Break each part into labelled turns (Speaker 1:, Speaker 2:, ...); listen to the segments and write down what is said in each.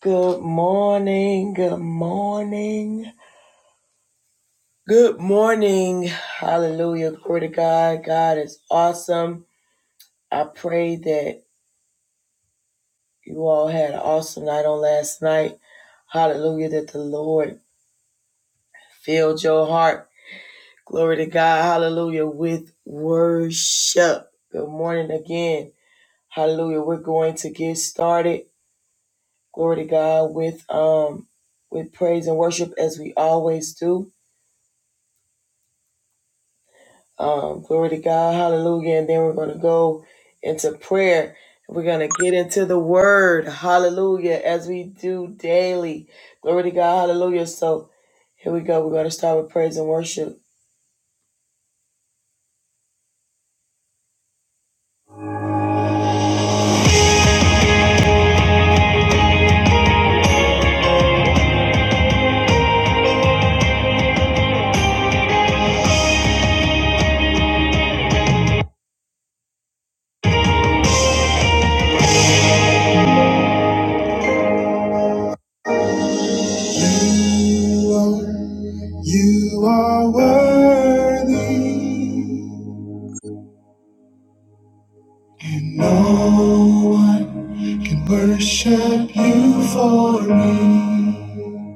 Speaker 1: Good morning. Good morning. Good morning. Hallelujah. Glory to God. God is awesome. I pray that you all had an awesome night on last night. Hallelujah. That the Lord filled your heart. Glory to God. Hallelujah. With worship. Good morning again. Hallelujah. We're going to get started. Glory to God with um with praise and worship as we always do. Um, glory to God. Hallelujah. And then we're going to go into prayer. We're going to get into the word. Hallelujah. As we do daily. Glory to God. Hallelujah. So here we go. We're going to start with praise and worship. You are, you are worthy. And no one can worship you for me.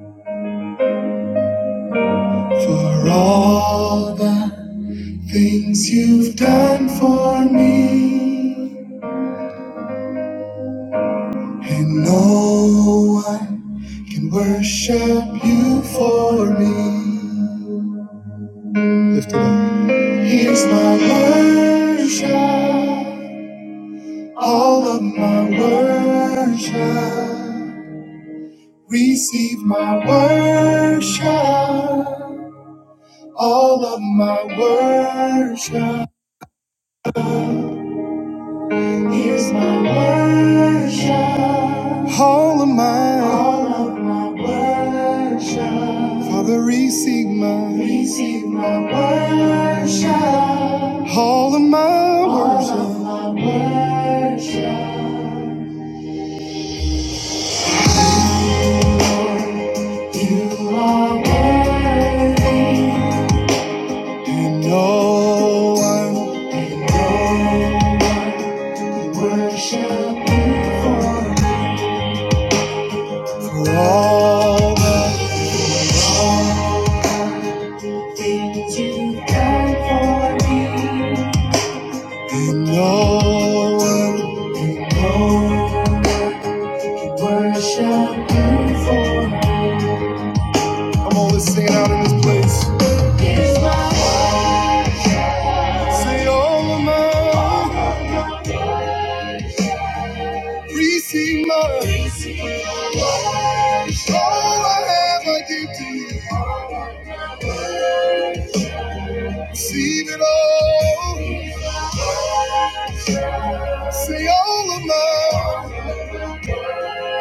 Speaker 1: For all that. Things you've done for me, and no one can worship you for me. Lift it up. Here's my worship, all of my worship. Receive my worship, all of my worship. Here's my worship. All of mine. All of my worship. Father, receive my. Receive my worship. All of my worship. All of my worship. You are worthy. And no one. And no one can worship you for. For all the wrong. Did you die for me? No one won't worship you for me. Come on, let's sing it out in this place. Here's my- Say all of mine. Receive my. Receive All I have I give to you. Receive it all. Say all of mine.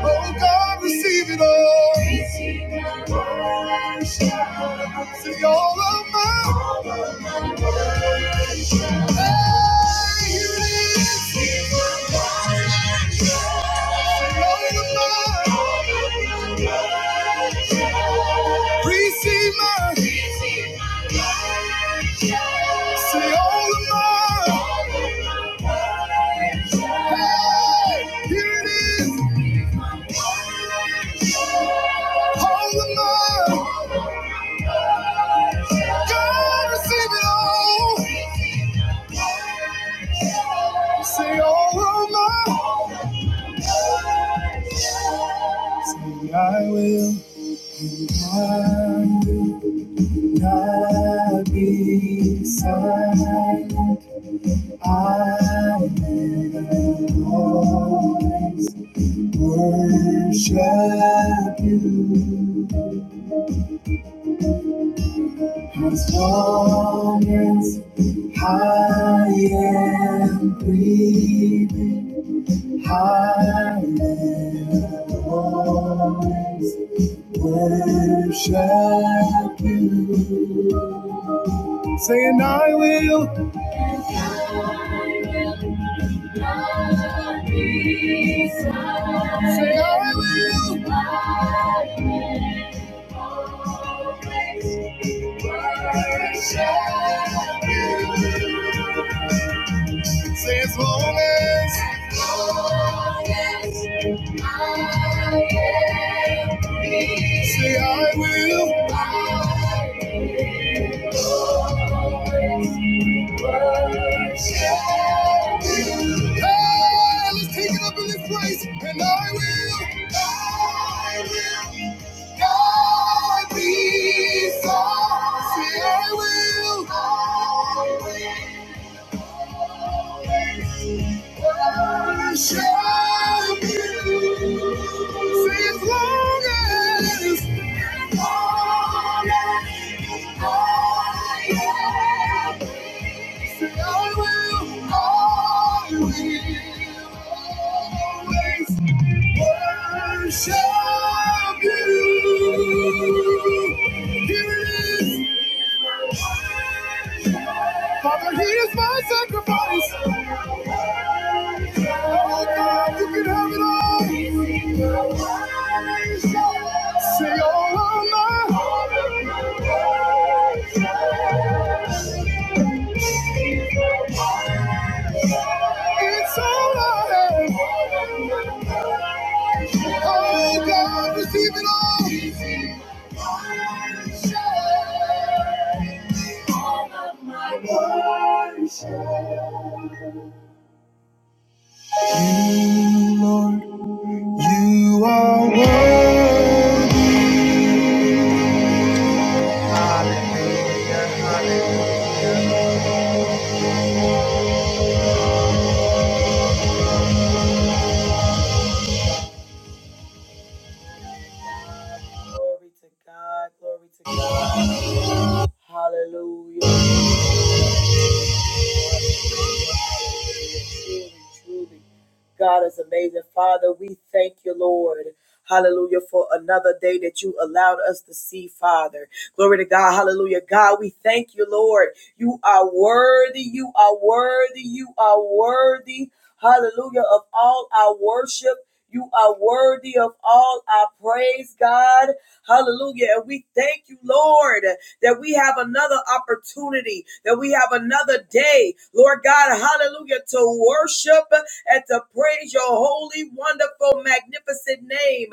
Speaker 1: Oh God, receive it all. Receive my worship. See all of my, all of my worship. Hey, you receive my worship. See all of my, all of my worship. Receive my, See all of my, Hey, here it is. All of mine, God receive it all. Say all of mine. Say I will be kind, not be silent. I will always worship you. As long as I am breathing, I will always worship you. I'm saying I will. Not be silent. Say I will. I will always worship you. Say as long as, as long as I am free. say I will, I will, always worship you. Hey, let's take it up in this place, and I will, I will not be silent. Say I will, I will. Worship you. for your glory. Worship you. Here it is. Father, here's my sacrifice. Oh God, you can have it all. Say all of my. It's all I have. Oh God, receive it all. All of my worship. You, Lord, you are worthy. Glory to God, glory to God. Hallelujah. Truly, truly, God is amazing. Father, we thank you, Lord. Hallelujah for another day that you allowed us to see, Father. Glory to God. Hallelujah. God, we thank you, Lord. You are worthy. You are worthy. You are worthy. Hallelujah of all our worship. You are worthy of all our praise, God. Hallelujah. And we thank you, Lord, that we have another opportunity, that we have another day, Lord God. Hallelujah. To worship and to praise your holy, wonderful, magnificent name.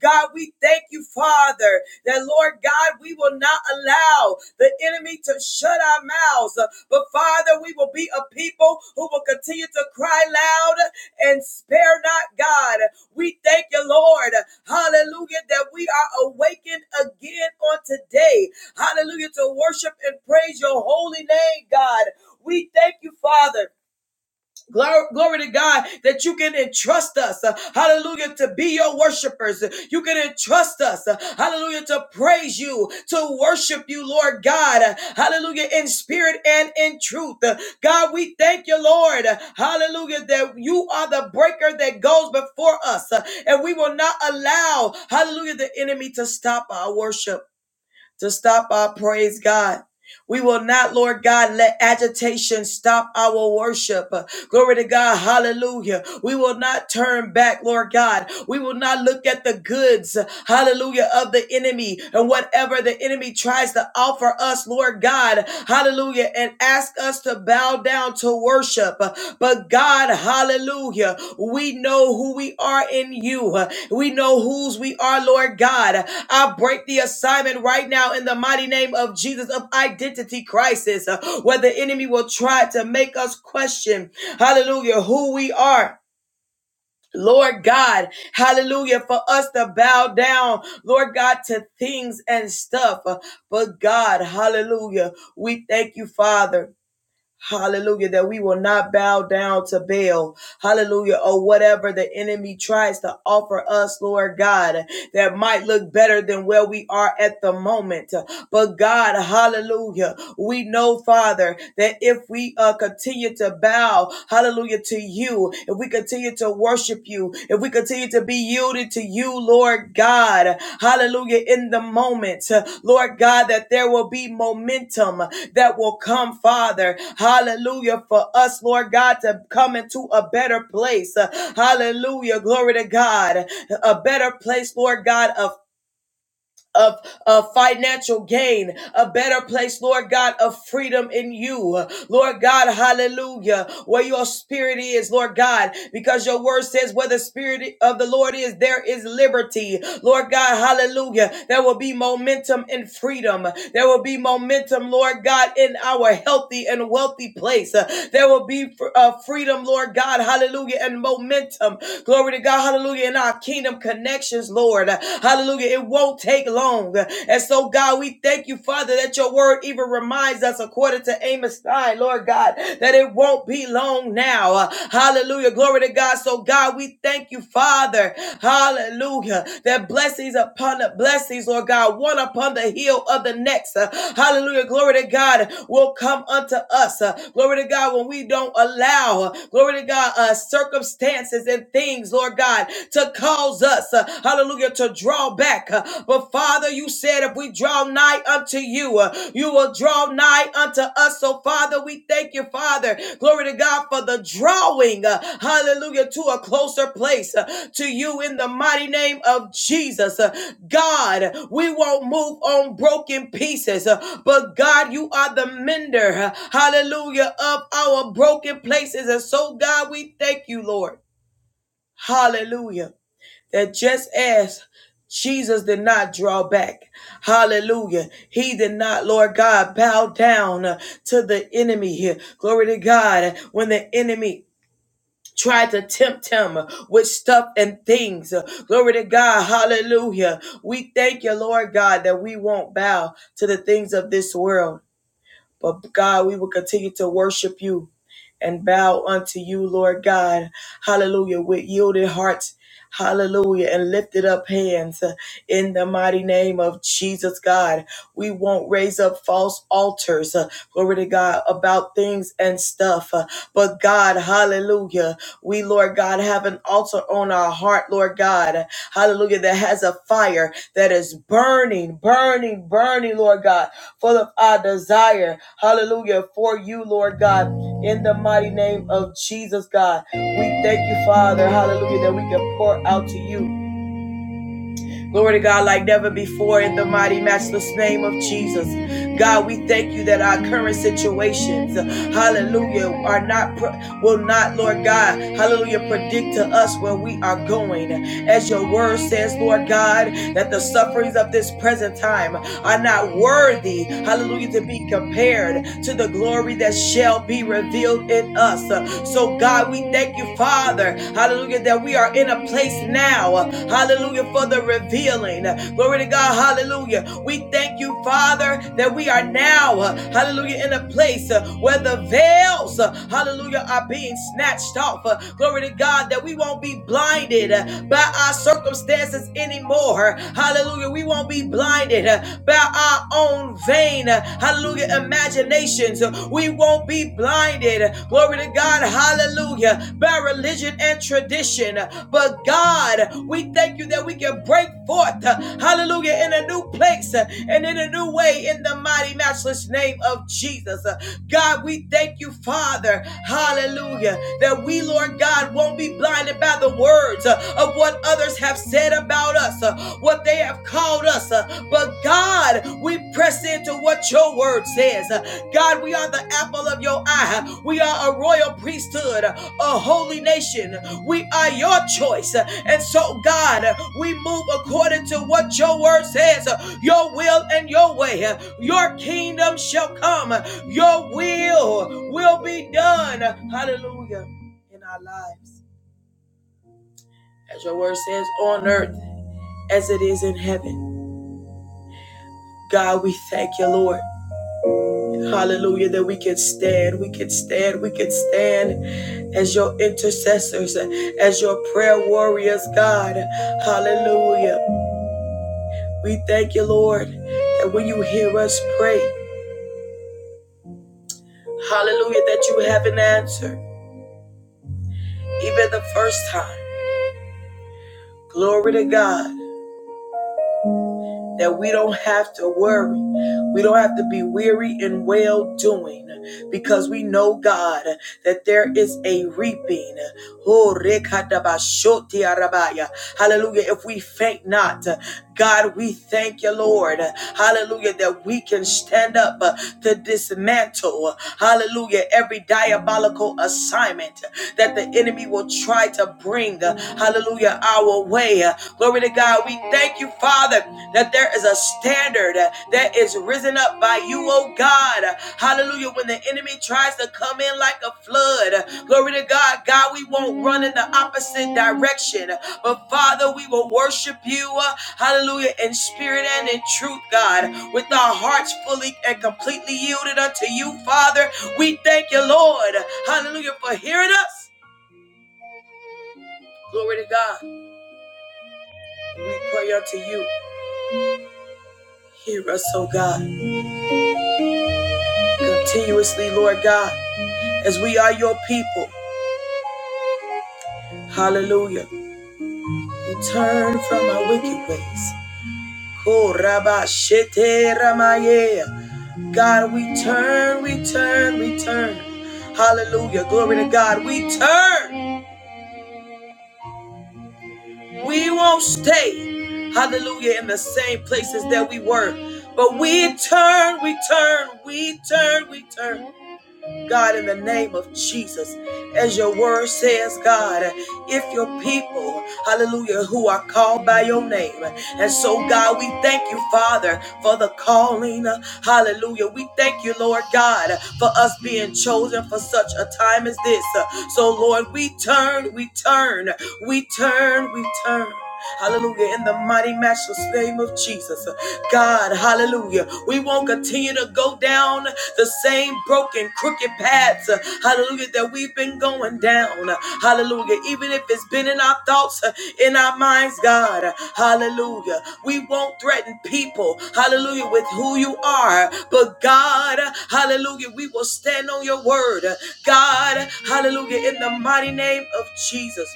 Speaker 1: God, we thank you, Father, that Lord God, we will not allow the enemy to shut our mouths, but Father, we will be a people who will continue to cry loud and spare not God. We thank you, Lord, hallelujah, that we are awakened again on today, hallelujah, to worship and praise your holy name, God. We thank you, Father Glory, glory to God that you can entrust us, uh, hallelujah, to be your worshipers. You can entrust us, uh, hallelujah, to praise you, to worship you, Lord God, uh, hallelujah, in spirit and in truth. Uh, God, we thank you, Lord, uh, hallelujah, that you are the breaker that goes before us, uh, and we will not allow, hallelujah, the enemy to stop our worship to stop our praise, God. We will not, Lord God, let agitation stop our worship. Glory to God. Hallelujah. We will not turn back, Lord God. We will not look at the goods, hallelujah, of the enemy and whatever the enemy tries to offer us, Lord God. Hallelujah. And ask us to bow down to worship. But God, Hallelujah. We know who we are in you. We know whose we are, Lord God. I break the assignment right now in the mighty name of Jesus of identity crisis, uh, where the enemy will try to make us question, hallelujah, who we are. Lord God, hallelujah, for us to bow down, Lord God, to things and stuff. But God, hallelujah, we thank you, Father. Hallelujah, that we will not bow down to Baal. Hallelujah, or whatever the enemy tries to offer us, Lord God, that might look better than where we are at the moment. But God, hallelujah, we know, Father, that if we uh, continue to bow, hallelujah, to you, if we continue to worship you, if we continue to be yielded to you, Lord God, hallelujah, in the moment, uh, Lord God, that there will be momentum that will come, Father, hallelujah, for us, Lord God, to come into a better place, Uh, hallelujah, glory to God, a better place, Lord God, of of, of financial gain, a better place, Lord God, of freedom in you. Lord God, hallelujah, where your spirit is, Lord God, because your word says where the spirit of the Lord is, there is liberty. Lord God, hallelujah, there will be momentum and freedom. There will be momentum, Lord God, in our healthy and wealthy place. Uh, There will be fr- uh, freedom, Lord God, hallelujah, and momentum. Glory to God, hallelujah, in our kingdom connections, Lord. Lord. Hallelujah. It won't take long. And so, God, we thank you, Father, that your word even reminds us, according to Amos 9, Lord God, that it won't be long now. Hallelujah. Glory to God. So, God, we thank you, Father. Hallelujah. That blessings upon the blessings, Lord God, one upon the heel of the next. Uh, Hallelujah. Glory to God will come unto us. Uh, Glory to God when we don't allow, uh, glory to God, uh, circumstances and things, Lord God, to cause us, uh, hallelujah, to draw back. Uh, But Father, you said if we draw nigh unto you, uh, you will draw nigh unto us. So Father, we thank you, Father. Glory to God for the drawing, uh, hallelujah, to a closer place uh, to you in the mighty name of Jesus. Uh, God, we won't move on broken pieces, uh, but God, you are the mender, uh, hallelujah, of our broken places. And so, God, we thank you, Lord. Hallelujah that just as Jesus did not draw back, hallelujah, he did not, Lord God, bow down uh, to the enemy here. Glory to God, when the enemy tried to tempt him uh, with stuff and things. uh, Glory to God. Hallelujah. We thank you, Lord God, that we won't bow to the things of this world. But God, we will continue to worship you and bow unto you, Lord God. Hallelujah. With yielded hearts. Hallelujah. And lifted up hands uh, in the mighty name of Jesus, God. We won't raise up false altars, uh, glory to God, about things and stuff. uh, but God, hallelujah, we, Lord God, have an altar on our heart, Lord God, hallelujah, that has a fire that is burning, burning, burning, Lord God, full of our desire, hallelujah, for you, Lord God, in the mighty name of Jesus, God. We thank you, Father, hallelujah, that we can pour out to you. Glory to God, like never before, in the mighty, matchless name of Jesus. God, we thank you that our current situations, hallelujah, are not, will not, Lord God, hallelujah, predict to us where we are going. As your word says, Lord God, that the sufferings of this present time are not worthy, hallelujah, to be compared to the glory that shall be revealed in us. So, God, we we Thank you, Father. Hallelujah, that we are in a place now. Hallelujah, for the revealing. Glory to God. Hallelujah. We thank you, Father, that we are now, hallelujah, in a place uh, where the veils, uh, hallelujah, are being snatched off. Uh, Glory to God, that we won't be blinded uh, by our circumstances anymore. Hallelujah. We won't be blinded uh, by our own vain. Hallelujah hallelujah, imaginations. We won't be blinded, glory to God, hallelujah, by religion and tradition. But God, we thank you that we can break forth, hallelujah, in a new place and in a new way in the mighty, matchless name of Jesus. God, we thank you, Father, hallelujah, that we, Lord God, won't be blinded by the words of what others have said about us uh, what they have called us. uh, But God, we press into what your word says. Uh, God, we are the apple of your eye. We are a royal priesthood, a holy nation. We are your choice. Uh, And so, God, uh, we move according to what your word says, uh, your will and your way. Uh, Your kingdom shall come. Uh, Your will will be done. Hallelujah. In our lives. As your word says on earth as it is in heaven. God, we thank you, Lord. Hallelujah, that we can stand, we can stand, we can stand as your intercessors, as your prayer warriors, God. Hallelujah. We thank you, Lord, that when you hear us pray, hallelujah, that you have an answer, even the first time. Glory to God. that we don't have to worry. We don't have to be weary in well doing because we know, God, that there is a reaping. Oh, Hallelujah. If we faint not, God, we thank you, Lord. Hallelujah, that we can stand up uh, to dismantle, hallelujah, every diabolical assignment that the enemy will try to bring, uh, hallelujah, our way. Glory to God. We thank you, Father that there is a standard uh, that is risen up by you, oh God. Hallelujah. When the enemy tries to come in like a flood, uh, glory to God, God, we won't run in the opposite direction. But Father, we will worship you, uh, hallelujah, in spirit and in truth, God, with our hearts fully and completely yielded unto you, Father. We thank you, Lord, hallelujah, for hearing us. Glory to God. We pray unto you. Hear us, oh God, continuously, Lord God. as we are your people. Hallelujah. We turn from our wicked ways. Ko raba shete ramaye. God, we turn, we turn, we turn. Hallelujah. Glory to God. We turn. We won't stay. Hallelujah. In the same places that we were. But we turn, we turn, we turn, we turn. God, in the name of Jesus, as your word says, God, if your people, hallelujah, who are called by your name. And so, God, we thank you, Father, for the calling. Hallelujah. We thank you, Lord God, for us being chosen for such a time as this. So, Lord, we turn, we turn, we turn, we turn. Hallelujah. In the mighty matchless name of Jesus. God, hallelujah. We won't continue to go down the same broken, crooked paths. Hallelujah. That we've been going down. Hallelujah. Even if it's been in our thoughts, in our minds, God. Hallelujah. We won't threaten people. Hallelujah. With who you are. But God, hallelujah. We will stand on your word. God, hallelujah. In the mighty name of Jesus.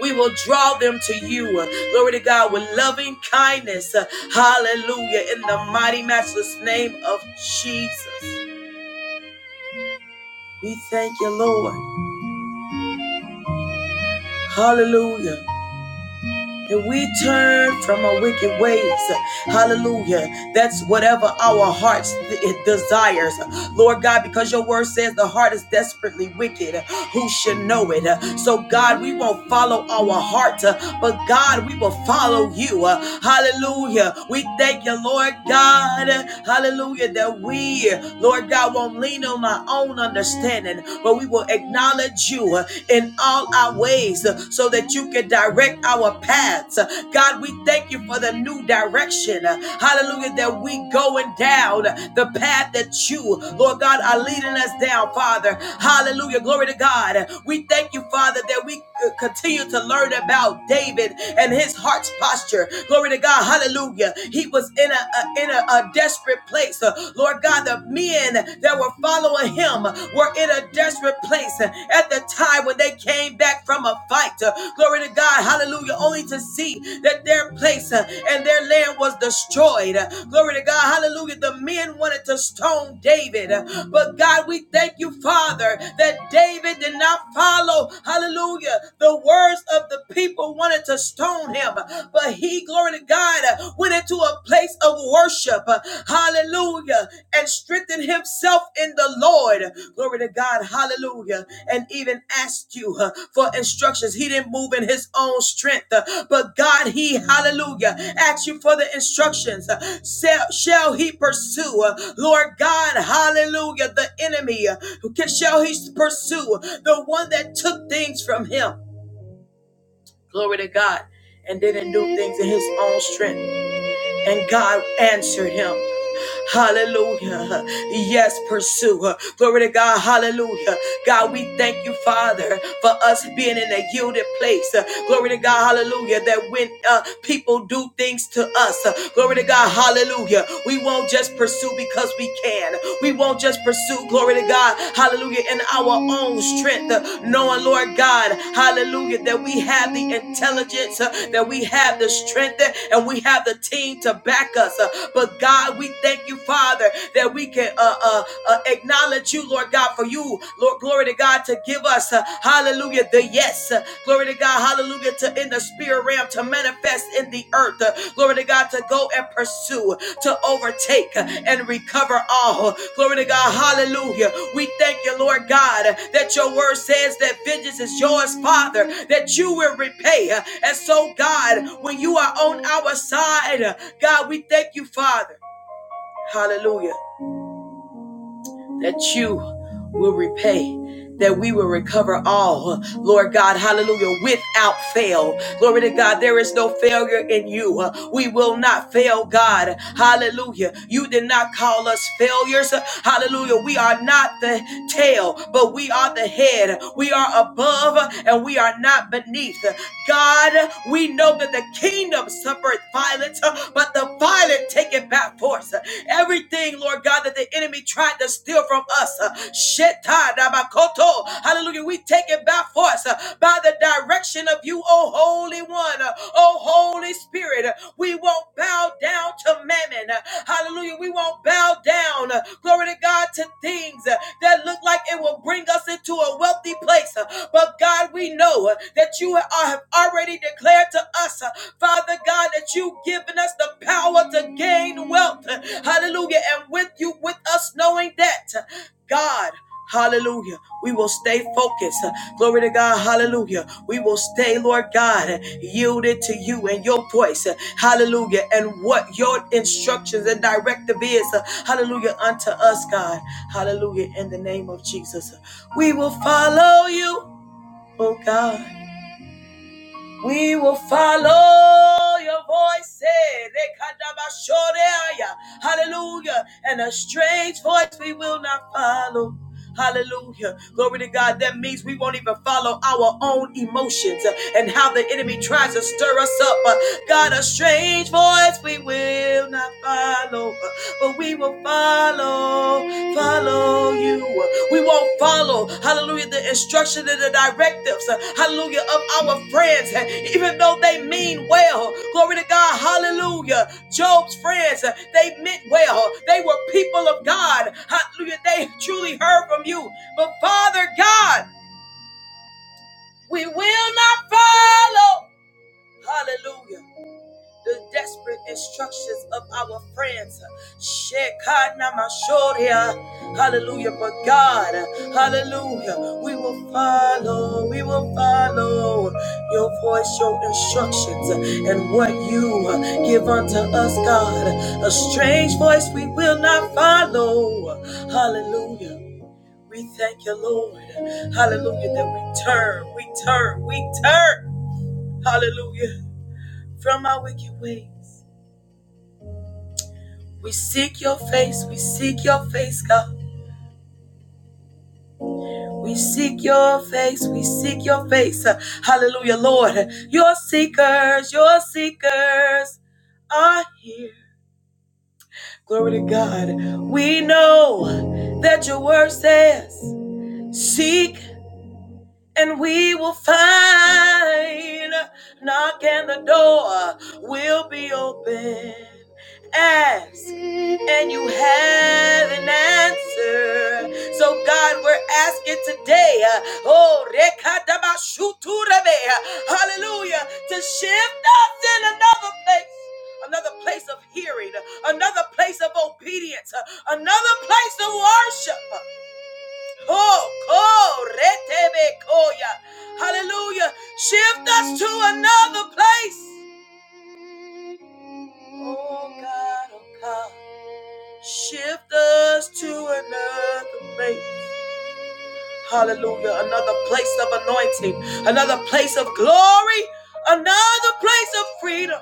Speaker 1: We will draw them to you. uh, Glory to God with loving kindness. uh, Hallelujah. In the mighty matchless name of Jesus. We thank you, Lord. Hallelujah. and we turn from our wicked ways. Hallelujah. That's whatever our hearts it desires. Lord God, because your word says the heart is desperately wicked. Who should know it? So, God, we won't follow our heart, but God, we will follow you. Hallelujah. We thank you, Lord God. Hallelujah. That we, Lord God, won't lean on our own understanding, but we will acknowledge acknowledge you uh, in all our ways uh, so that you can direct our paths. Uh, God, we thank you for the new direction. uh, Hallelujah, that we going down uh, the path that you, Lord God, are leading us down, Father. Hallelujah, glory to God. Uh, We thank you, Father, that we uh, continue to learn about David and his heart's posture. Glory to God, hallelujah. He was in a, a- in a, a desperate place, Uh, Lord God the men that were following him were in a desperate place at the time when they came back from a fight. Glory to God, hallelujah, only to see that their place and their land was destroyed. Glory to God, hallelujah. The men wanted to stone David, but God, we thank you, Father, that David did not follow, hallelujah, the words of the people wanted to stone him, but he, glory to God, went into a place of worship. uh, Hallelujah. And strengthened himself in the Lord. Glory to God. Hallelujah. And even asked you uh, for instructions. He didn't move in his own strength, uh, but God, he, hallelujah, asked you for the instructions. Uh, Shall, he pursue, uh, Lord God, hallelujah, the enemy? uh, shall he pursue the one that took things from him? Glory to God. And didn't do things in his own strength. And God answered him. Hallelujah. Yes, pursue. Glory to God. Hallelujah. God, we thank you, Father, for us being in a yielded place. Glory to God. Hallelujah. That when uh, people do things to us, uh, glory to God. Hallelujah. We won't just pursue because we can. We won't just pursue. Glory to God. God, hallelujah, in our own strength, uh, knowing, Lord God, hallelujah, that we have the intelligence, uh, that we have the strength, uh, and we have the team to back us. uh, But God, we thank you, Father, that we can uh, uh, uh, acknowledge you, Lord God, for you, Lord, glory to God, to give us, uh, hallelujah, the yes. uh, Glory to God, hallelujah to in the spirit realm to manifest in the earth Uh, glory to god to go and pursue to overtake uh, and recover all glory to god hallelujah we thank you lord god uh, that your word says that vengeance is yours father that you will repay Uh, and so god when you are on our side uh, god we thank you father hallelujah that you will repay. That we will recover all, Lord God, hallelujah, without fail. Glory to God, there is no failure in you. Uh, We will not fail, God, hallelujah. You did not call us failures, Uh, hallelujah. We are not the tail, but we are the head. We are above uh, and we are not beneath. Uh, God, uh, we know that the kingdom suffered violence, uh, but the violent take it back force. Uh, Everything everything, Lord God, that the enemy tried to steal from us. Uh, Hallelujah. We take it by force uh, by the direction of you, O Holy One, uh, O Holy Spirit. Uh, We won't bow down to mammon. Uh, Hallelujah. We won't bow down, uh, glory to God, to things uh, that look like it will bring us into a wealthy place. Uh, But God, we know uh, that you have already declared to us uh, Father God, that you've given us the power to gain wealth. Hallelujah. And with you, with us, knowing that, God, hallelujah, we will stay focused. Glory to God, hallelujah. We will stay, Lord God, yielded to you and your voice. Hallelujah. And what your instructions and directive is, hallelujah, unto us, God. Hallelujah. In the name of Jesus, we will follow you, oh God. We will follow your voice. eh, rekadabashoreaya, Hallelujah. And a strange voice we will not follow. Hallelujah. Glory to God. That means we won't even follow our own emotions uh, and how the enemy tries to stir us up. Uh, God, a strange voice we will not follow. Uh, but we will follow, follow you. We won't follow, hallelujah, the instruction and the directives, uh, hallelujah, of our friends, uh, even though they mean well. Glory to God, hallelujah. Job's friends, uh, they meant well. They were people of God, hallelujah. They truly heard from you. But Father God, we will not follow, hallelujah the desperate instructions of our friends. Shekinah-mashoria. Hallelujah. But God, hallelujah, we will follow, we will follow your voice, your instructions, and what you give unto us, God. A strange voice we will not follow. Hallelujah. We thank you, Lord. Hallelujah. That we turn, we turn, we turn. Hallelujah. From our wicked ways. We seek your face, we seek your face, God. We seek your face, we seek your face. Uh, Hallelujah, Lord. Your seekers, your seekers are here. Glory to God. We know that your word says, Seek and we will find. Knock and the door will be open. Ask, and you have an answer. So, God, we're asking today, uh, oh, rekadabashuturebe, uh, hallelujah, to shift us in another place. Another place of hearing, another place of obedience, another place of worship. Oh, oh, retebe, koya. Hallelujah. Shift us to another place. Oh, God, oh, God. Shift us to another place. Hallelujah. Another place of anointing, another place of glory, another place of freedom.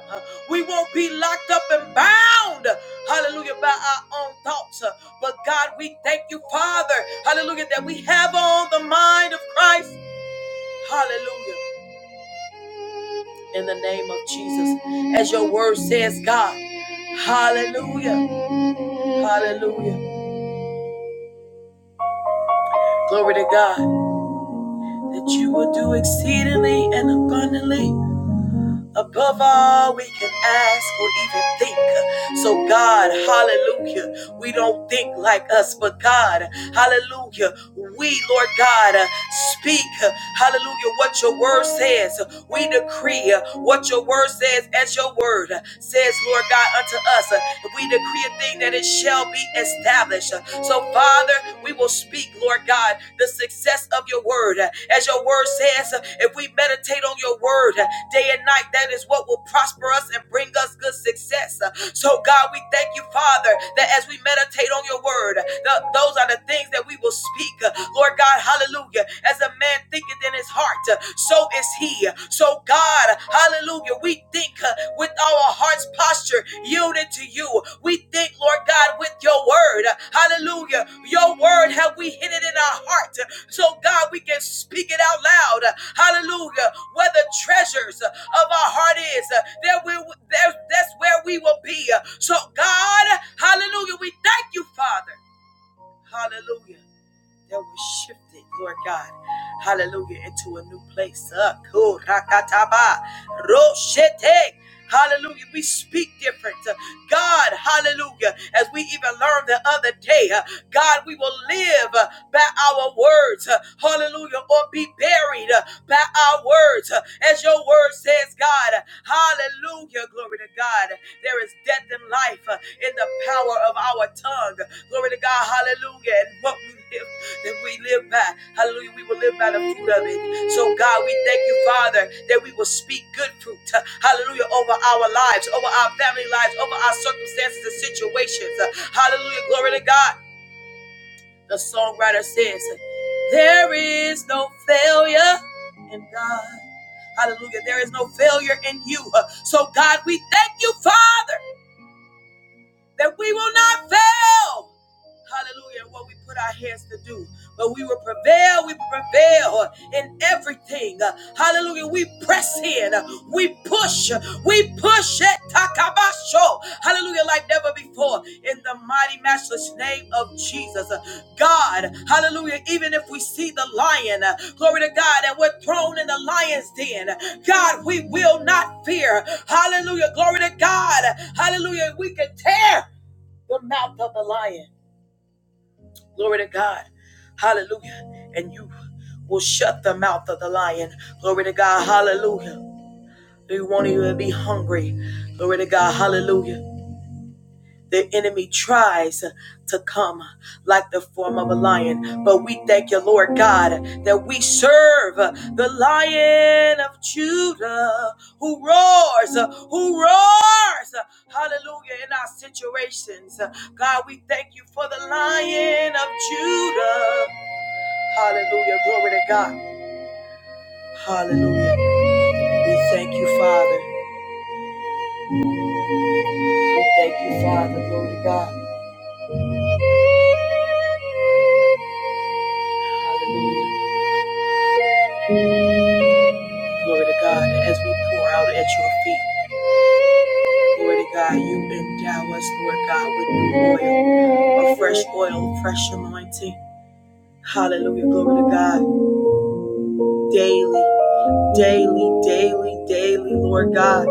Speaker 1: We won't be locked up and bound, hallelujah, by our own thoughts. But God, we thank you, Father, hallelujah, that we have on the mind of Christ. Hallelujah. In the name of Jesus. As your word says, God. Hallelujah. Hallelujah. Glory to God that you will do exceedingly and abundantly. above all we can ask or even think. So, God, hallelujah, we don't think like us, but God, hallelujah, we, Lord God, uh, speak, uh, hallelujah, what your word says. We decree uh, what your word says as your word uh, says, Lord God, unto us. Uh, We decree a thing that it shall be established. Uh, So, Father, we will speak, Lord God, the success of your word. As your word says, if we meditate on your word day and night, that is what will prosper us and bring us good success. So, God, we thank you, Father, that as we meditate on your word, th- those are the things that we will speak. Lord God, hallelujah. As a man thinketh in his heart, so is he. So, God, uh, Hallelujah. We think uh, with our heart's posture yielded to you. We think, Lord God, with your word. Uh, Hallelujah. Your word have we hidden in our heart. Uh, So, God, we can speak it out loud. Uh, Hallelujah. Where the treasures uh, of our heart is, uh, there we, there, that's where we will be. Uh, So, God, hallelujah. We thank you, Father. Hallelujah that was shifted, Lord God. Hallelujah, into a new place. Uh, cool, rakataba, roshete. Hallelujah. We speak different. Uh, God, hallelujah. As we even learned the other day, uh, God, we will live uh, by our words. uh, Hallelujah. Or be buried uh, by our words. uh, As your word says, God, hallelujah. Glory to God. There is death and life uh, in the power of our tongue. Glory to God. Hallelujah. And what we live that we live by. Hallelujah. We will live by the fruit of it. So, God, we thank you, Father, that we will speak good fruit. uh, Hallelujah. Over our lives, over our family lives, over our circumstances and situations. Uh, Hallelujah. Glory to God. The songwriter says, There is no failure in God. Hallelujah. There is no failure in you. Uh, So, God, we thank you, Father, that we will not fail. Hallelujah. What we put our hands to do. But we will prevail. We will prevail in everything. Hallelujah. We press in. We push. We push it. Takabasho. Hallelujah. Like never before. In the mighty, matchless name of Jesus. God. Hallelujah. Even if we see the lion, glory to God, and we're thrown in the lion's den, God, we will not fear. Hallelujah. Glory to God. Hallelujah. We can tear the mouth of the lion. Glory to God. Hallelujah. And you will shut the mouth of the lion. Glory to God. Hallelujah. We want you to be hungry. Glory to God. Hallelujah. The enemy tries to come like the form of a lion. But we thank you, Lord God, that we serve the lion of Judah who roars, who roars. Hallelujah. In our situations, God, we thank you for the lion of Judah. Hallelujah. Glory to God. Hallelujah. We thank you, Father. We thank you, Father. Glory to God. Hallelujah. Glory to God. As we pour out at your feet, glory to God, you endow us, Lord God, with new oil, a fresh oil, fresh anointing. Hallelujah. Glory to God. Daily, daily, daily, daily, Lord God.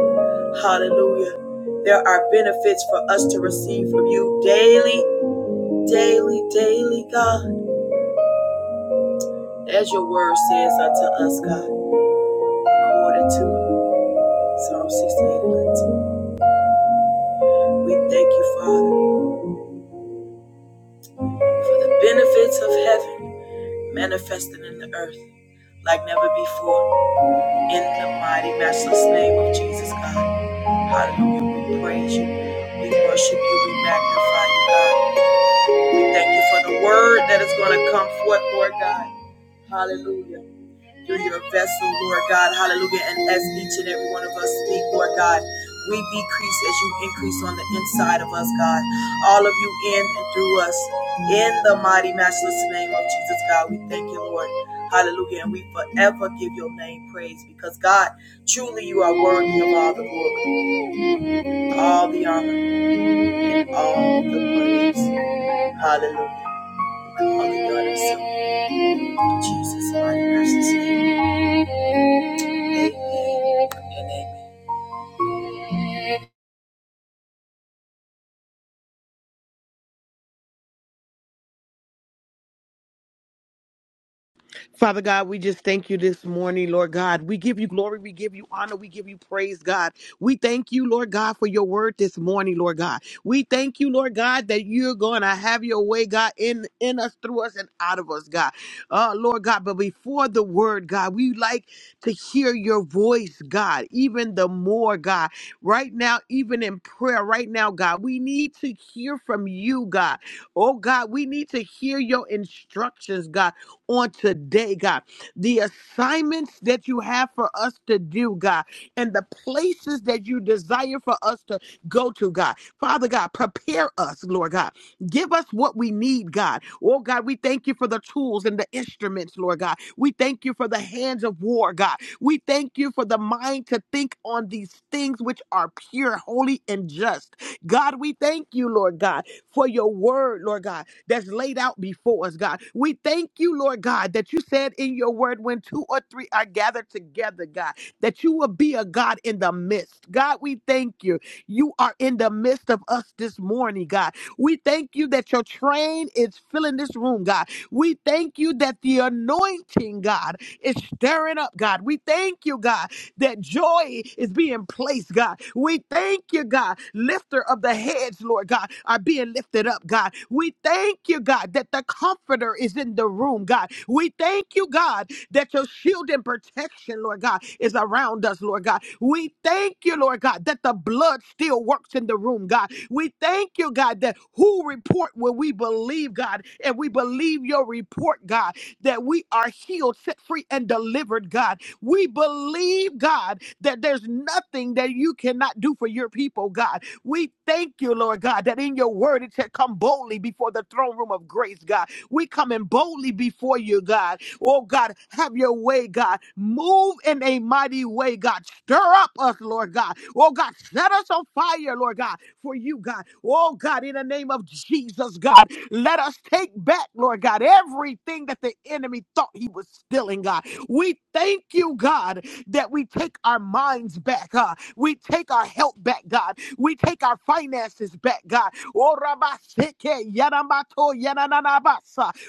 Speaker 1: Hallelujah. There are benefits for us to receive from you daily, daily, daily, God. As your word says unto us, God, according to Psalm 68 and 19, we thank you, Father, for the benefits of heaven manifesting in the earth like never before. In the mighty, matchless name of Jesus, God. Hallelujah. We praise you. We worship you. We magnify you, God. We thank you for the word that is going to come forth, Lord God. Hallelujah. You're your vessel, Lord God. Hallelujah. And as each and every one of us speak, Lord God, we decrease as you increase on the inside of us, God. All of you in and through us. In the mighty, matchless name of Jesus, God, we thank you, Lord. Hallelujah. And we forever give your name praise because, God, truly you are worthy of all the glory, all the honor, and all the praise. Hallelujah. Only God is so. Jesus' mighty, matchless name.
Speaker 2: Father God, we just thank you this morning, Lord God. We give you glory, we give you honor, we give you praise, God. We thank you, Lord God, for your word this morning, Lord God. We thank you, Lord God, that you're going to have your way, God, in in us, through us, and out of us, God. Uh, Lord God, but before the word, God, we like to hear your voice, God, even the more, God. Right now, even in prayer, right now, God, we need to hear from you, God. Oh God, we need to hear your instructions, God on today, God. The assignments that you have for us to do, God, and the places that you desire for us to go to, God. Father God, prepare us, Lord God. Give us what we need, God. Oh, God, we thank you for the tools and the instruments, Lord God. We thank you for the hands of war, God. We thank you for the mind to think on these things which are pure, holy, and just. God, we thank you, Lord God, for your word, Lord God that's laid out before us, God. We thank you, Lord God, that you said in your word, when two or three are gathered together, God, that you will be a God in the midst. God, we thank you. You are in the midst of us this morning, God. We thank you that your train is filling this room, God. We thank you that the anointing, God, is stirring up, God. We thank you, God that joy is being placed, God. We thank you, God. Lifter of the heads, Lord God, are being lifted up, God. We thank you, God, that the comforter is in the room, God. We thank you, God, that your shield and protection, Lord God, is around us, Lord God. We thank you, Lord God, that the blood still works in the room, God. We thank you, God, that who report will we believe, God, and we believe your report, God, that we are healed, set free, and delivered, God. We believe, God, that there's nothing that you cannot do for your people, God. We thank you, Lord God, that in your word it said, come boldly before the throne room of grace, God. We coming boldly before you, God. Oh, God, have your way, God. Move in a mighty way, God. Stir up us, Lord God. Oh, God, set us on fire, Lord God, for you, God. Oh, God, in the name of Jesus, God, let us take back, Lord God, everything that the enemy thought he was stealing, God. We thank you, God, that we take our minds back. huh? we take our health back, God. We take our finances back, God. Oh,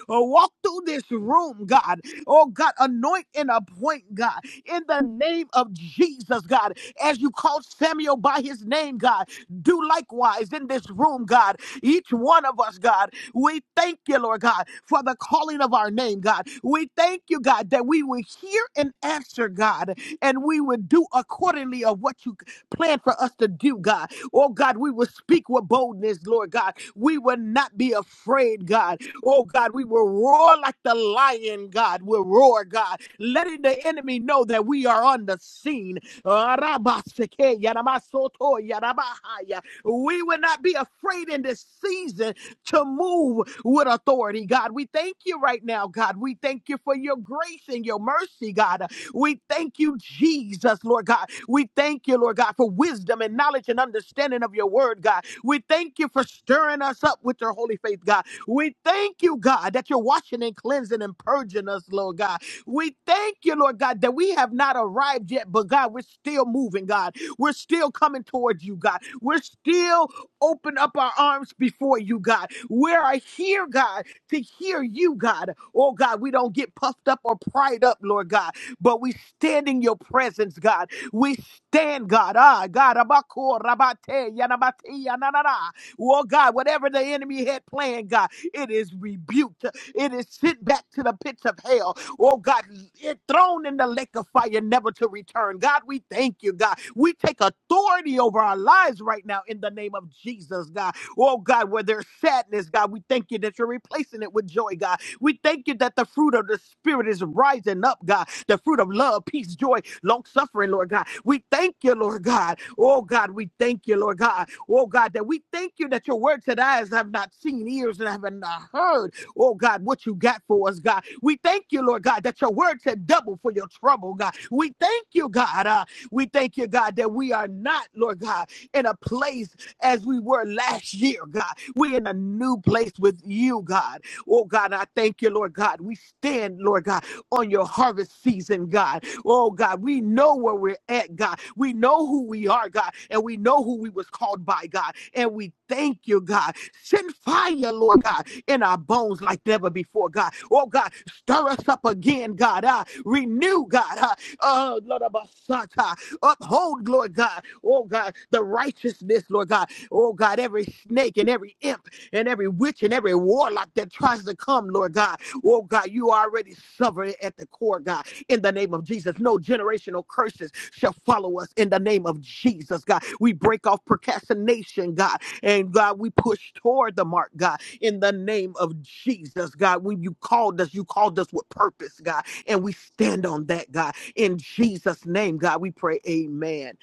Speaker 2: Oh, walk through this room, God. Oh, God, anoint and appoint, God, in the name of Jesus, God. As you called Samuel by his name, God, do likewise in this room, God. Each one of us, God. We thank you, Lord God, for the calling of our name, God. We thank you, God, that we will hear and answer, God, and we will do accordingly of what you plan for us to do, God. Oh, God, we will speak with boldness, Lord God. We will not be afraid, God. Oh, God, we will roar like the lion, God. We'll roar, God, letting the enemy know that we are on the scene. Arabaseke, yaramasoto, yarabahaya. We will not be afraid in this season to move with authority, God. We thank you right now, God. We thank you for your grace and your mercy, God. We thank you, Jesus, Lord God. We thank you, Lord God, for wisdom and knowledge and understanding of your word, God. We thank you for stirring us up with your holy faith, God. We thank you, God, that you're washing and cleansing and purging us, Lord God. We thank you, Lord God, that we have not arrived yet, but God, we're still moving, God. We're still coming towards you, God. We're still open up our arms before you, God. We are here, God, to hear you, God. Oh, God, we don't get puffed up or pried up, Lord God, but we stand in your presence, God. We stand, God. Ah, God. abako, rabate, yanabate, yananana. Oh, God, whatever the enemy had planned, God, it is rebuked. It is sent back to the pits of hell oh God, it thrown in the lake of fire, never to return. God, we thank you, God. We take authority over our lives right now in the name of Jesus, God. Oh God, where there's sadness, God, we thank you that you're replacing it with joy, God. We thank you that the fruit of the Spirit is rising up, God. The fruit of love, peace, joy, long suffering, Lord God. We thank you, Lord God. Oh God, we thank you, Lord God. Oh God, that we thank you that your word to eyes have not seen, ears and have not heard. Oh God, what you got for us, God. We thank you, Lord God, that your word said double for your trouble, God. We thank you, God. Uh, we thank you, God, that we are not, Lord God, in a place as we were last year, God. We're in a new place with you, God. Oh God, I thank you, Lord God. We stand, Lord God, on your harvest season, God. Oh God, we know where we're at, God. We know who we are, God, and we know who we was called by, God. And we thank you, God. Send fire, Lord God in our bones like never before, God. Oh, God, stir us up again, God. Uh, renew, God. Uh, oh, Lord, Abasata. uphold, Lord God. Oh, God, the righteousness, Lord God. Oh, God, every snake and every imp and every witch and every warlock that tries to come, Lord God. Oh, God, you are already sovereign at the core, God. In the name of Jesus, no generational curses shall follow us in the name of Jesus, God. We break off procrastination, God. And God, we push toward the mark, God in the name of Jesus, God. When you called us, you called us with purpose, God, and we stand on that, God. In Jesus' name, God, we pray, Amen.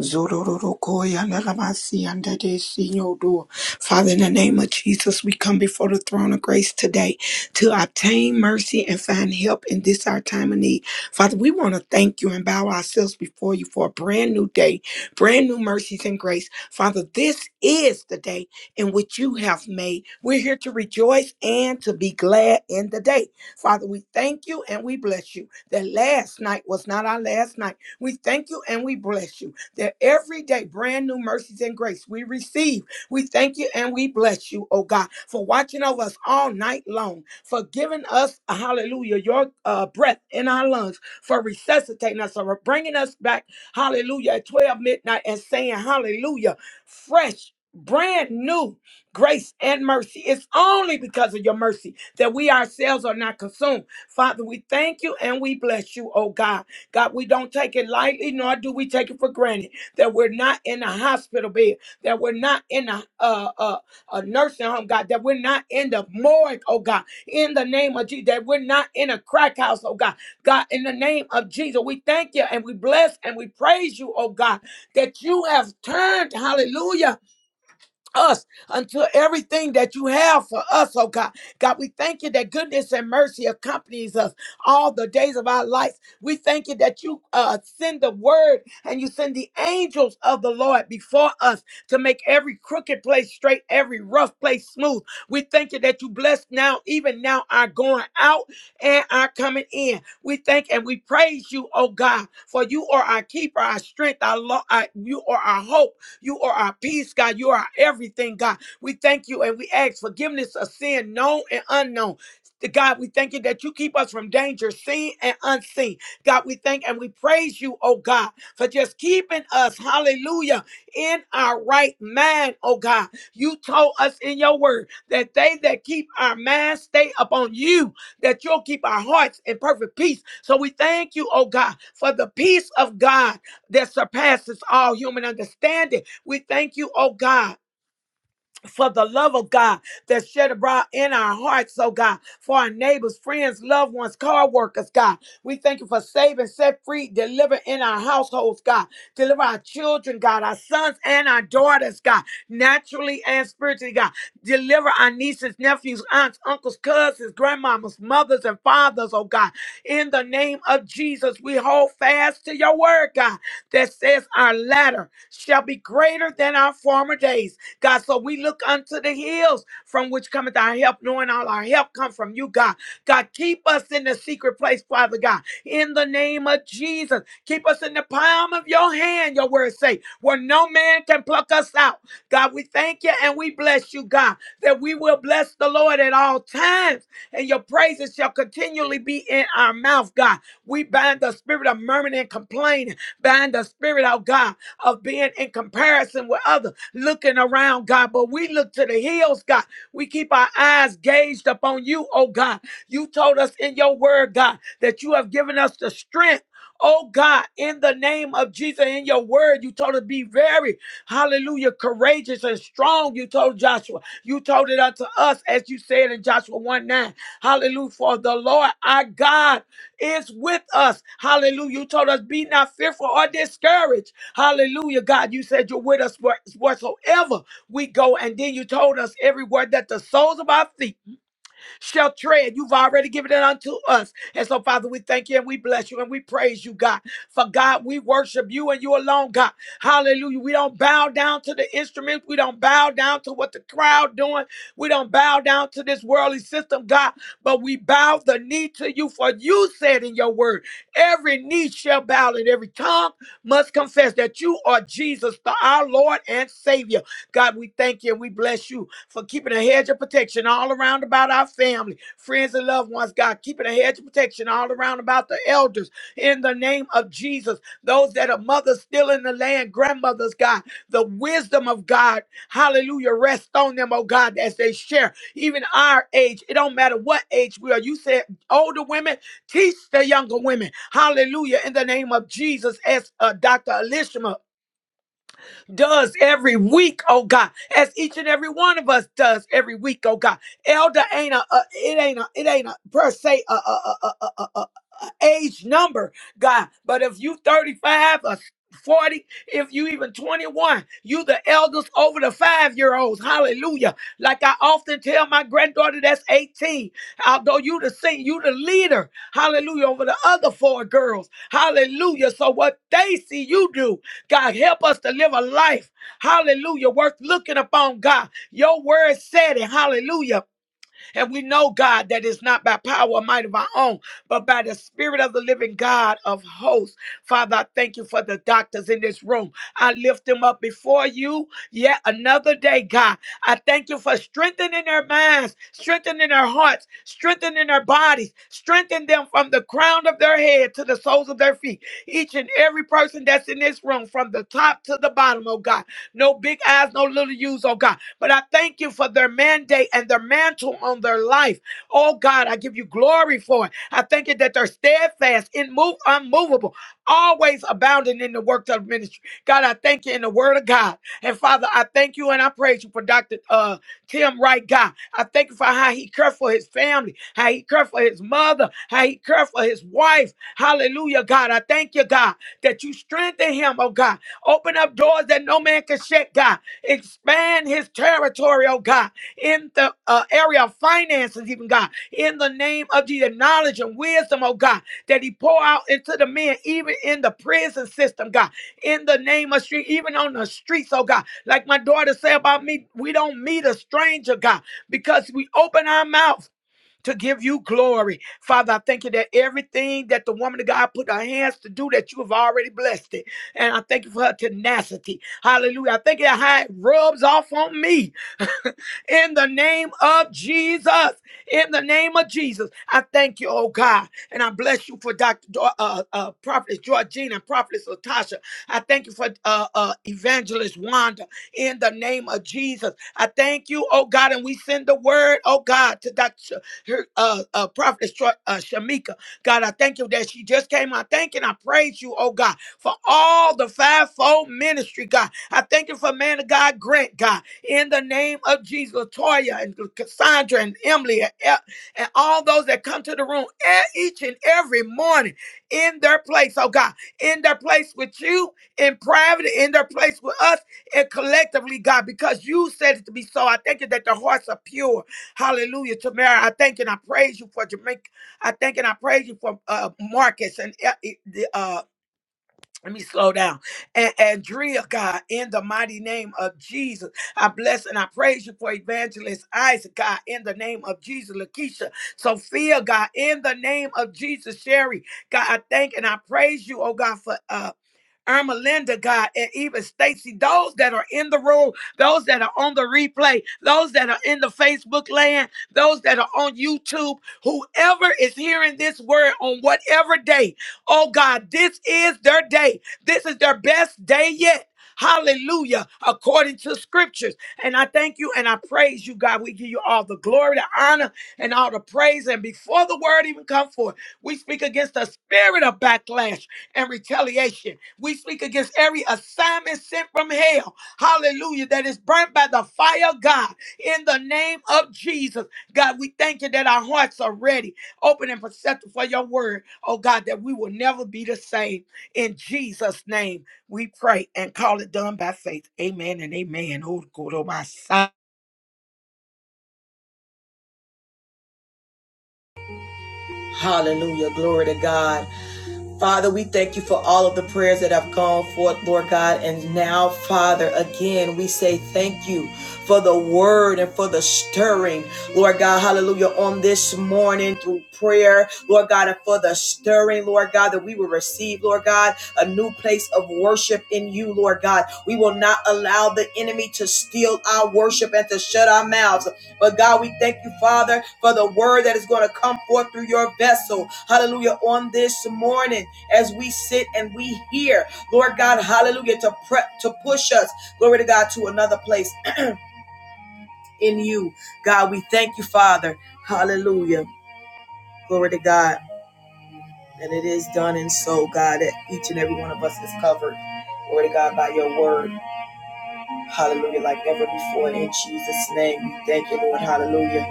Speaker 3: Zorororokoi analamasi andadesi yodo. Father, in the name of Jesus, we come before the throne of grace today to obtain mercy and find help in this our time of need. Father, we want to thank you and bow ourselves before you for a brand new day, brand new mercies and grace. Father, this is the day in which you have made. We're here to rejoice and to be glad in the day. Father, we thank you and we bless you that last night was not our last night. We thank you and we bless you that every day brand new mercies and grace we receive. We thank you and we bless you, oh God, for watching over us all night long, for giving us, hallelujah, your uh, breath in our lungs, for resuscitating us, for bringing us back, hallelujah, at 12 midnight and saying, hallelujah, fresh. Brand new grace and mercy. It's only because of your mercy that we ourselves are not consumed. Father, we thank you and we bless you, oh God. God, we don't take it lightly, nor do we take it for granted that we're not in a hospital bed, that we're not in a, uh, uh, a nursing home, God, that we're not in the morgue, oh God, in the name of Jesus, that we're not in a crack house, oh God. God, in the name of Jesus, we thank you and we bless and we praise you, oh God, that you have turned, hallelujah us until everything that you have for us, oh God. God, we thank you that goodness and mercy accompanies us all the days of our life. We thank you that you uh, send the word and you send the angels of the Lord before us to make every crooked place straight, every rough place smooth. We thank you that you bless now, even now, our going out and our coming in. We thank and we praise you, oh God, for you are our keeper, our strength, our, lo- our you are our hope. You are our peace, God. You are our everything, God. We thank you and we ask forgiveness of sin, known and unknown. God, we thank you that you keep us from danger, seen and unseen. God, we thank and we praise you, oh God, for just keeping us, hallelujah, in our right mind, oh God. You told us in your word that they that keep our mind stay upon you, that you'll keep our hearts in perfect peace. So we thank you, oh God, for the peace of God that surpasses all human understanding. We thank you, oh God for the love of God that's shed abroad in our hearts, oh God, for our neighbors, friends, loved ones, car workers, God. We thank you for saving, set free, deliver in our households, God. Deliver our children, God, our sons and our daughters, God, naturally and spiritually, God. Deliver our nieces, nephews, aunts, uncles, cousins, grandmamas, mothers, and fathers, oh God. In the name of Jesus, we hold fast to your word, God, that says our latter shall be greater than our former days God. So we look unto the hills from which cometh our help, knowing all our help come from you, God. God, keep us in the secret place, Father God, in the name of Jesus. Keep us in the palm of your hand, your word say, where no man can pluck us out. God, we thank you and we bless you, God, that we will bless the Lord at all times, and your praises shall continually be in our mouth, God. We bind the spirit of murmuring and complaining, bind the spirit, oh God, of being in comparison with others looking around, God, but we look to the hills, God. We keep our eyes gazed upon you, oh God. You told us in your word, God, that you have given us the strength. Oh God, in the name of Jesus, in your word, you told us to be very, hallelujah, courageous and strong. You told Joshua, you told it unto us, as you said in Joshua 1 9. Hallelujah, for the Lord our God is with us. Hallelujah, you told us, be not fearful or discouraged. Hallelujah, God. You said you're with us where- whatsoever we go. And then you told us everywhere that the soles of our feet shall tread. You've already given it unto us. And so, Father, we thank you and we bless you and we praise you, God. For God, we worship you and you alone, God. Hallelujah. We don't bow down to the instruments. We don't bow down to what the crowd doing. We don't bow down to this worldly system, God. But we bow the knee to you, for you said in your word, every knee shall bow and every tongue must confess that you are Jesus, the- our Lord and Savior. God, we thank you and we bless you for keeping a hedge of protection all around about our family, friends, and loved ones. God, keeping a hedge of protection all around about the elders in the name of Jesus. Those that are mothers still in the land, grandmothers, God, the wisdom of God, hallelujah, rest on them, oh God, as they share. Even our age, it don't matter what age we are. You said older women, teach the younger women, hallelujah, in the name of Jesus, as uh, Dr. Elishma does every week, oh God, as each and every one of us does every week, oh God. Elder ain't a, uh, it ain't a, it ain't a per se a, a, a, a, a, a a age number, God. But if you 35 or 40, if you even 21, you the elders over the five year olds. Hallelujah. Like I often tell my granddaughter that's 18, although you the sing, you the leader. Hallelujah. Over the other four girls. Hallelujah. So what they see you do. God, help us to live a life, hallelujah, worth looking upon, God. Your word said it, hallelujah. And we know, God, that it's not by power or might of our own, but by the Spirit of the living God of hosts. Father, I thank you for the doctors in this room. I lift them up before you yet another day, God. I thank you for strengthening their minds, strengthening their hearts, strengthening their bodies, strengthening them from the crown of their head to the soles of their feet. Each and every person that's in this room, from the top to the bottom, oh God. No big eyes, no little U's, oh God. But I thank you for their mandate and their mantle on their life. Oh God, I give you glory for it. I thank you that they're steadfast, immov- unmovable, always abounding in the work of ministry. God, I thank you in the word of God. And Father, I thank you and I praise you for Dr. Uh, Tim Wright, God. I thank you for how he cared for his family, how he cared for his mother, how he cared for his wife. Hallelujah, God. I thank you, God, that you strengthen him, oh God. Open up doors that no man can shut, God. Expand his territory, oh God, in the uh, area of finances, even God, in the name of Jesus, knowledge and wisdom, oh God, that he pour out into the men, even in the prison system, God, in the name of street, even on the streets, oh God. Like my daughter said about me, we don't meet a stranger, God, because we open our mouth to give you glory. Father, I thank you that everything that the woman of God put her hands to do, that you have already blessed it. And I thank you for her tenacity. Hallelujah. I thank you that how it rubs off on me in the name of Jesus. In the name of Jesus, I thank you, oh God, and I bless you for Dr. Dor- uh, uh, Prophetess Georgina, Prophetess Latasha. I thank you for uh, uh, Evangelist Wanda. In the name of Jesus, I thank you, oh God, and we send the word, oh God, to Dr. her, uh, uh, Prophetess Tro- uh, Shamika. God, I thank you that she just came. I thank and I praise you, oh God, for all the fivefold ministry, God. I thank you for man of God, Grant, God in the name of Jesus. Latoya and Cassandra and Emily and, E- and all those that come to the room e- each and every morning in their place, oh God, in their place with you, in private, in their place with us, and collectively, God, because you said it to be so. I thank you that the hearts are pure. Hallelujah. Tamara, I thank and I praise you for Jamaica. I thank and I praise you for uh, Marcus and uh, let me slow down. And Andrea, God, in the mighty name of Jesus, I bless and I praise you for Evangelist Isaac, God, in the name of Jesus. Lakeisha, Sophia, God, in the name of Jesus. Sherry, God, I thank and I praise you, oh God, for uh, Irma Linda, God, and even Stacy, those that are in the room, those that are on the replay, those that are in the Facebook land, those that are on YouTube, whoever is hearing this word on whatever day, oh God, this is their day. This is their best day yet. Hallelujah, according to scriptures. And I thank you and I praise you, God. We give you all the glory, the honor, and all the praise. And before the word even come forth, we speak against the spirit of backlash and retaliation. We speak against every assignment sent from hell. Hallelujah. That is burnt by the fire of God in the name of Jesus. God, we thank you that our hearts are ready, open and perceptive for your word. Oh God, that we will never be the same. In Jesus' name, we pray and call it done by faith. Amen and amen. Oh, God, oh my son.
Speaker 1: Hallelujah. Glory to God. Father, we thank you for all of the prayers that have gone forth, Lord God. And now, Father, again, we say thank you for the word and for the stirring, Lord God, hallelujah, on this morning through prayer, Lord God, and for the stirring, Lord God, that we will receive, Lord God, a new place of worship in you, Lord God. We will not allow the enemy to steal our worship and to shut our mouths. But God, we thank you, Father, for the word that is going to come forth through your vessel. Hallelujah. On this morning, as we sit and we hear, Lord God, hallelujah, to prep, to push us, glory to God, to another place in you. God, we thank you, Father. Hallelujah. Glory to God. And it is done and so, God, that each and every one of us is covered. Glory to God by your word. Hallelujah, like never before. In Jesus' name, we thank you, Lord. Hallelujah.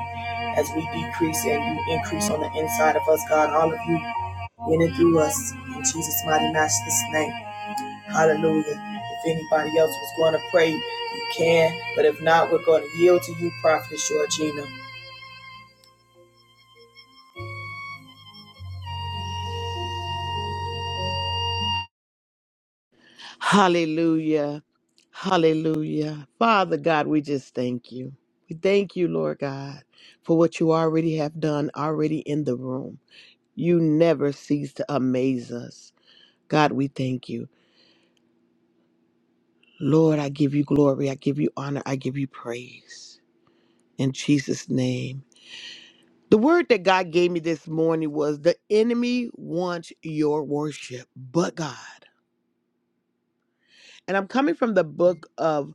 Speaker 1: As we decrease and you increase on the inside of us, God, all of you in and through us. In Jesus' mighty matchless name. Hallelujah. If anybody else was going to pray, you can. But if not, we're going to yield to you, Prophet Georgina.
Speaker 2: Hallelujah. Hallelujah. Father God, we just thank you. We thank you, Lord God, for what you already have done, already in the room. You never cease to amaze us. God, we thank you. Lord, I give you glory. I give you honor. I give you praise. In Jesus' name. The word that God gave me this morning was the enemy wants your worship, but God. And I'm coming from the book of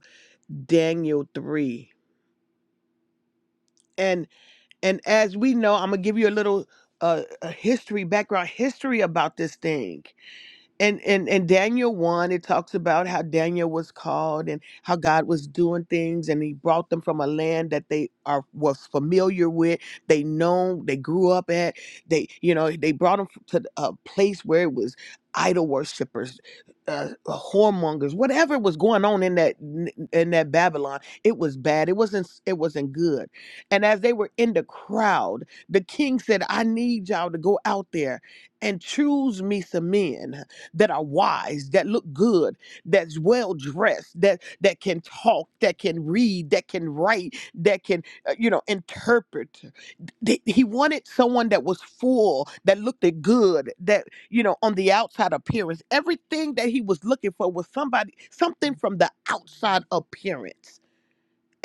Speaker 2: Daniel 3. And and as we know, I'm going to give you a little uh, a history background history about this thing. and and and Daniel 1 it talks about how Daniel was called and how God was doing things and he brought them from a land that they are was familiar with they know they grew up at they you know they brought them to the- a place where it was idol worshippers uh, whoremongers whatever was going on in that in that Babylon it was bad it wasn't it wasn't good and as they were in the crowd the king said I need y'all to go out there and choose me some men that are wise, that look good, that's well dressed, that that can talk, that can read, that can write, that can uh, you know interpret. Th- He wanted someone that was full, that looked good, that you know on the outside appearance, everything that he was looking for was somebody something from the outside appearance.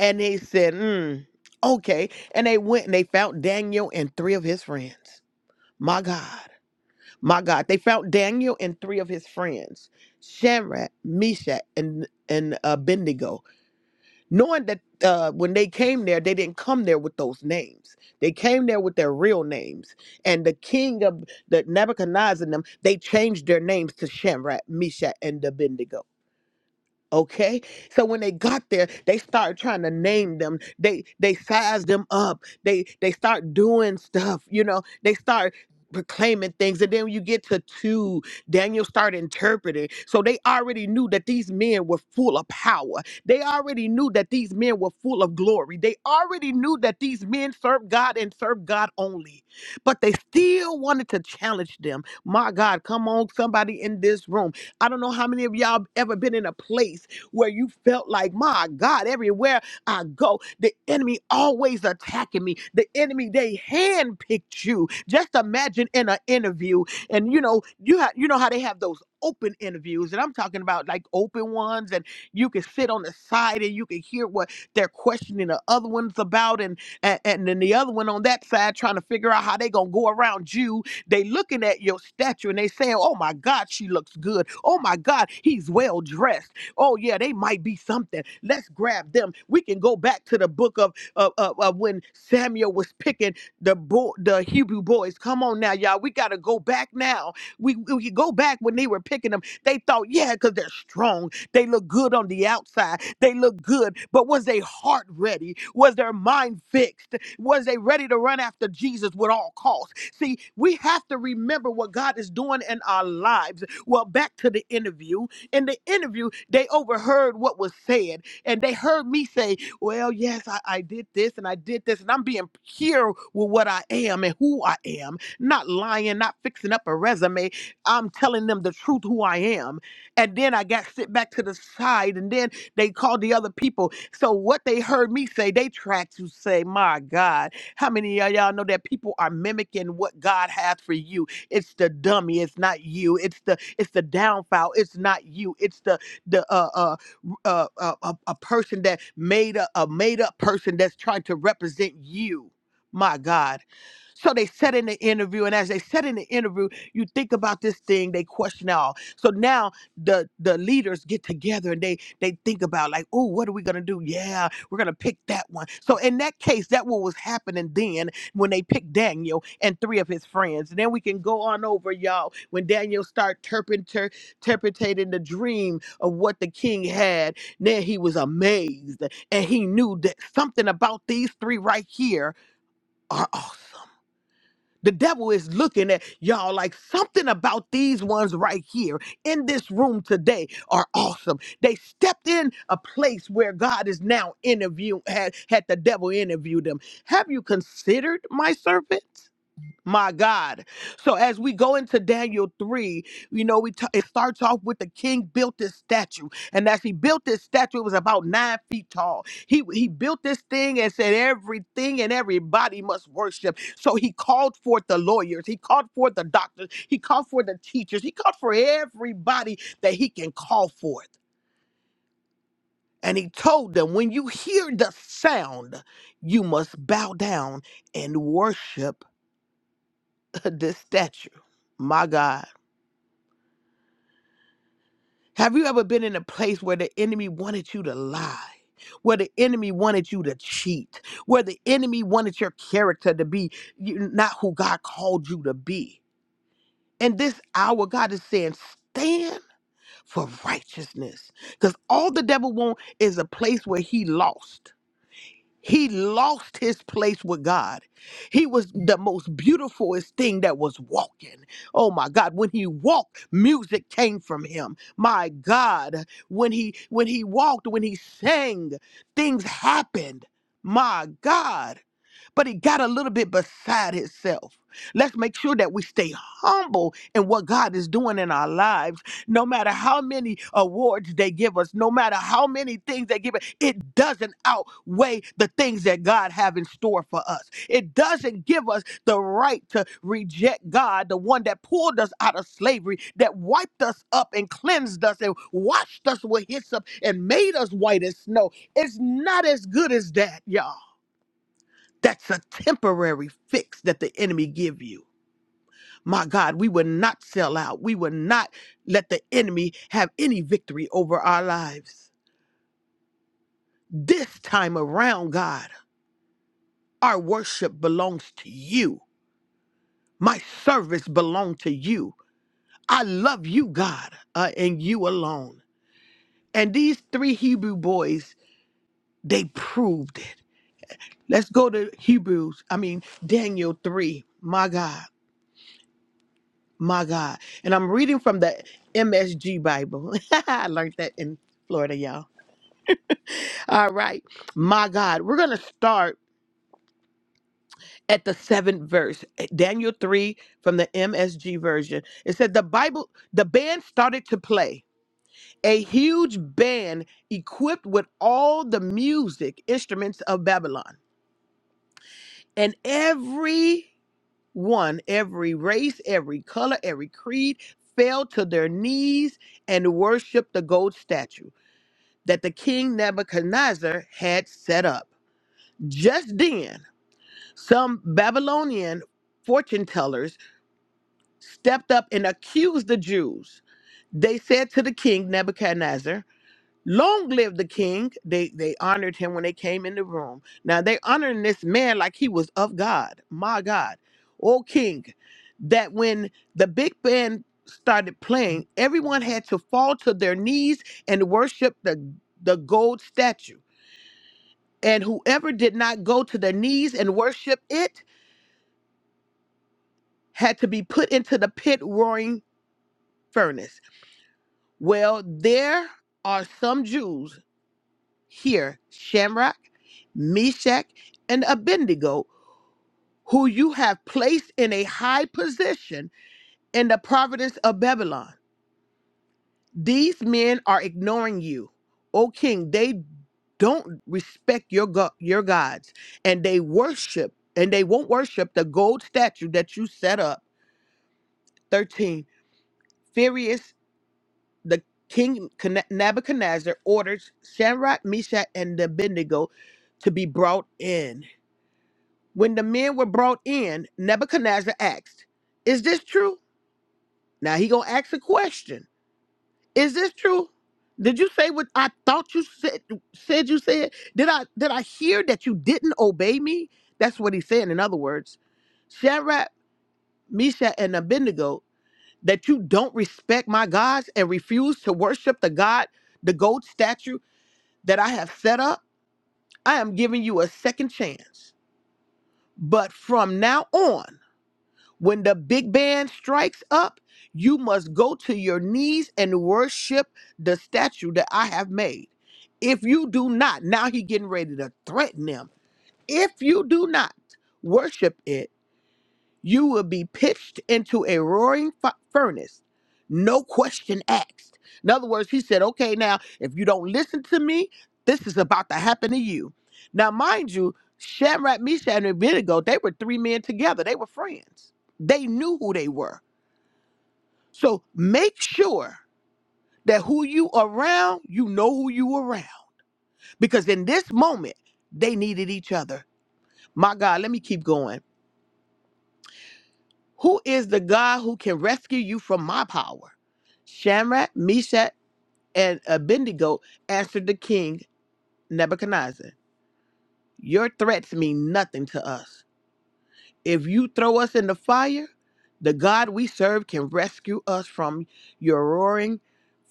Speaker 2: And they said, mm, okay, and they went and they found Daniel and three of his friends. My God. My God, they found Daniel and three of his friends, Shadrach, Meshach, and and uh, Abednego, knowing that uh, when they came there, they didn't come there with those names. They came there with their real names. And the king of the Nebuchadnezzar and them, they changed their names to Shadrach, Meshach, and Abednego. Okay. So when they got there, they started trying to name them. They they size them up. They they start doing stuff, you know, they start proclaiming things. And then when you get to two, Daniel start interpreting. So they already knew that these men were full of power. They already knew that these men were full of glory. They already knew that these men served God and served God only. But they still wanted to challenge them. My God, come on, somebody in this room. I don't know how many of y'all ever been in a place where you felt like, my God, everywhere I go, the enemy always attacking me. The enemy, they handpicked you. Just imagine in an interview, and you know, you ha- you know how they have those open interviews, and I'm talking about like open ones, and you can sit on the side and you can hear what they're questioning the other ones about, and and, and then the other one on that side trying to figure out how they gonna go around you they looking at your statue and they saying, "Oh my God, she looks good. Oh my God, he's well dressed. Oh yeah, they might be something. Let's grab them. We can go back to the book of of, of, of when Samuel was picking the bo- the Hebrew boys. Come on now, y'all. We gotta go back now. We we can go back when they were picking them. They thought, yeah, because they're strong. They look good on the outside. They look good, but was their heart ready? Was their mind fixed? Was they ready to run after Jesus with all costs? See, we have to remember what God is doing in our lives. Well, back to the interview. In the interview, they overheard what was said and they heard me say, Well, yes, I, I did this and I did this, and I'm being pure with what I am and who I am, not lying, not fixing up a resume. I'm telling them the truth who I am. And then I got sit back to the side and then they called the other people. So what they heard me say, they tried to say, my God. How many of y'all know that people are mimicking what God has for you? It's the dummy, it's not you. It's the it's the downfall, it's not you. It's the the uh uh uh, uh, a, a person that made a, a made up person that's trying to represent you. My God. So they said in the interview, and as they said in the interview, you think about this thing, they question all. So now the the leaders get together and they. They think about like, oh, what are we gonna do? Yeah, we're gonna pick that one. So in that case, that what was happening then when they picked Daniel and three of his friends. And then we can go on over, y'all, when Daniel start terpenter- interpreting the dream of what the king had. Then he was amazed and he knew that something about these three right here are awesome. The devil is looking at y'all like something about these ones right here in this room today are awesome. They stepped in a place where God is now interviewing, had, had the devil interview them. Have you considered my servants? My God. So as we go into Daniel 3, you know, we t- it starts off with the king built this statue. And as he built this statue, it was about nine feet tall. He, he built this thing and said, everything and everybody must worship. So he called forth the lawyers. He called forth the doctors. He called for the teachers. He called for everybody that he can call forth. And he told them, when you hear the sound, you must bow down and worship of this stature. My God. Have you ever been in a place where the enemy wanted you to lie? Where the enemy wanted you to cheat, where the enemy wanted your character to be you- not who God called you to be. In this hour, God is saying, stand for righteousness. Because all the devil wants is a place where he lost. He lost his place with God. He was the most beautifulest thing that was walking. Oh my God, when he walked, music came from him. My God, when he when he walked, when he sang, things happened. My God but he got a little bit beside himself. Let's make sure that we stay humble in what God is doing in our lives. No matter how many awards they give us, no matter how many things they give us, it doesn't outweigh the things that God have in store for us. It doesn't give us the right to reject God, the one that pulled us out of slavery, that wiped us up and cleansed us and washed us with hyssop and made us white as snow. It's not as good as that, y'all. That's a temporary fix that the enemy give you. My God, we will not sell out. We will not let the enemy have any victory over our lives. This time around, God, our worship belongs to you. My service belongs to you. I love you, God, uh, and you alone. And these three Hebrew boys, they proved it. Let's go to Hebrews, I mean, Daniel 3. My God. My God. And I'm reading from the MSG Bible. I learned that in Florida, y'all. All right. My God. We're going to start at the seventh verse, eh, Daniel 3 from the MSG version. It said, The Bible, the band started to play. A huge band equipped with all the music instruments of Babylon. And every one, every race, every color, every creed fell to their knees and worshiped the gold statue. that the king Nebuchadnezzar had set up. Just then, some Babylonian fortune tellers stepped up and accused the Jews. They said to the king Nebuchadnezzar, Long live the king. They they honored him when they came in the room. Now they honoring this man like he was of God. My God. O king, that when the big band started playing, everyone had to fall to their knees and worship the, the gold statue. and whoever did not go to their knees and worship it had to be put into the pit roaring furnace. Well, there are some Jews here, Shamrock, Meshach, and Abednego, who you have placed in a high position in the province of Babylon. These men are ignoring you, O king. They don't respect your go- your gods, and they worship, and they won't worship the gold statue that you set up 13. Furious, the king Con- Nebuchadnezzar orders Shadrach, Meshach, and Abednego to be brought in. When the men were brought in, Nebuchadnezzar asked, Is this true? Now he gonna ask a question. Is this true? Did you say what I thought you said said you said? Did I did I hear that you didn't obey me? That's what he's saying, in other words. Shadrach, Meshach, and Abednego that you don't respect my gods and refuse to worship the God, the gold statue that I have set up, I am giving you a second chance. But from now on, when the big band strikes up, you must go to your knees and worship the statue that I have made. If you do not, now he getting ready to threaten them. If you do not worship it, You will be pitched into a roaring fu- furnace, no question asked. In other words, he said, okay, now, if you don't listen to me, this is about to happen to you. Now, mind you, Shamrat, Meshach, and Abednego, they were three men together. They were friends. They knew who they were. So make sure that who you around, you know who you around. Because in this moment, they needed each other. My God, let me keep going Who is the God who can rescue you from my power? Shamrat, Meshach, and Abednego answered the king Nebuchadnezzar. Your threats mean nothing to us. If you throw us in the fire, the God we serve can rescue us from your roaring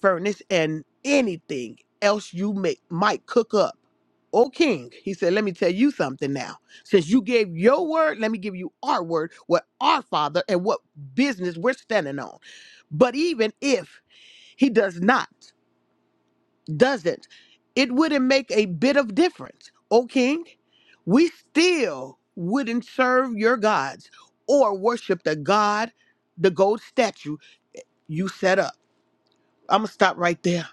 Speaker 2: furnace and anything else you may, might cook up. O King, he said, let me tell you something now. Since you gave your word, let me give you our word, what our Father and what business we're standing on. But even if he does not doesn't. It wouldn't make a bit of difference, O king. We still wouldn't serve your gods or worship the god, the gold statue you set up. I'm gonna stop right there.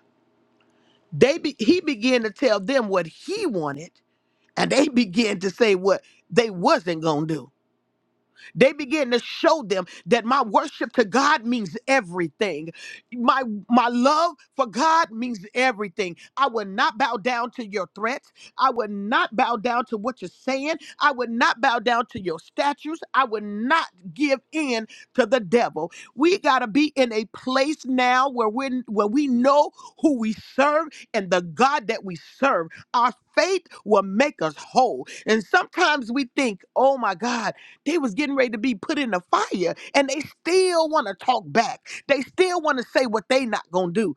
Speaker 2: They be, he began to tell them what he wanted, and they began to say what they wasn't gonna do. They begin to show them that my worship to God means everything. My my love for God means everything. I will not bow down to your threats. I will not bow down to what you're saying. I will not bow down to your statues. I will not give in to the devil. We got to be in a place now where we where we know who we serve and the God that we serve. Our faith will make us whole. And sometimes we think, "Oh my God, they was getting ready to be put in the fire, and they still want to talk back. They still want to say what they not gonna do.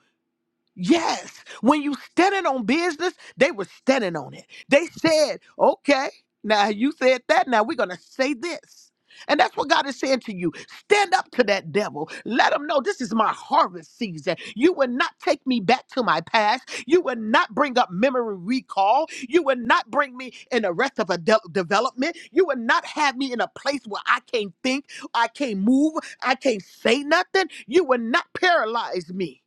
Speaker 2: Yes. When you standing on business, they were standing on it. They said, okay, now you said that. Now we're going to say this. And that's what God is saying to you. Stand up to that devil. Let him know this is my harvest season. You will not take me back to my past. You will not bring up memory recall. You will not bring me in the rest of a de- development. You will not have me in a place where I can't think, I can't move, I can't say nothing. You will not paralyze me.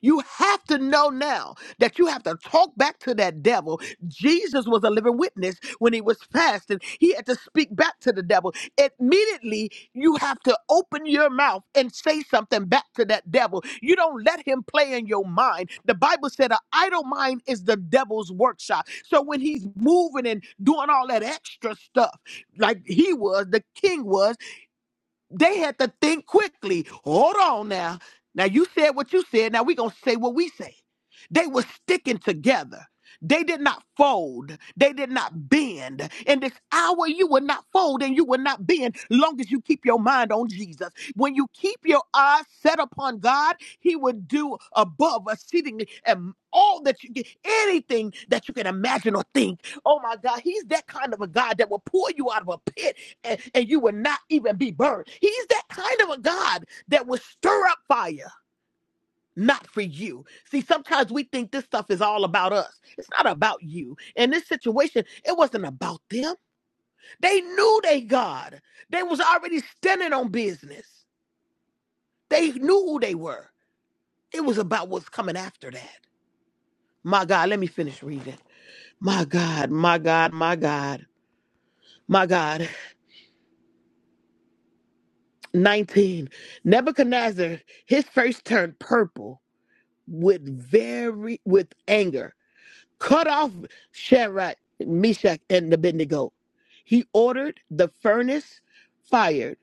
Speaker 2: You have to know now that you have to talk back to that devil. Jesus was a living witness when he was fasting. He had to speak back to the devil. Immediately, you have to open your mouth and say something back to that devil. You don't let him play in your mind. The Bible said an idle mind is the devil's workshop. So when he's moving and doing all that extra stuff, like he was, the king was. They had to think quickly. Hold on now. Now you said what you said. Now we gonna say what we say. They were sticking together. They did not fold. They did not bend. In this hour, you will not fold and you will not bend long as you keep your mind on Jesus. When you keep your eyes set upon God, He will do above exceedingly and all that you get, anything that you can imagine or think. Oh my God, He's that kind of a God that will pull you out of a pit and, and you will not even be burned. He's that kind of a God that will stir up fire, not for you. See, sometimes we think this stuff is all about us. It's not about you. In this situation, it wasn't about them. They knew they God. They was already standing on business. They knew who they were. It was about what's coming after that. My God, let me finish reading. My God, my God, my God, my God. 19. Nebuchadnezzar, his face turned purple with very with anger, cut off Shadrach, Meshach, and Abednego. He ordered the furnace fired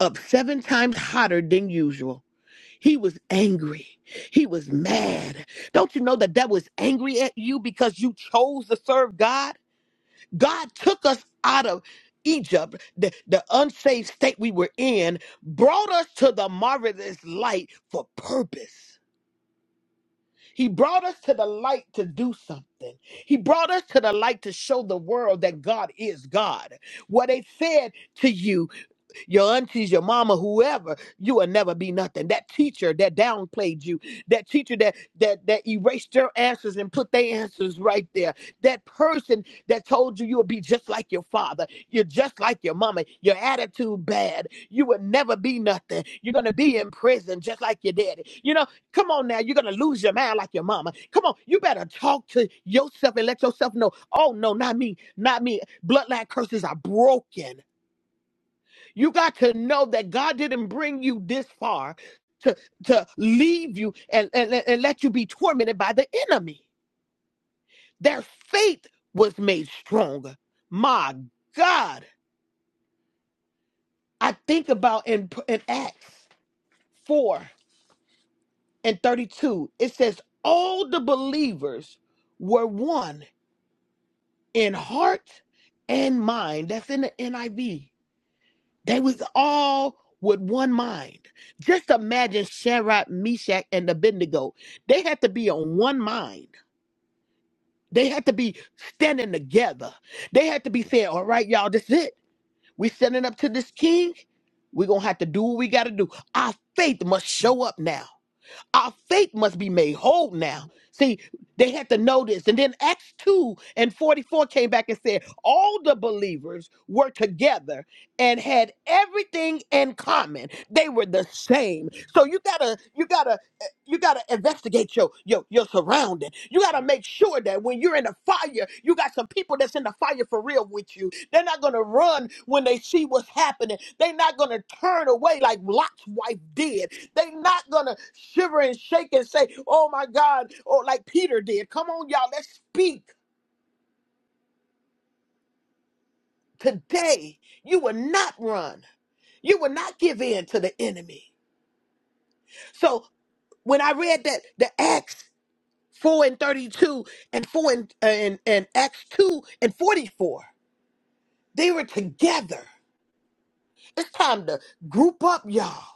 Speaker 2: up seven times hotter than usual. He was angry. He was mad. Don't you know that that was angry at you because you chose to serve God? God took us out of Egypt, the, the unsafe state we were in, brought us to the marvelous light for purpose. He brought us to the light to do something. He brought us to the light to show the world that God is God. What they said to you your aunties, your mama, whoever, you will never be nothing. That teacher that downplayed you, that teacher that that that erased your answers and put their answers right there, that person that told you you would be just like your father, you're just like your mama, your attitude bad, you will never be nothing. You're gonna be in prison just like your daddy. You know, come on now, you're gonna lose your mind like your mama. Come on, you better talk to yourself and let yourself know, oh no, not me, not me. Bloodline curses are broken you got to know that God didn't bring you this far to, to leave you and, and, and let you be tormented by the enemy. Their faith was made stronger. My God. I think about in, in Acts 4 and 32, it says, All the believers were one in heart and mind. That's in the NIV They was all with one mind. Just imagine Shadrach, Meshach, and Abednego. They had to be on one mind. They had to be standing together. They had to be saying, all right, y'all, this is it. we are standing up to this king. We're going to have to do what we got to do. Our faith must show up now. Our faith must be made whole now. See, they had to know this. And then Acts 2 and 44 came back and said, All the believers were together and had everything in common. They were the same. So you gotta, you gotta, eh, you gotta investigate your your your surrounding. You gotta make sure that when you're in the fire, you got some people that's in the fire for real with you. They're not gonna run when they see what's happening. They're not gonna turn away like Lot's wife did. They're not gonna shiver and shake and say, "Oh my God," or like Peter did. Come on, y'all, let's speak today. You will not run. You will not give in to the enemy. So when I read that, the Acts four and thirty-two and four and and, and Acts two and forty-four, they were together. It's time to group up, y'all.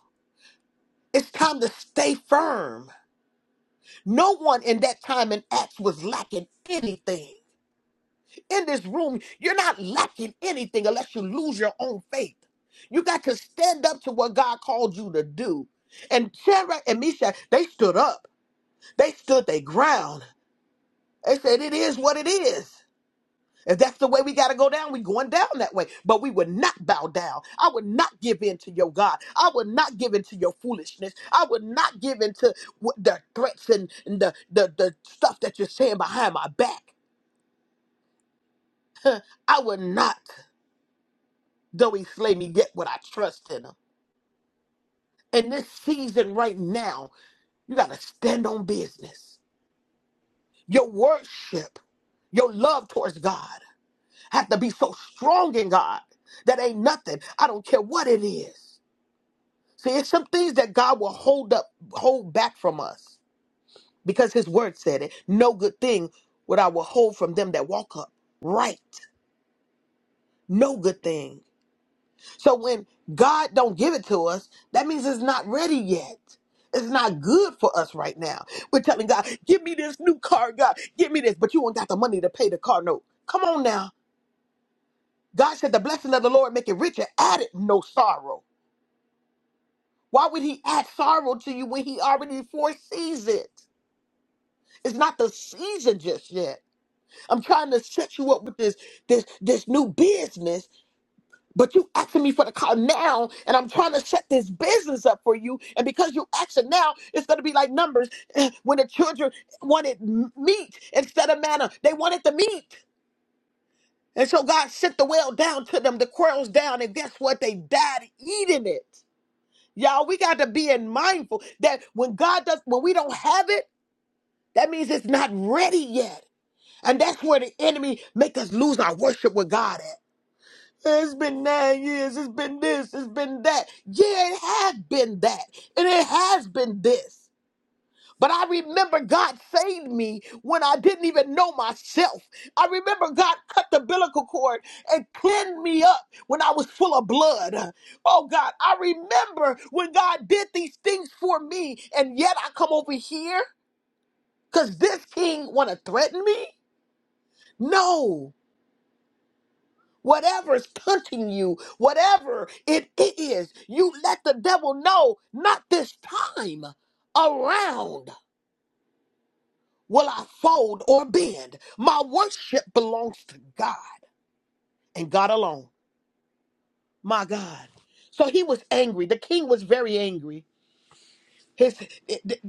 Speaker 2: It's time to stay firm. No one in that time in Acts was lacking anything. in this room, you're not lacking anything unless you lose your own faith. You got to stand up to what God called you to do. And Shadrach and Meshach, they stood up. They stood their ground. They said, "It is what it is. If that's the way we got to go down, we going down that way. But we would not bow down. I would not give in to your God. I would not give in to your foolishness. I would not give in to what the threats and, and the, the the stuff that you're saying behind my back. I would not. Though he slay me, yet would I trust in him. In this season right now, you got to stand on business. Your worship, your love towards God have to be so strong in God that ain't nothing. I don't care what it is. See, it's some things that God will hold up, hold back from us because his word said it. No good thing would I withhold from them that walk up. Right. No good thing. So when God don't give it to us, that means it's not ready yet. It's not good for us right now. We're telling God, give me this new car, God, give me this, but you ain't got the money to pay the car note. Come on now. God said the blessing of the Lord make it richer, added no sorrow. Why would he add sorrow to you when he already foresees it? It's not the season just yet. I'm trying to set you up with this this this new business But you asking me for the car now, and I'm trying to set this business up for you. And because you asking now, it's going to be like numbers when the children wanted m- meat instead of manna. They wanted the meat. And so God sent the well down to them, the quails down, and guess what? They died eating it. Y'all, we got to be in mindful that when God does, when we don't have it, that means it's not ready yet. And that's where the enemy make us lose our worship with God at. It's been nine years. It's been this. It's been that. Yeah, it has been that. And it has been this. But I remember God saved me when I didn't even know myself. I remember God cut the umbilical cord and cleaned me up when I was full of blood. Oh God, I remember when God did these things for me, and yet I come over here because this king want to threaten me? No. Whatever's punching you, whatever it is, you let the devil know, not this time around will I fold or bend. My worship belongs to God and God alone. My God. So he was angry. The king was very angry. His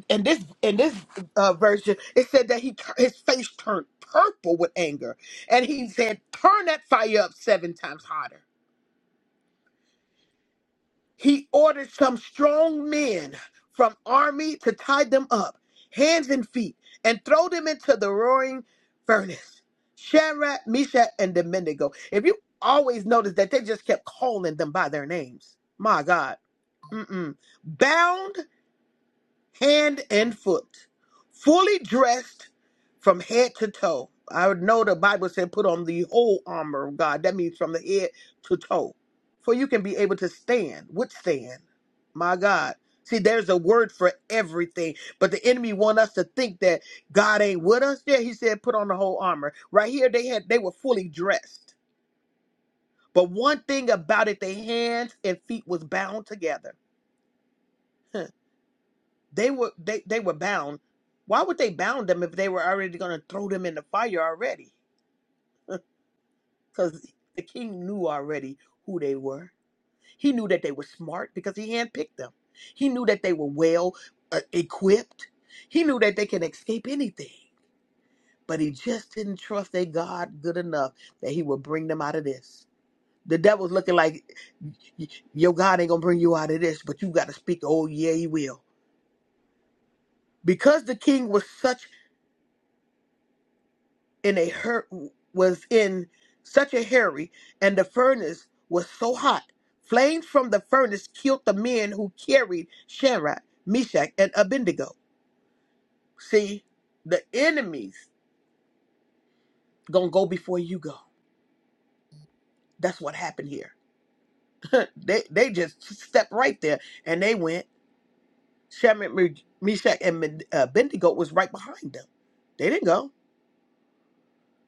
Speaker 2: and this in this uh, version, it said that he his face turned purple with anger, and he said, "Turn that fire up seven times hotter." he ordered some strong men from army to tie them up, hands and feet, and throw them into the roaring furnace. Shadrach, Meshach, and Abednego. If you always notice that they just kept calling them by their names. My God. Mm-mm. Bound hand and foot, fully dressed from head to toe. I would know the Bible said put on the whole armor of God. That means from the head to toe. For you can be able to stand, withstand. My God. See, there's a word for everything. But the enemy want us to think that God ain't with us. Yeah, he said put on the whole armor. Right here, they had they were fully dressed. But one thing about it, their hands and feet was bound together. They were they, they were bound. Why would they bound them if they were already going to throw them in the fire already? Because the king knew already who they were. He knew that they were smart because he handpicked them. He knew that they were well uh, equipped. He knew that they can escape anything. But he just didn't trust their God good enough that he would bring them out of this. The devil's looking like y- your God ain't gonna bring you out of this, but you got to speak. Oh yeah, he will. Because the king was such in a hur- was in such a hurry, and the furnace was so hot. Flames from the furnace killed the men who carried Shadrach, Meshach, and Abednego. See, the enemies gonna go before you go. That's what happened here. they they just stepped right there, and they went. Shadrach, Me- Meshach, and Men- uh, Abednego was right behind them. They didn't go,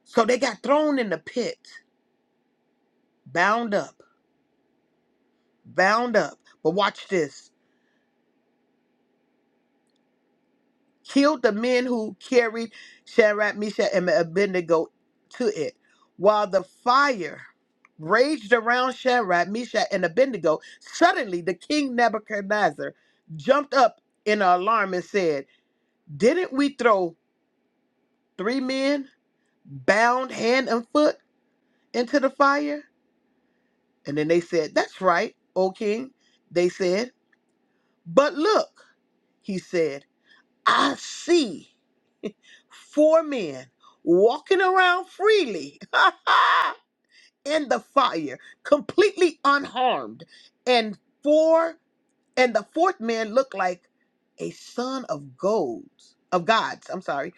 Speaker 2: so they got thrown in the pit, bound up, bound up. But watch this. killed the men who carried Shadrach, Meshach, and Abednego to it. While the fire raged around Shadrach, Meshach, and Abednego, suddenly the king Nebuchadnezzar jumped up in alarm and said, Didn't we throw three men bound hand and foot into the fire? And then they said, That's right, O king, they said. But look, he said, I see. four men walking around freely in the fire, completely unharmed. And four and the fourth man looked like a son of gods. of gods. I'm sorry.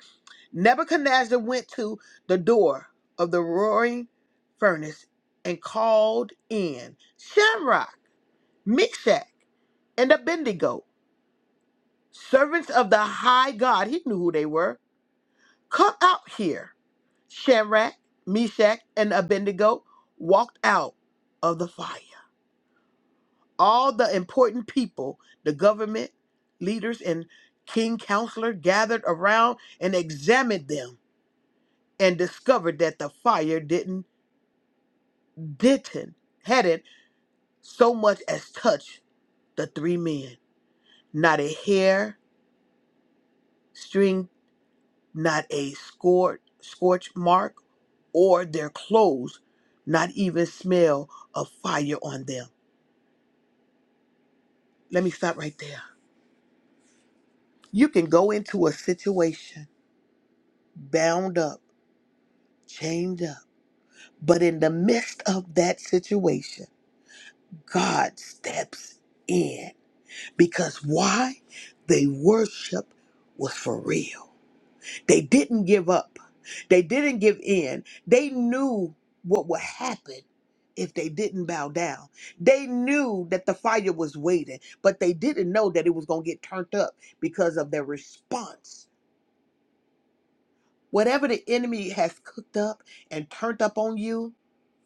Speaker 2: Nebuchadnezzar went to the door of the roaring furnace and called in Shamrock, Meshach, and Abednego, servants of the high God. He knew who they were. Come out here Shadrach, Meshach, and Abednego walked out of the fire. All the important people, the government leaders, and king counselor gathered around and examined them and discovered that the fire didn't didn't hadn't so much as touched the three men. Not a hair string, not a scorch scorch mark, or their clothes, not even smell of fire on them. Let me stop right there. You can go into a situation bound up, chained up, but in the midst of that situation, God steps in. Because why? They worship was for real. They didn't give up, they didn't give in. They knew what would happen if they didn't bow down. They knew that the fire was waiting, but they didn't know that it was going to get turned up because of their response Whatever the enemy has cooked up and turned up on you,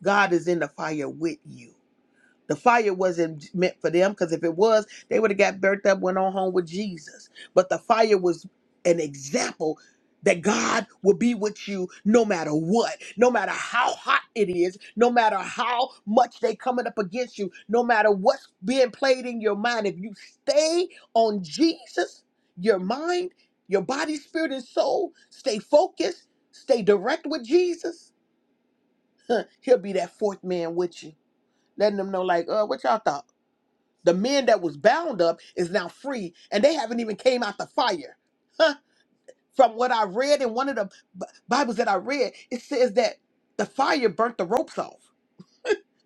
Speaker 2: God is in the fire with you. The fire wasn't meant for them because if it was, they would have got burnt up, went on home with Jesus. But the fire was an example that God will be with you no matter what, no matter how hot it is, no matter how much they coming up against you, no matter what's being played in your mind. If you stay on Jesus, your mind, your body, spirit, and soul, stay focused, stay direct with Jesus, he'll be that fourth man with you, letting them know like, uh, what y'all thought? The man that was bound up is now free, and they haven't even came out the fire. Huh? From what I read in one of the B- Bibles that I read, it says that the fire burnt the ropes off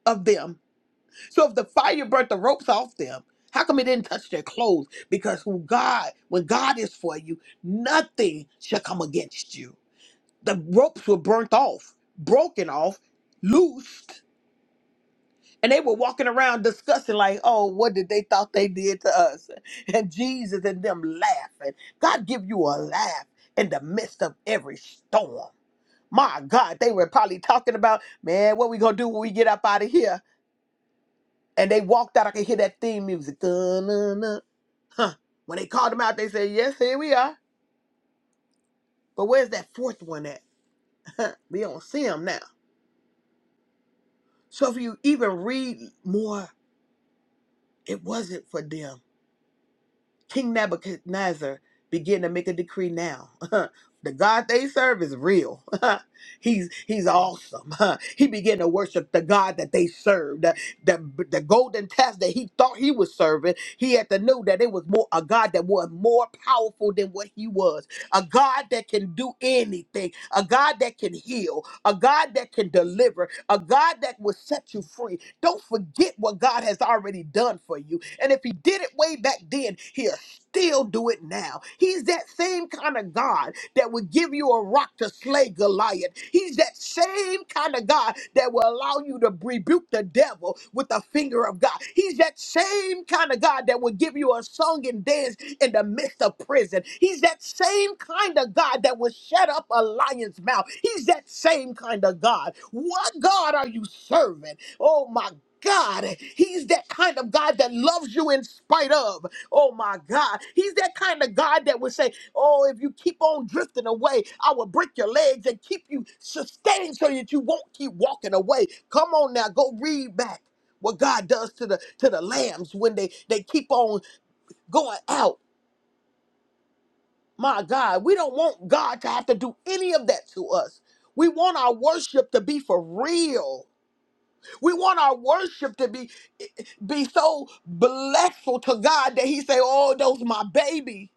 Speaker 2: of them. So if the fire burnt the ropes off them, how come it didn't touch their clothes? Because who God, when God is for you, nothing shall come against you. The ropes were burnt off, broken off, loosed And they were walking around discussing, like, oh, what did they thought they did to us? And Jesus and them laughing. God give you a laugh in the midst of every storm. My God, they were probably talking about, man, what we gonna do when we get up out of here? And they walked out. I could hear that theme music. Dun, dun, dun. Huh. When they called them out, they said, yes, here we are. But where's that fourth one at? Huh. We don't see them now. So if you even read more, it wasn't for them. King Nebuchadnezzar began to make a decree now. the God they serve is real. he's he's awesome. he began to worship the God that they served. The, the, the golden test that he thought he was serving, he had to know that it was more a God that was more powerful than what he was. A God that can do anything. A God that can heal. A God that can deliver. A God that will set you free don't forget what God has already done for you. And if He did it way back then, He'll still do it now. He's that same kind of God that will give you a rock to slay Goliath. He's that same kind of God that will allow you to rebuke the devil devil with the finger of God. He's that same kind of God that will give you a song and dance in the midst of prison. He's that same kind of God that will shut up a lion's mouth. He's that same kind of God. What God are you serving? Oh my God. He's that kind of God that loves you in spite of. Oh my God. He's that kind of God that would say, Oh, if you keep on drifting away, I will break your legs and keep you sustained so that you won't keep walking away. Come on now, go read back what God does to the to the lambs when they they keep on going out. My God, we don't want God to have to do any of that to us. We want our worship to be for real. We want our worship to be be so blessful to God that He say, "Oh, those my baby."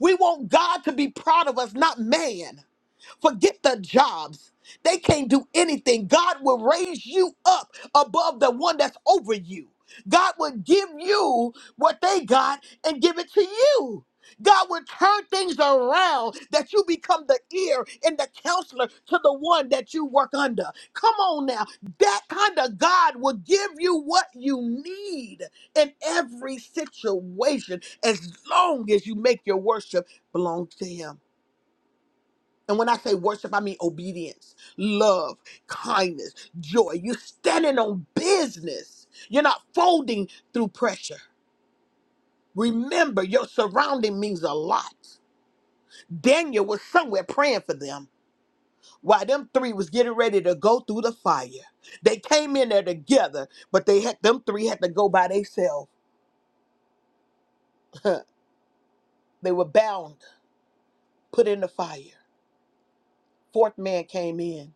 Speaker 2: We want God to be proud of us, not man. Forget the jobs. They can't do anything. God will raise you up above the one that's over you. God will give you what they got and give it to you. God will turn things around that you become the ear and the counselor to the one that you work under. Come on now. That kind of God will give you what you need in every situation as long as you make your worship belong to Him. And when I say worship, I mean obedience, love, kindness, joy. You're standing on business. You're not folding through pressure. Remember, your surrounding means a lot. Daniel was somewhere praying for them while them three was getting ready to go through the fire. They came in there together, but they had them three had to go by themselves. they were bound, put in the fire. Fourth man came in,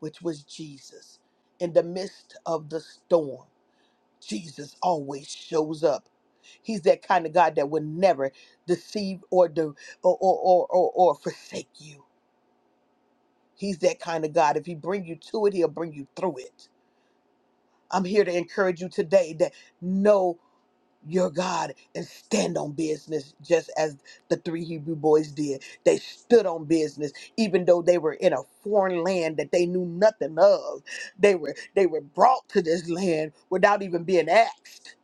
Speaker 2: which was Jesus, in the midst of the storm. Jesus always shows up. He's that kind of God that will never deceive or do or or or, or, or forsake you. He's that kind of God. If he bring you to it, he'll bring you through it. I'm here to encourage you today that no your God and stand on business, just as the three Hebrew boys did. They stood on business, even though they were in a foreign land that they knew nothing of. They were they were brought to this land without even being asked.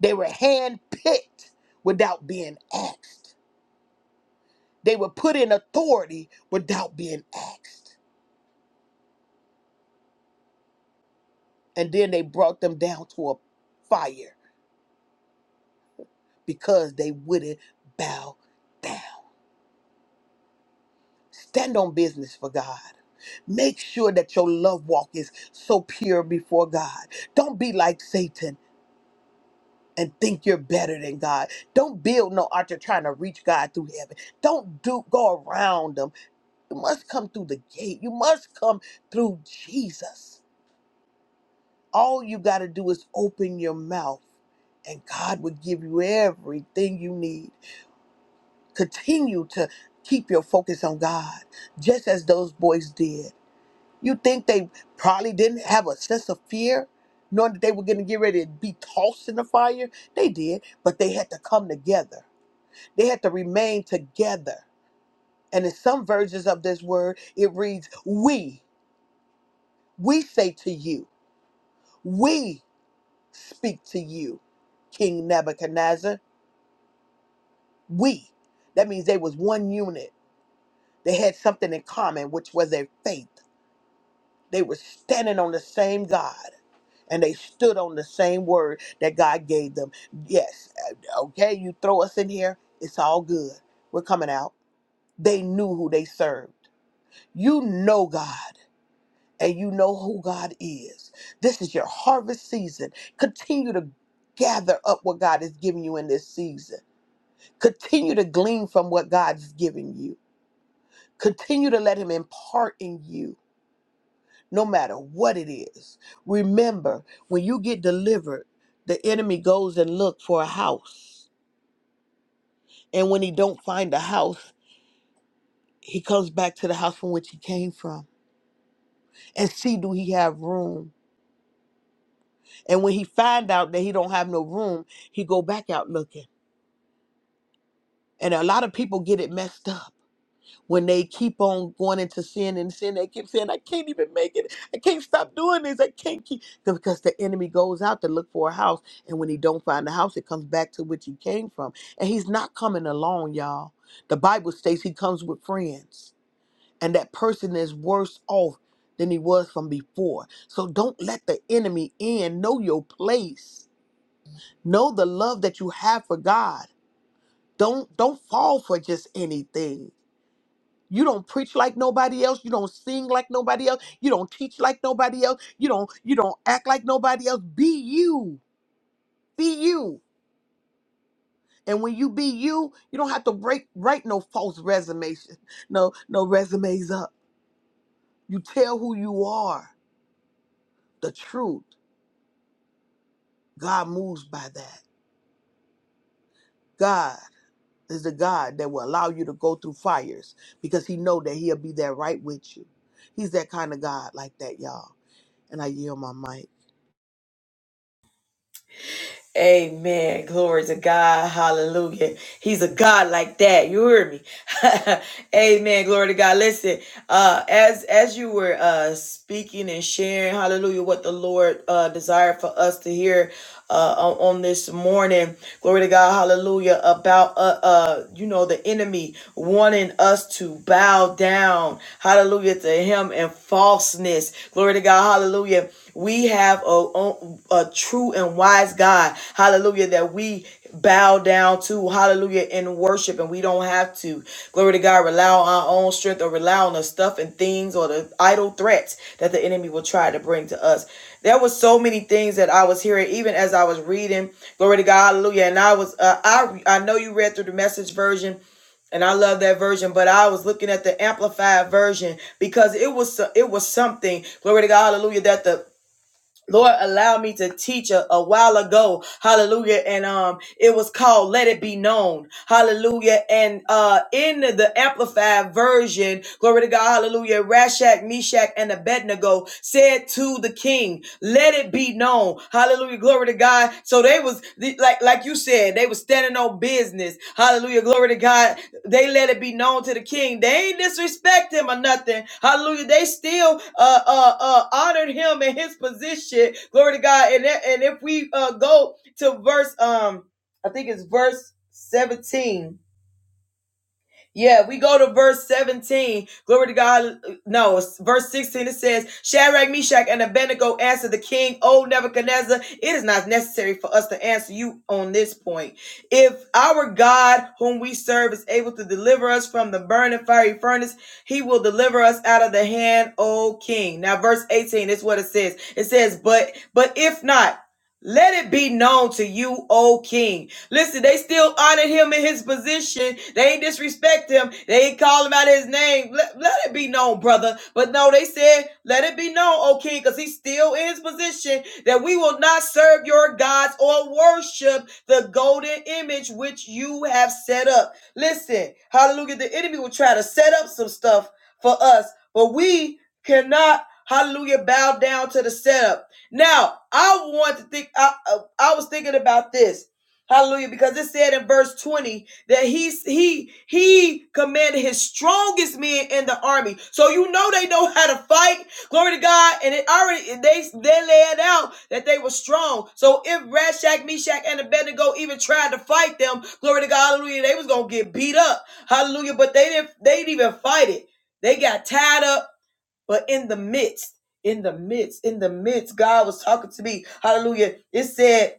Speaker 2: They were handpicked without being asked. They were put in authority without being asked. And then they brought them down to a fire because they wouldn't bow down. Stand on business for God. Make sure that your love walk is so pure before God. Don't be like Satan and think you're better than God. Don't build no altar trying to reach God through heaven. Don't do go around them. You must come through the gate. You must come through Jesus. All you got to do is open your mouth and God will give you everything you need. Continue to keep your focus on God, just as those boys did. You think they probably didn't have a sense of fear, knowing that they were going to get ready to be tossed in the fire? They did, but they had to come together. They had to remain together. And in some versions of this word, it reads, We, we say to you, we speak to you, King Nebuchadnezzar, we. That means they was one unit. They had something in common, which was their faith. They were standing on the same God. and they stood on the same word that God gave them. Yes, uh, okay, you throw us in here, it's all good. We're coming out. They knew who they served. You know God. And you know who God is. This is your harvest season. Continue to gather up what God is giving you in this season. Continue to glean from what God's giving you. Continue to let Him impart in you no matter what it is. Remember, when you get delivered, the enemy goes and look for a house. And when he don't find a house, he comes back to the house from which he came from and see do he have room. And when he find out that he don't have no room, he go back out looking. And a lot of people get it messed up when they keep on going into sin and sin, they keep saying, I can't even make it. I can't stop doing this. I can't keep because the enemy goes out to look for a house. And when he don't find the house, it comes back to which he came from. And he's not coming alone, y'all. The Bible states he comes with friends. And that person is worse off than he was from before. So don't let the enemy in. Know your place. Know the love that you have for God. Don't don't fall for just anything you don't preach like nobody else. You don't sing like nobody else. You don't teach like nobody else. You don't you don't act like nobody else. Be you. Be you. And when you be you, you don't have to break write no false resumes. No no resumes up. You tell who you are. The truth. God moves by that. God is the God that will allow you to go through fires because he know that he'll be there right with you. He's that kind of God like that, y'all. And I yield my mic.
Speaker 1: Amen. Glory to God. Hallelujah. He's a God like that. You hear me? Amen. Glory to God. Listen, uh, as as you were uh speaking and sharing, hallelujah, what the Lord uh desired for us to hear uh on, on this morning, glory to God, hallelujah, about uh uh you know the enemy wanting us to bow down, hallelujah, to him and false falseness. Glory to God. Hallelujah. We have a, a true and wise God. Hallelujah. That we bow down to. Hallelujah. In worship. And we don't have to. Glory to God. Rely on our own strength or rely on the stuff and things or the idle threats that the enemy will try to bring to us. There were so many things that I was hearing, even as I was reading. Glory to God. Hallelujah. And I was, uh, I, I know you read through the message version and I love that version. But I was looking at the amplified version because it was so- it was something. Glory to God, Hallelujah! That the Lord allowed me to teach a, a while ago, Hallelujah, and um, it was called "Let It Be Known," Hallelujah. And uh, in the amplified version, glory to God, Hallelujah. Rashak, Meshach, and Abednego said to the king, "Let it be known," Hallelujah, glory to God. So they was like like you said, they was standing on business, Hallelujah, glory to God they let it be known to the king. They ain't disrespect him or nothing. Hallelujah. They still uh uh, uh honored him in his position. Glory to God. And and if we uh go to verse um I think it's verse 17 yeah, we go to verse 17. Glory to God. No, it's verse 16 it says, Shadrach, Meshach, and Abednego answered the king, O Nebuchadnezzar, it is not necessary for us to answer you on this point. If our God, whom we serve, is able to deliver us from the burning fiery furnace, he will deliver us out of the hand, O king. Now, verse 18 is what it says. It says, But but if not, let it be known to you, O king Listen, they still honored him in his position. They ain't disrespect him. They ain't call him out his name. Let, let it be known, brother. But no, they said, let it be known, O king, because he's still in his position that we will not serve your gods or worship the golden image which you have set up. Listen, hallelujah. The enemy will try to set up some stuff for us, but we cannot, hallelujah, bow down to the setup. Now, I want to think, I, I I was thinking about this Hallelujah. Because it said in verse 20 that he he he commanded his strongest men in the army. So you know they know how to fight. Glory to God. And it already they they laid out that they were strong. So if Rashak, Meshach, and Abednego even tried to fight them, glory to God, hallelujah, they was gonna get beat up. Hallelujah. But they didn't they didn't even fight it. They got tied up, but in the midst, in the midst, in the midst, God was talking to me. Hallelujah. It said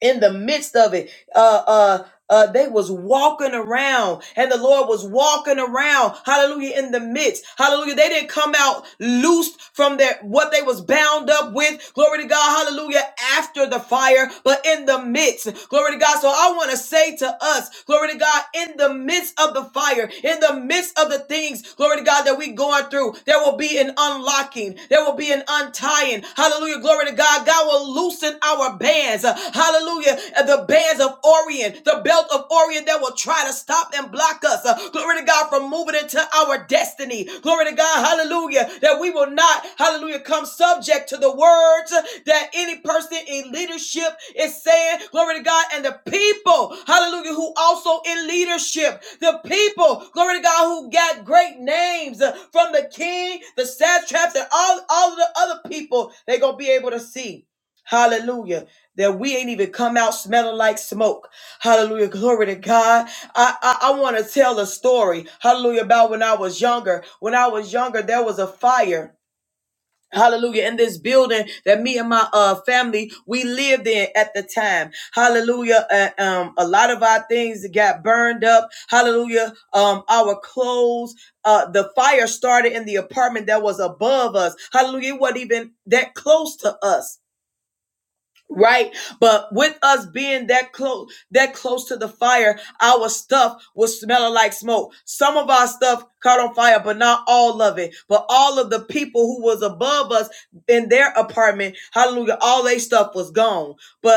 Speaker 1: in the midst of it uh uh uh, they was walking around and the Lord was walking around. Hallelujah. In the midst. Hallelujah. They didn't come out loosed from their, what they was bound up with. Glory to God. Hallelujah. After the fire, but in the midst. Glory to God. So I want to say to us, glory to God, in the midst of the fire, in the midst of the things, glory to God, that we going through, there will be an unlocking. There will be an untying. Hallelujah. Glory to God. God will loosen our bands. Hallelujah. Hallelujah. The bands of Orion, the belt of Orion, that will try to stop and block us. Uh, Glory to God from moving into our destiny. Glory to God. Hallelujah. That we will not, hallelujah, come subject to the words that any person in leadership is saying. Glory to God. And the people, hallelujah, who also in leadership, the people, glory to God, who got great names uh, from the king, the satraps, and all, all of the other people, they're going to be able to see. Hallelujah that we ain't even come out smelling like smoke. Hallelujah. Glory to God. I, I, I want to tell a story. Hallelujah. About when I was younger. When I was younger, there was a fire. Hallelujah. In this building that me and my uh, family, we lived in at the time. Hallelujah. Uh, um, a lot of our things got burned up. Hallelujah. Um, our clothes, uh, the fire started in the apartment that was above us. Hallelujah. It wasn't even that close to us right but with us being that close that close to the fire our stuff was smelling like smoke some of our stuff caught on fire but not all of it but all of the people who was above us in their apartment hallelujah all their stuff was gone but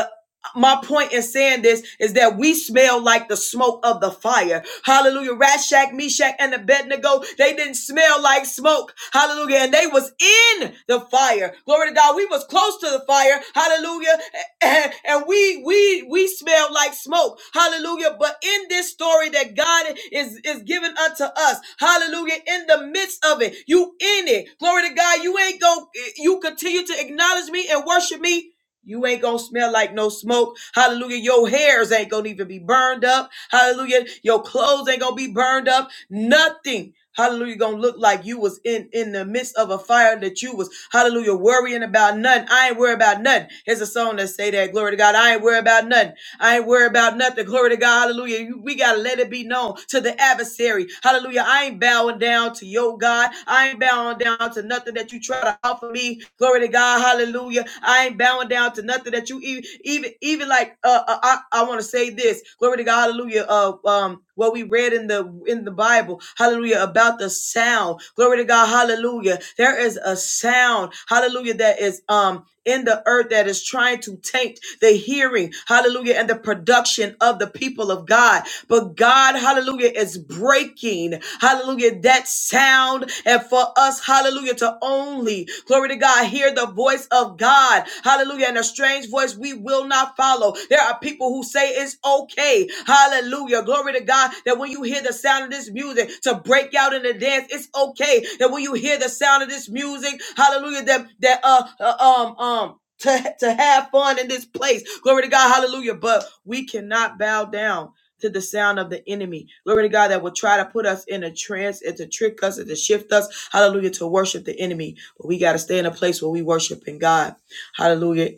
Speaker 1: my point in saying this is that we smell like the smoke of the fire. Hallelujah. Rashak, Meshach, and Abednego, they didn't smell like smoke. Hallelujah. And they was in the fire. Glory to God. We was close to the fire. Hallelujah. And we we we smelled like smoke. Hallelujah. But in this story that God is is giving unto us, hallelujah, in the midst of it, you in it. Glory to God. You ain't go you continue to acknowledge me and worship me you ain't gonna smell like no smoke. Hallelujah. Your hairs ain't gonna even be burned up. Hallelujah. Your clothes ain't gonna be burned up. Nothing. Hallelujah. Gonna look like you was in, in the midst of a fire that you was, hallelujah, worrying about nothing. I ain't worried about nothing. Here's a song that say that. Glory to God. I ain't worried about nothing. I ain't worried about nothing. Glory to God. Hallelujah. You- We got to let it be known to the adversary. Hallelujah. I ain't bowing down to your God. I ain't bowing down to nothing that you try to offer me. Glory to God. Hallelujah. I ain't bowing down to nothing that you even, even, even like, uh, uh, I, I want to say this. Glory to God. Hallelujah. Uh, um, what we read in the in the Bible, hallelujah, about the sound. Glory to God, hallelujah. There is a sound, hallelujah, that is um in the earth that is trying to taint the hearing, hallelujah, and the production of the people of God. But God, hallelujah, is breaking, hallelujah, that sound and for for us, hallelujah, to only, glory to God, hear the voice of God, hallelujah, and a strange voice we will not follow. There are people who say it's okay, hallelujah, glory to God, that when you hear the sound of this music, to break out in the dance, it's okay, that when you hear the sound of this music, hallelujah, that, that, uh, uh um, um, to, to have fun in this place. Glory to God. Hallelujah. But we cannot bow down to the sound of the enemy. Glory to God that will try to put us in a trance and to trick us and to shift us. Hallelujah. To worship the enemy. But we got to stay in a place where we worship in God. Hallelujah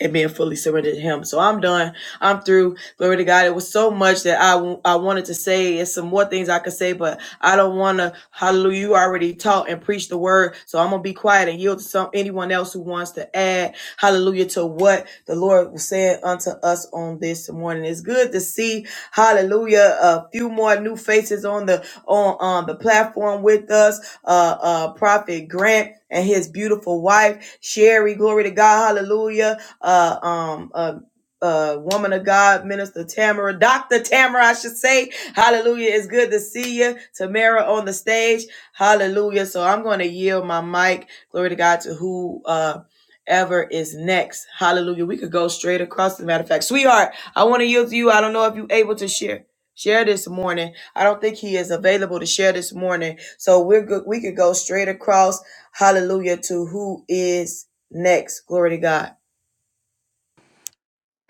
Speaker 1: and being fully surrendered to him. So I'm done. I'm through. Glory to God. It was so much that I I wanted to say and some more things I could say, but I don't want to. Hallelujah. You already taught and preached the word. So I'm going to be quiet and yield to some anyone else who wants to add hallelujah to what the Lord was saying unto us on this morning. It's good to see hallelujah a few more new faces on the on on the platform with us. Uh uh Prophet Grant and his beautiful wife Sherry. Glory to God. Hallelujah uh, um, uh, uh, woman of God, Minister Tamara, Dr. Tamara, I should say. Hallelujah. It's good to see you. Tamara on the stage. Hallelujah. So I'm going to yield my mic. Glory to God to who, uh, Ever is next. Hallelujah. We could go straight across. As a matter of fact, sweetheart, I want to yield to you. I don't know if you're able to share. Share this morning. I don't think he is available to share this morning. So we're good. We could go straight across. Hallelujah to who is next. Glory to God.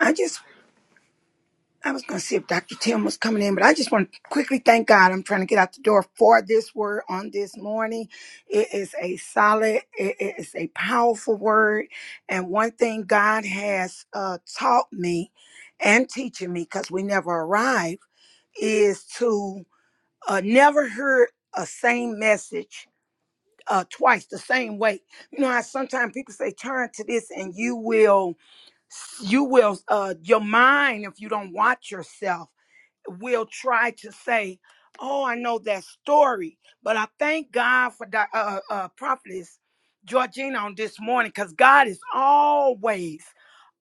Speaker 3: I just. I was going to see if Dr. Tim was coming in, but I just want to quickly thank God. I'm trying to get out the door for this word on this morning. It is a solid, it it is a powerful word. And one thing God has uh, taught me and teaching me, because we never arrive, is to uh, never hear a same message uh, twice the same way. You know how sometimes people say, turn to this and you will, you will, uh, your mind, if you don't watch yourself will try to say, "Oh, I know that story," but I thank God for the uh, uh, uh, prophetess Georgina on this morning because God is always,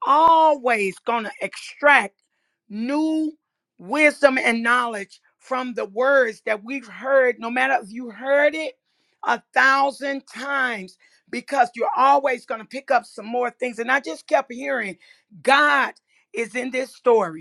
Speaker 3: always going to extract new wisdom and knowledge from the words that we've heard. No matter if you heard it a thousand times, because you're always going to pick up some more things. And I just kept hearing, God is in this story.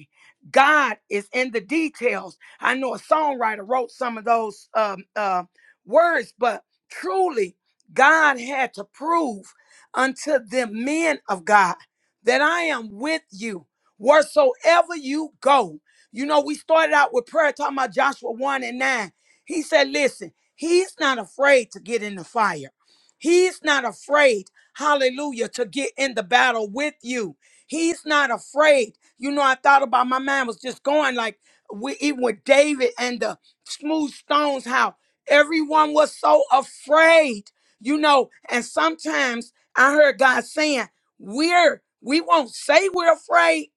Speaker 3: God is in the details. I know a songwriter wrote some of those um, uh, words, but truly, God had to prove unto the men of God that I am with you wheresoever you go. You know, we started out with prayer talking about Joshua 1 and 9. He said, Listen, he's not afraid to get in the fire, he's not afraid, hallelujah, to get in the battle with you. He's not afraid. You know, I thought about my mind was just going like we even with David and the smooth stones, how everyone was so afraid, you know. And sometimes I heard God saying, We're we won't say we're afraid,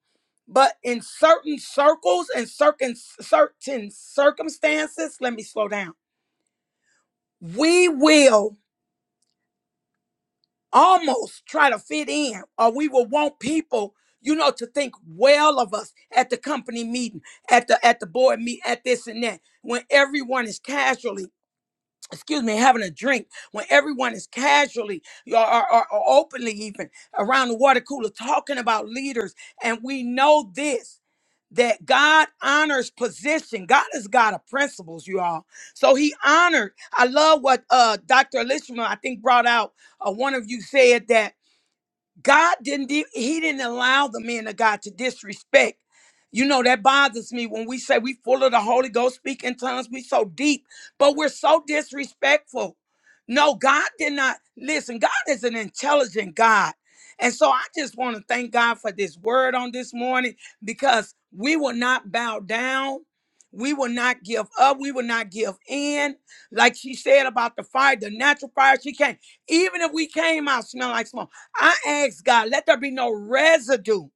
Speaker 3: but in certain circles and certain certain circumstances, let me slow down. We will almost try to fit in, or we will want people, you know, to think well of us at the company meeting, at the at the board meet, at this and that. When everyone is casually excuse me, having a drink when everyone is casually or, or, or openly even around the water cooler talking about leaders. And we know this that God honors position. God is God of principles, you all. So he honored. I love what uh, Dr. Elishma, I think, brought out. Uh, one of you said that. God didn't de- he didn't allow the men of God to disrespect. You know that bothers me when we say we full of the Holy Ghost, speak in tongues, we so deep, but we're so disrespectful. No, God did not listen. God is an intelligent God. And so I just want to thank God for this word on this morning because we will not bow down. We will not give up. We will not give in. Like she said about the fire, the natural fire, she came. Even if we came out smelling like smoke. I ask God, let there be no residue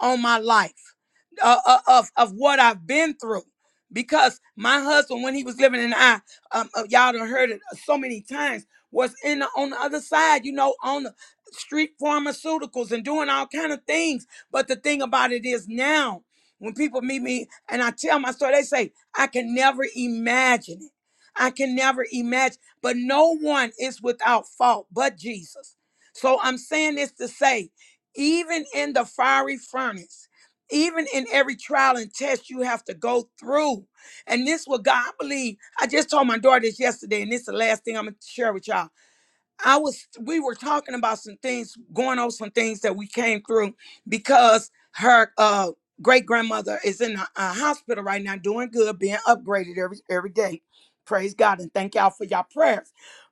Speaker 3: on my life uh, uh, of of what I've been through. Because my husband, when he was living in I, um, uh, y'all done heard it so many times, was in the, on the other side, you know, on the street pharmaceuticals and doing all kind of things. But the thing about it is now, when people meet me and I tell my story, they say I can never imagine it. I can never imagine, but no one is without fault but Jesus. So I'm saying this to say, even in the fiery furnace, even in every trial and test you have to go through. And this what God believe. I just told my daughter this yesterday, and this is the last thing I'm gonna share with y'all I was we were talking about some things going over some things that we came through because her uh great grandmother is in a, a hospital right now doing good being upgraded every every day praise God and thank y'all for y'all prayers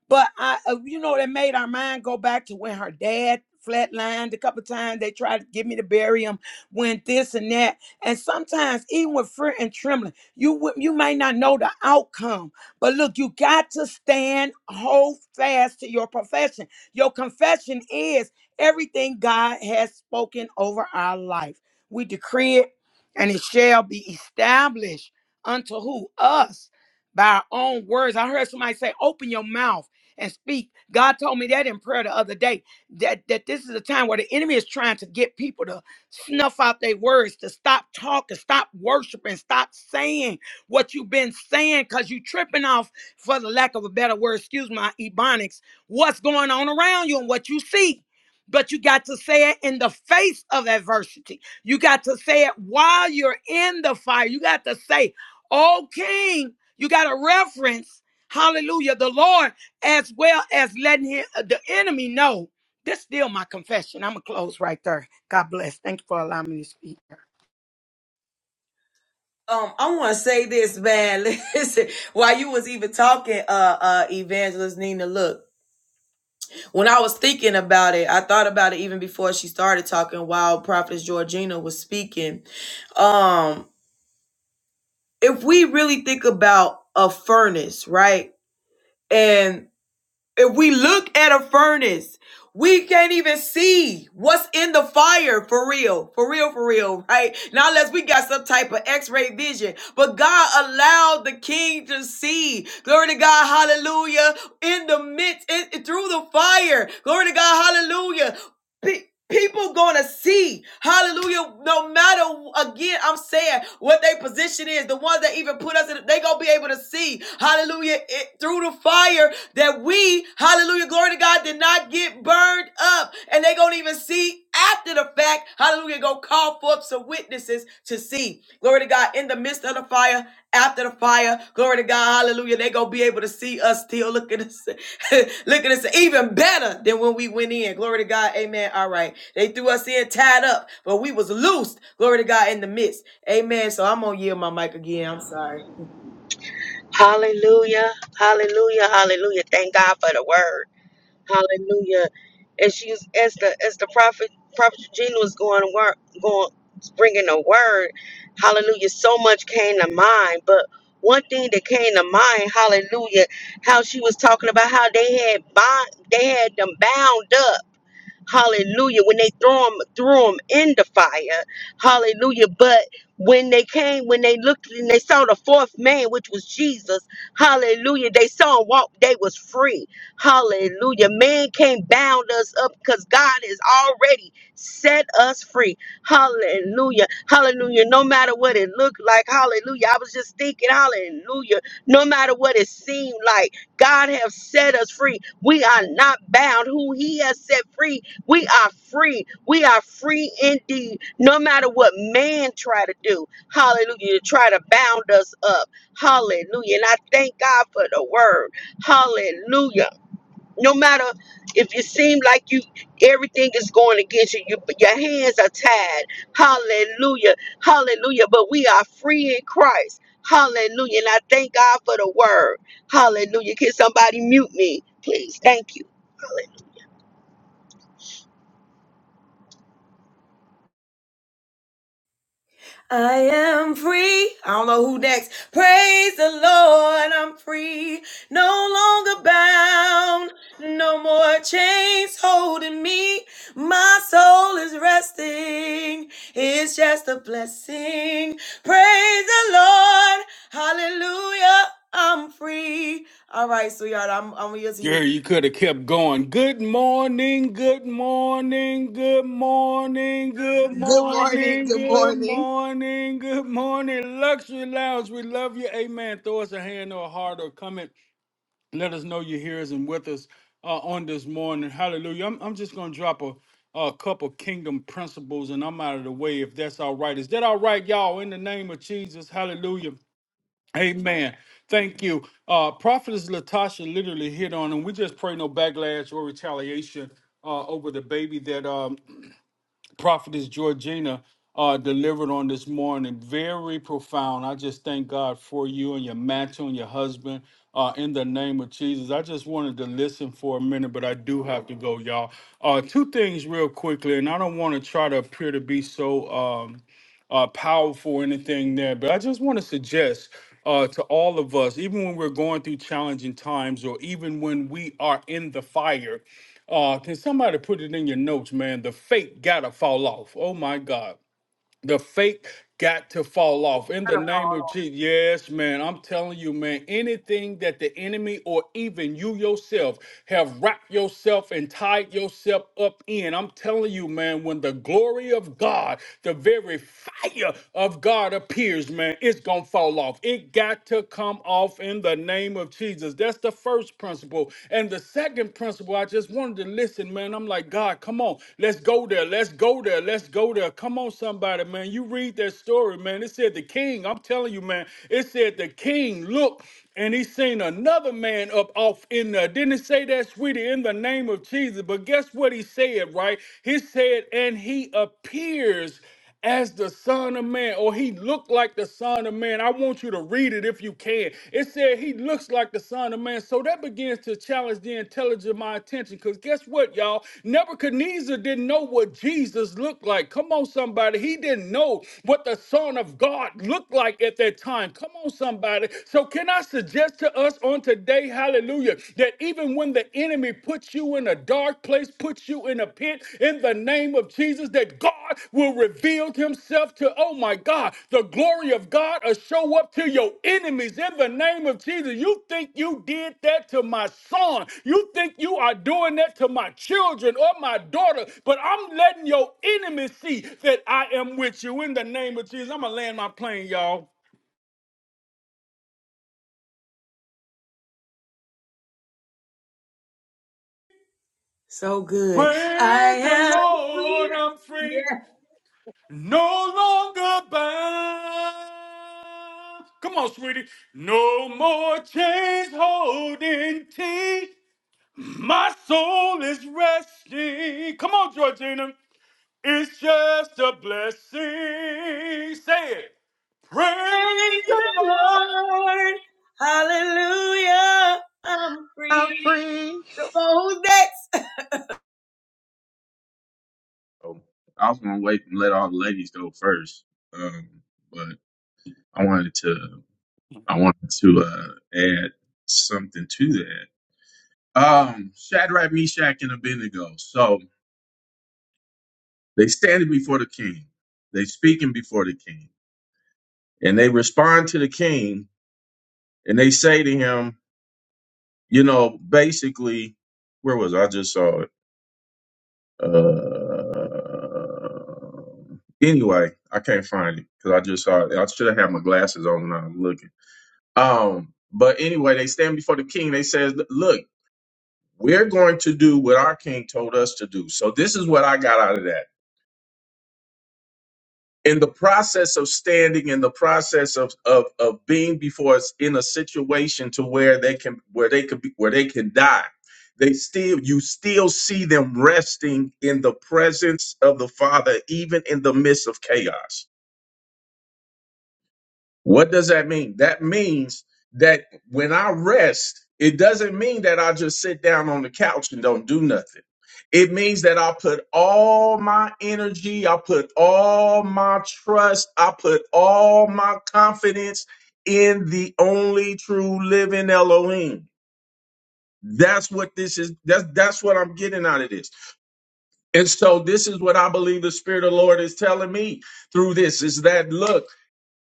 Speaker 3: but I uh, you know that made our mind go back to when her dad flatlined a couple times they tried to get me to bury him when this and that and sometimes even with fear and trembling you would- you may not know the outcome but look, you got to stand, hold fast to your profession. Your confession is everything God has spoken over our life. We decree it, and it shall be established unto who? Us by our own words. I heard somebody say, open your mouth and speak. God told me that in prayer the other day. That that this is a time where the enemy is trying to get people to snuff out their words, to stop talking, stop worshiping, stop saying what you've been saying because you tripping off, for the lack of a better word, excuse my ebonics, what's going on around you and what you see. But you got to say it in the face of adversity. You got to say it while you're in the fire. You got to say, Oh, King, you got to reference, hallelujah, the Lord, as well as letting him, uh, the enemy know. This is still my confession. I'm going to close right there. God bless. Thank you for allowing me to speak.
Speaker 1: Um, I want to say this, man. Listen, while you was even talking, uh, uh, Evangelist Nina, look, when I was thinking about it, I thought about it even before she started talking while Prophetess Georgina was speaking. Um, if we really think about a furnace, right? and If we look at a furnace, we can't even see what's in the fire for real, for real, for real, right? Not unless we got some type of x ray vision. But God allowed the king to see. Glory to God, hallelujah, in the midst, in, through the fire. Glory to God, hallelujah. Be- People gonna see, hallelujah, no matter again, I'm saying what their position is, the ones that even put us in, they gonna be able to see, hallelujah, it, through the fire that we, hallelujah, glory to God, did not get burned up, and they gonna even see after the fact, hallelujah, go call forth some witnesses to see. Glory to God, in the midst of the fire, after the fire, glory to God, hallelujah, they gonna be able to see us still. Look at us, look at us, even better than when we went in. Glory to God, amen. All right, they threw us in tied up, but we was loosed. Glory to God in the midst, amen. So I'm gonna yield my mic again. I'm sorry.
Speaker 4: Hallelujah. Hallelujah. Hallelujah. Thank God for the word. Hallelujah. And she's as the as the prophet prophet Gina was going to work going bringing the word. Hallelujah. So much came to mind, but one thing that came to mind, hallelujah, how she was talking about how they had bond, they had them bound up. Hallelujah. When they threw them, threw them in the fire. Hallelujah. But when they came, when they looked and they saw the fourth man, which was Jesus, hallelujah, they saw him walk, they was free. Hallelujah. Man can't bound us up because God has already set us free. Hallelujah. Hallelujah. No matter what it looked like, hallelujah. I was just thinking, hallelujah. No matter what it seemed like, God have set us free. We are not bound. Who He has set free we are free. We are free indeed. No matter what man try to do. Hallelujah. To try to bound us up. Hallelujah. And I thank God for the word. Hallelujah. No matter if you seem like you everything is going against you, you your hands are tied. Hallelujah. Hallelujah. But we are free in Christ. Hallelujah. And I thank God for the word. Hallelujah. Can somebody mute me, please? Thank you. Hallelujah.
Speaker 1: I am free. I don't know who next. Praise the Lord, I'm free. No longer bound. No more chains holding me. My soul is resting. It's just a blessing. Praise the Lord. Hallelujah. I'm free. All right, sweetheart, I'm, I'm going to use
Speaker 5: Girl,
Speaker 1: you.
Speaker 5: you could have kept going. Good morning, good morning, good morning, good
Speaker 2: Good morning.
Speaker 5: morning,
Speaker 2: Good
Speaker 5: good
Speaker 2: morning.
Speaker 5: morning, good morning. Luxury Lounge, we love you. Amen. Throw us a hand or a heart or a comment. Let us know you're here and with us uh, on this morning. Hallelujah. I'm, I'm just going to drop a, a couple kingdom principles and I'm out of the way if that's all right. Is that all right, y'all? In the name of Jesus, hallelujah. Amen. Thank you. Uh, Prophetess Latasha literally hit on, and we just pray no backlash or retaliation uh, over the baby that um, Prophetess Georgina uh, delivered on this morning. Very profound. I just thank God for you and your mantle and your husband uh, in the name of Jesus. I just wanted to listen for a minute, but I do have to go, y'all. Uh, two things real quickly, and I don't want to try to appear to be so. Um, uh, powerful or anything there, but I just want to suggest uh, to all of us, even when we're going through challenging times or even when we are in the fire, uh, can somebody put it in your notes, man? The fake gotta fall off. Oh my God. The fake got to fall off in the name of Jesus. Yes, man. I'm telling you, man, anything that the enemy or even you yourself have wrapped yourself and tied yourself up in, I'm telling you, man, when the glory of God, the very fire of God appears, man, it's going to fall off. It got to come off in the name of Jesus. That's the first principle. And the and the second principle, I just wanted to listen, man. I'm like, God, come on, let's go there, let's go there, let's go there. Come on, somebody, man. You read that story, man. It said the king, I'm telling you, man, it said the king looked and he seen another man up off in there. Didn't it say that, sweetie, in the name of Jesus? But guess what he said, right? He said, and he appears as the Son of Man, or he looked like the Son of Man. I want you to read it if you can. It said he looks like the Son of Man. So that begins to challenge the intelligence of my attention. Because guess what, y'all? Nebuchadnezzar didn't know what Jesus looked like. Come on, somebody. He didn't know what the Son of God looked like at that time. Come on, somebody. So can I suggest to us on today, hallelujah, that even when the enemy puts you in a dark place, puts you in a pit in the name of Jesus, that God will reveal himself to, oh my God, the glory of God will show up to your enemies in the name of Jesus. You think you did that to my son. You think you are doing that to my children or my daughter, but I'm letting your enemies see that I am with you in the name of Jesus. I'm going to land my plane, y'all.
Speaker 1: So good. I
Speaker 5: Praise the
Speaker 1: am
Speaker 5: Lord,
Speaker 1: free.
Speaker 5: I'm free.
Speaker 1: Yes.
Speaker 5: No longer bound. Come on, sweetie. No more chains holding tea. My soul is resting. Come on, Georgina. It's just a blessing. Say it. Praise
Speaker 1: Praise
Speaker 5: the
Speaker 1: the
Speaker 5: Lord.
Speaker 1: Lord. Hallelujah. I'm free. Come on, who's next?
Speaker 6: So I was gonna wait and let all the ladies go first, um, but I wanted to I wanted to uh, add something to that. Um, Shadrach, Meshach, and Abednego. So they standing before the king. They speaking before the king, and they respond to the king, and they say to him, you know, basically, where was I? I just saw it. Uh, anyway, I can't find it because I just saw it. I should have had my glasses on when I was looking Um, but anyway, they stand before the king. They says, "Look, we're going to do what our king told us to do." So this is what I got out of that. In the process of standing, in the process of of of being before us in a situation to where they can where they could be where they can die, they still you still see them resting in the presence of the Father, even in the midst of chaos What does that mean? That means that when I rest, it doesn't mean that I just sit down on the couch and don't do nothing. It means that I put all my energy, I put all my trust, I put all my confidence in the only true living Elohim. That's what this is. That's that's what I'm getting out of this. And so this is what I believe the Spirit of the Lord is telling me through this is that look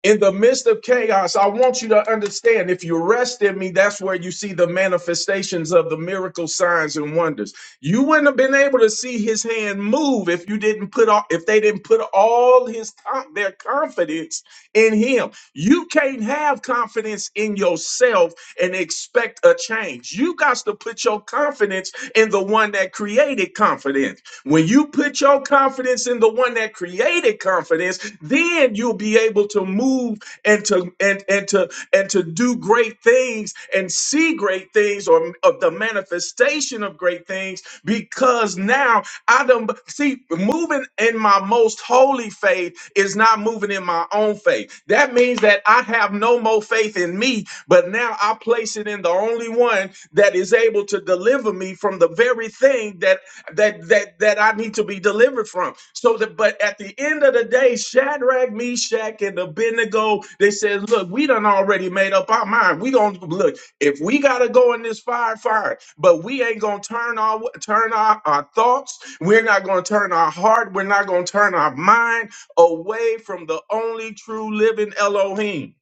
Speaker 6: in the midst of chaos, I want you to understand if you rest in me, that's where you see the manifestations of the miracle signs and wonders. You wouldn't have been able to see his hand move if you didn't put all, if they didn't put all his con- their confidence in him. You can't have confidence in yourself and expect a change. You got to put your confidence in the one that created confidence. When you put your confidence in the one that created confidence, then you'll be able to move and to and and to and to do great things and see great things or of the manifestation of great things because now I don't see moving in my most holy faith is not moving in my own faith. That means that I have no more faith in me, but now I place it in the only one that is able to deliver me from the very thing that that that that I need to be delivered from. So that, but at the end of the day, Shadrach, Meshach, and Abednego, they said, "Look, we done already made up our mind. We gonna look if we gotta go in this fire, fire. But we ain't gonna turn our turn our, our thoughts. We're not gonna turn our heart. We're not gonna turn our mind away from the only true living Elohim."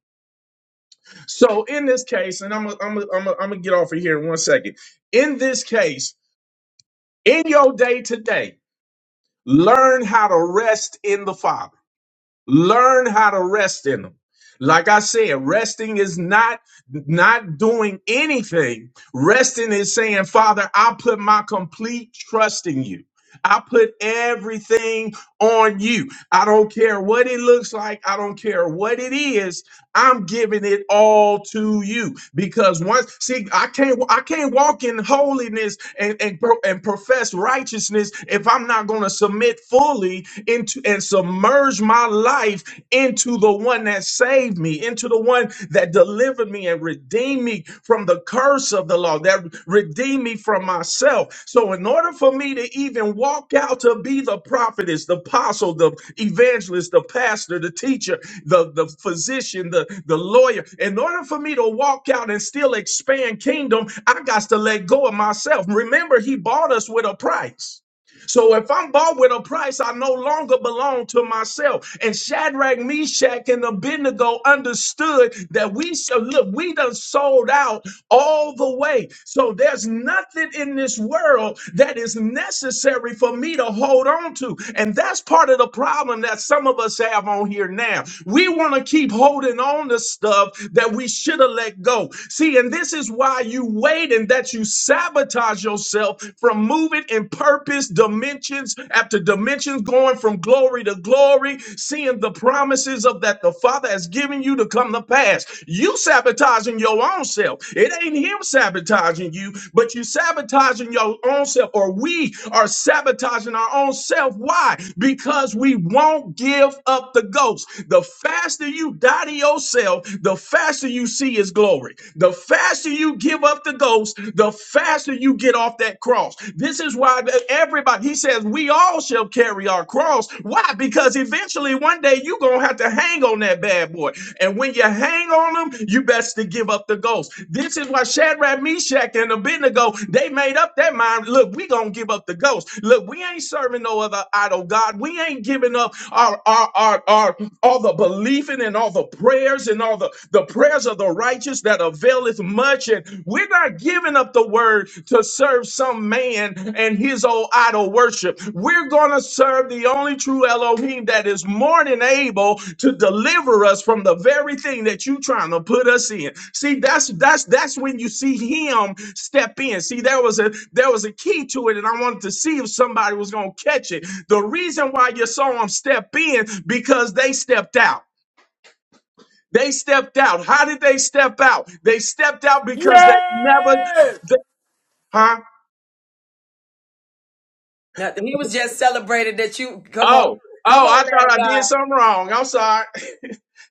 Speaker 6: So in this case, and I'm i I'm i am i am I'm gonna get off of here in one second. In this case, in your day to day. Learn how to rest in the Father. Learn how to rest in Him. Like I said, resting is not not doing anything. Resting is saying, Father, I put my complete trust in you. I put everything on you. I don't care what it looks like. I don't care what it is. I'm giving it all to you because once see I can't I can't walk in holiness and and, pro- and profess righteousness if I'm not going to submit fully into and submerge my life into the one that saved me into the one that delivered me and redeemed me from the curse of of the law that redeemed me from myself. So, in order for me to even walk out to be the prophetess, the apostle, the evangelist, the pastor, the teacher, the, the physician, the, the lawyer, in order for me to walk out and still expand kingdom, I got to let go of myself. Remember, he bought us with a price. So if I'm bought with a price, I no longer belong to myself. And Shadrach, Meshach, and Abednego understood that we so look, we done sold out all the way. So there's nothing in this world that is necessary for me to hold on to. And that's part of the problem that some of us have on here now. We want to keep holding on to stuff that we should have let go. See, and this is why you wait and that you sabotage yourself from moving in purpose, dimensions after dimensions, going from glory to glory, seeing the promises promises of that the Father has given you to come to pass. You sabotaging your own self. It ain't him sabotaging you, but you sabotaging your own self, or we are sabotaging our own self. Why? Because we won't give up the ghost. The faster you die to yourself, the faster you see his glory. The faster you give up the ghost, the faster you get off that cross. This is why everybody up. He says, We all shall carry our cross. Why? Because eventually one day you're going to have to hang on that bad boy. And when you hang on them, you best to give up the ghost. This is why Shadrach, Meshach, and Abednego, they made up their mind. Look, we going to give up the ghost. Look, we ain't serving no other idol God. We ain't giving up our, our, our, our, all the believing and all the prayers and all the, the prayers of the righteous that availeth much listen, we're not giving up the word to serve some man and his old idol worship. We're going to serve the only true Elohim that is more than able to deliver us from the very thing that you're trying to put us in. See, that's that's that's when you see him step in. See, there was a there was a key to it, and I wanted to see if somebody was going to catch it. The reason why you saw him step in because they stepped out. They stepped out. How did they step out? They stepped out because they never,
Speaker 5: Yes.
Speaker 6: th- huh?
Speaker 1: Nothing. He was just celebrated that you come on.
Speaker 6: Oh,
Speaker 1: Come
Speaker 6: oh,
Speaker 1: on,
Speaker 6: I
Speaker 1: man
Speaker 6: thought
Speaker 1: of
Speaker 6: I did
Speaker 1: God.
Speaker 6: something wrong. I'm sorry.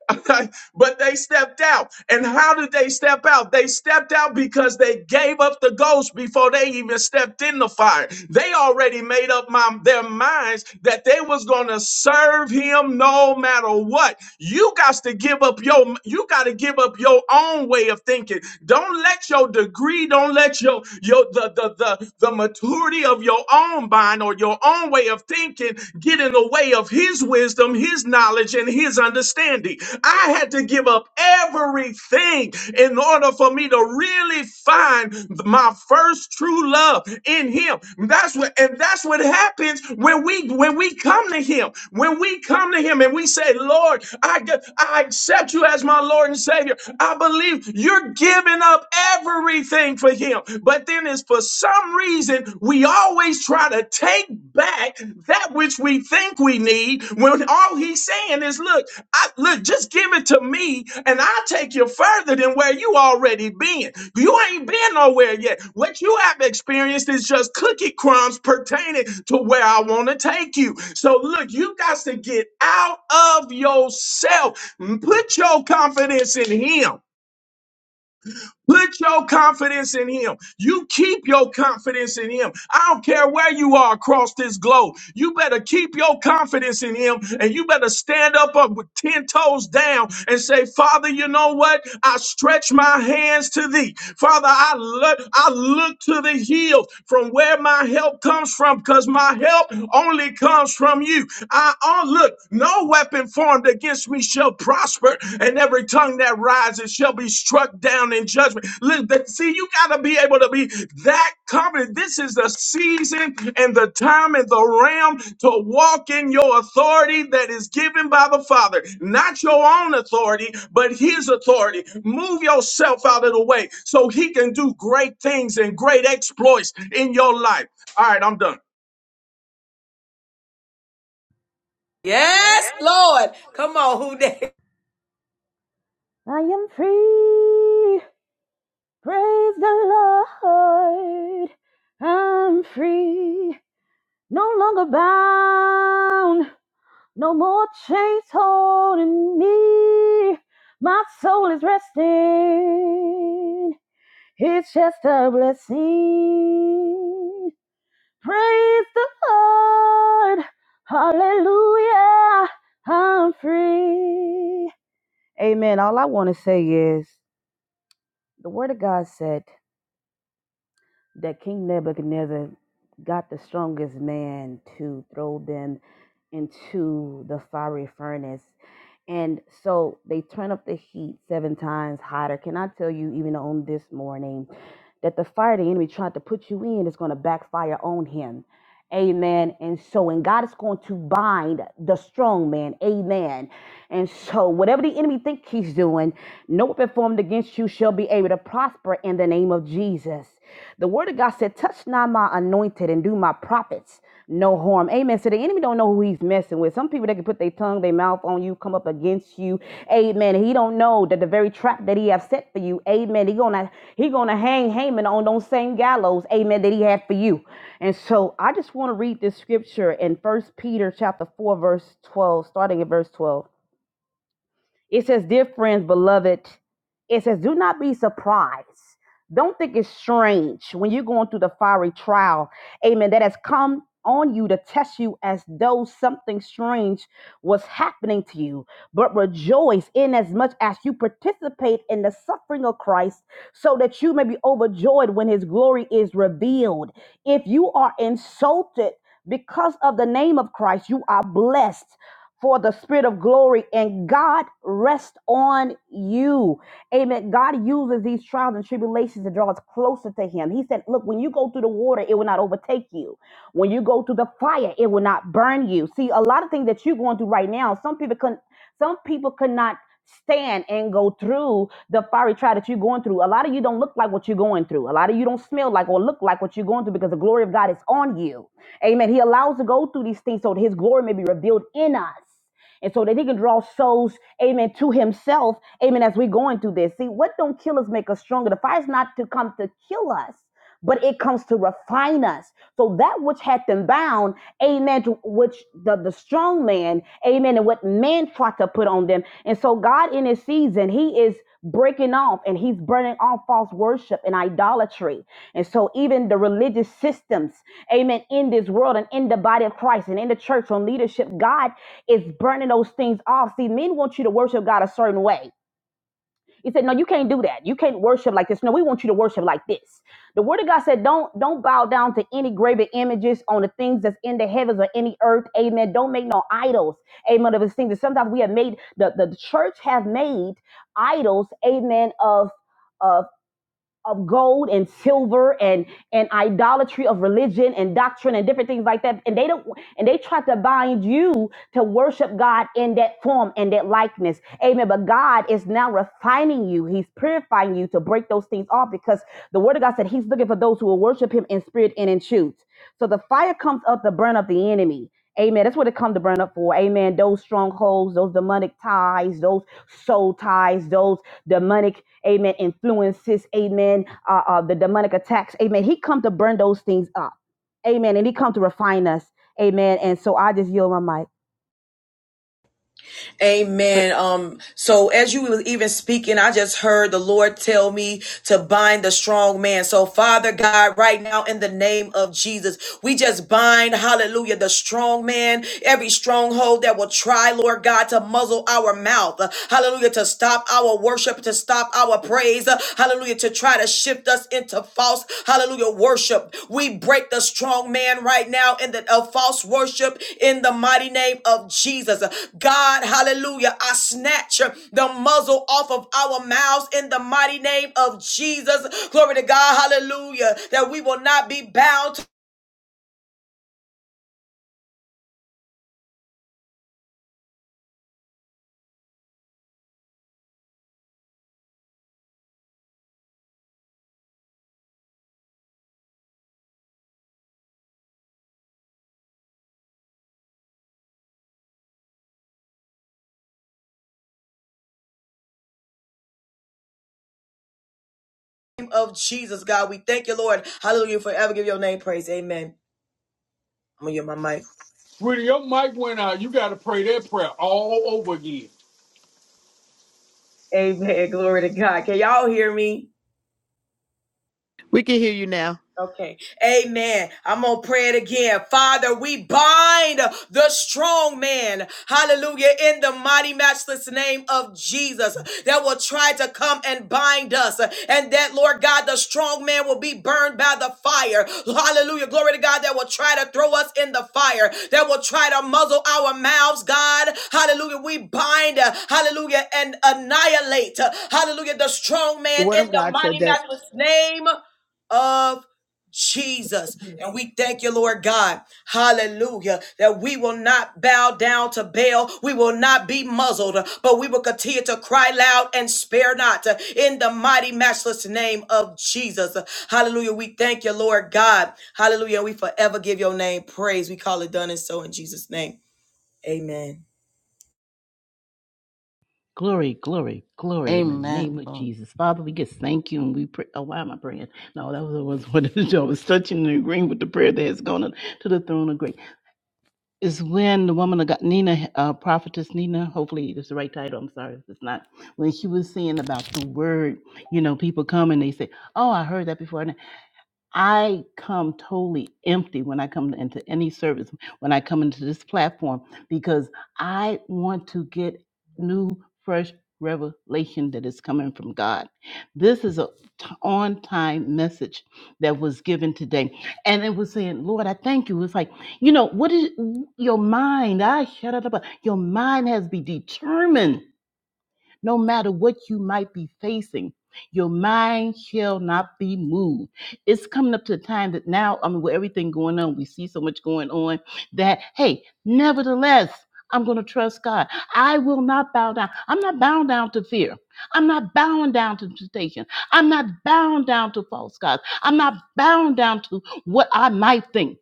Speaker 6: but they stepped out. And how did they step out? They stepped out because they gave up the ghost before they even stepped in the fire. They already made up my, their minds that they was going to serve him no matter what. You got to give up your you got to give up your own way of thinking. Don't let your degree, don't let your your the the the, the maturity of your own mind or your own way of thinking get in the way of his wisdom, his knowledge and his understanding identity. I had to give up everything in order for me to really find my first true love in him. That's what and that's what happens when we when we come to him. When we come to him and we say, "Lord, I g- I accept you as my Lord and Savior. I believe you're giving up everything for him." But then it's for some reason we always try to take back that which we think we need when all he's saying is, "Look, I look, just give it to me, and I'll take you further than where you already been. You ain't been nowhere yet. What you have experienced is just cookie crumbs pertaining to where I want to take you. So look, you got to get out of yourself. Put your confidence in him. Put your confidence in him. You keep your confidence in him. I don't care where you are across this globe. You better keep your confidence in him and you better stand up, up with 10 toes down and say, Father, you know what? I stretch my hands to thee. Father, I look, I look to the hills from where my help comes from because my help only comes from you. I, oh, look, no weapon weapon formed against me shall prosper, and every tongue that rises shall be struck down in judgment. See, you got to be able to be that confident. This is the season and the time and the realm to walk in your authority that is given by the Father, not your own authority, but His authority. Move yourself out of the way so He can do great things and great exploits in your life. All right, I'm done.
Speaker 7: Yes.
Speaker 1: Yes, Lord. Come on, who next?
Speaker 7: I am free. Praise the Lord. I'm free. No longer bound. No more chains holding me. My soul is resting. It's just a blessing. Praise the Lord. Hallelujah. I'm free. Amen. All I want to say is the word of God said that King Nebuchadnezzar got the strongest man to throw them into the fiery furnace. And so they turn up the heat seven times hotter. Can I tell you, even on this morning? that the fire the enemy tried to put you in is going to backfire on him. Amen. And so, and God is going to bind the strong man. Amen. And so, whatever the enemy think he's doing, no weapon formed against you shall be able to prosper in the name of Jesus. The word of God said, touch not my anointed and do my prophets no harm. Amen. So the enemy don't know who he's he's messing with. Some people they can put their tongue, their mouth on you, come up against you. Amen. He don't know that the very trap that he have set for you. Amen. He gonna he gonna hang Haman on those same gallows. Amen. That he had for you. And so I just want to read this scripture in First Peter chapter four verse twelve, starting at verse twelve. It says, Dear friends, beloved, it says, Do not be surprised. Don't think it's strange when you're going through the fiery trial, amen, that has come on you to test you as though something strange was happening to you. But rejoice in as much as you participate in the suffering of Christ, so that you may be overjoyed when his glory is revealed. If you are insulted because of the name of Christ, you are blessed for the spirit of glory and God rest on you. Amen. God uses these trials and tribulations to draw us closer to him. He said, look, when you go through the water, it will not overtake you. When you go through the fire, it will not burn you. See, a lot of things that you're going through right now, some people can some people could not stand and go through the fiery trial that you're going through. A lot of you don't look like what you're going through. A lot of you don't smell like or look like what you're going through because the glory of God is on you. Amen. He allows to go through these things so that his glory may be revealed in us and so that he can draw souls, amen, to himself, amen, as we're going through this. See, what don't kill us make us stronger? The fire's not to come to kill us, but it comes to refine us. So that which hath them bound, amen, to which the, the strong man, amen, and what man tried to put on them them. And so, God, in His season, He is breaking off and He's burning off false worship and idolatry. And so, even the religious systems, amen, in this world and in the body of Christ and in the church on leadership, God is burning those things off. See, men want you to worship God a certain way. He said, No, you can't do that. You can't worship like this. No, we want you to worship like this. The word of God said, Don't don't bow down to any graven images on the things that's in the heavens or any earth. Amen. Don't make no idols. Amen. Of the things that sometimes we have made the, the church have made idols, amen, of of of gold and silver and and idolatry of religion and doctrine and different things like that and they don't and they try to bind you to worship God in that form and that likeness amen but God is now refining you he's purifying you to break those things off because the word of God said he's looking for those who will worship him in spirit and in truth so the fire comes up to burn up the enemy Amen. That's what it comes to burn up for. Amen. Those strongholds, those demonic ties, those soul ties, those demonic, amen, influences, amen, uh, uh, the demonic attacks, amen. He come to burn those things up, amen, and he come to refine us, amen. And so I just yield my mic.
Speaker 8: Pra-
Speaker 1: Amen. Um, so as you were even speaking, I just heard the Lord tell me to bind the strong man. So Father God, right now in the name of Jesus, we just bind, hallelujah, the strong man, every stronghold that will try, Lord God, to muzzle our mouth. Hallelujah, to stop our worship, to stop our praise hallelujah, to try to shift us into false, hallelujah, worship. We break the strong man right now in the of false worship in the mighty name of Jesus. God, hallelujah, I snatch the muzzle off of our mouths in the mighty name of Jesus. Glory to God, hallelujah, that we will not be bound to the name of Jesus, God. We thank you, Lord. Hallelujah, forever give your name praise. Amen. I'm going to get my mic.
Speaker 5: Sweetie, your mic went out. You got to pray that prayer all over again.
Speaker 1: Amen. Glory to God. Can y'all hear me?
Speaker 2: We can hear you now.
Speaker 1: Okay. Amen. I'm going to pray it again. Father, we bind the strong man. Hallelujah. In the mighty, matchless name of Jesus that will try to come and bind us. And that, Lord God, the strong man will be burned by the fire. Hallelujah. Glory to God that will try to throw us in the fire, that will try to muzzle our mouths, God. Hallelujah. We bind, hallelujah, and annihilate, hallelujah, the strong
Speaker 2: The
Speaker 1: man
Speaker 2: Word
Speaker 1: in
Speaker 2: of
Speaker 1: the
Speaker 2: God
Speaker 1: mighty,
Speaker 2: said that.
Speaker 1: matchless name of Jesus. And we thank you, Lord God. Hallelujah. That we will not bow down to Baal. We will not be muzzled, but we will continue to cry loud and spare not uh, in the mighty, matchless name of Jesus. Hallelujah. We thank you, Lord God. Hallelujah. We forever give your name praise. We call it done and so in Jesus' name. Amen.
Speaker 9: Glory, glory, glory in the name
Speaker 8: Amen.
Speaker 9: of
Speaker 8: Lord.
Speaker 9: Jesus. Father, we just thank you and we pray. Oh, why am I praying? No, that was, what it was. I was touching and agreeing with the prayer that has gone up to the throne of grace. Is when the woman of God, Nina, uh, prophetess Nina, hopefully it's the right title. I'm sorry if it's not. When she was saying about the word, you know, people come and they say, Oh, I heard that before. I come totally empty when I come into any service, when I come into this platform, because I want to get new, fresh revelation that is coming from God. This is a t- on time message that was given today. And it was saying, Lord, I thank you. It's like, you know, what is your mind? I shut it up. Your mind has to be determined no matter what you might be facing. Your mind shall not be moved. It's coming up to the time that now, I mean, with everything going on, we see so much going on that, hey, nevertheless, I'm going to trust God. I will not bow down. I'm not bound down to fear. I'm not bound down to temptation. I'm not bound down to false gods. I'm not bound down to what I might think.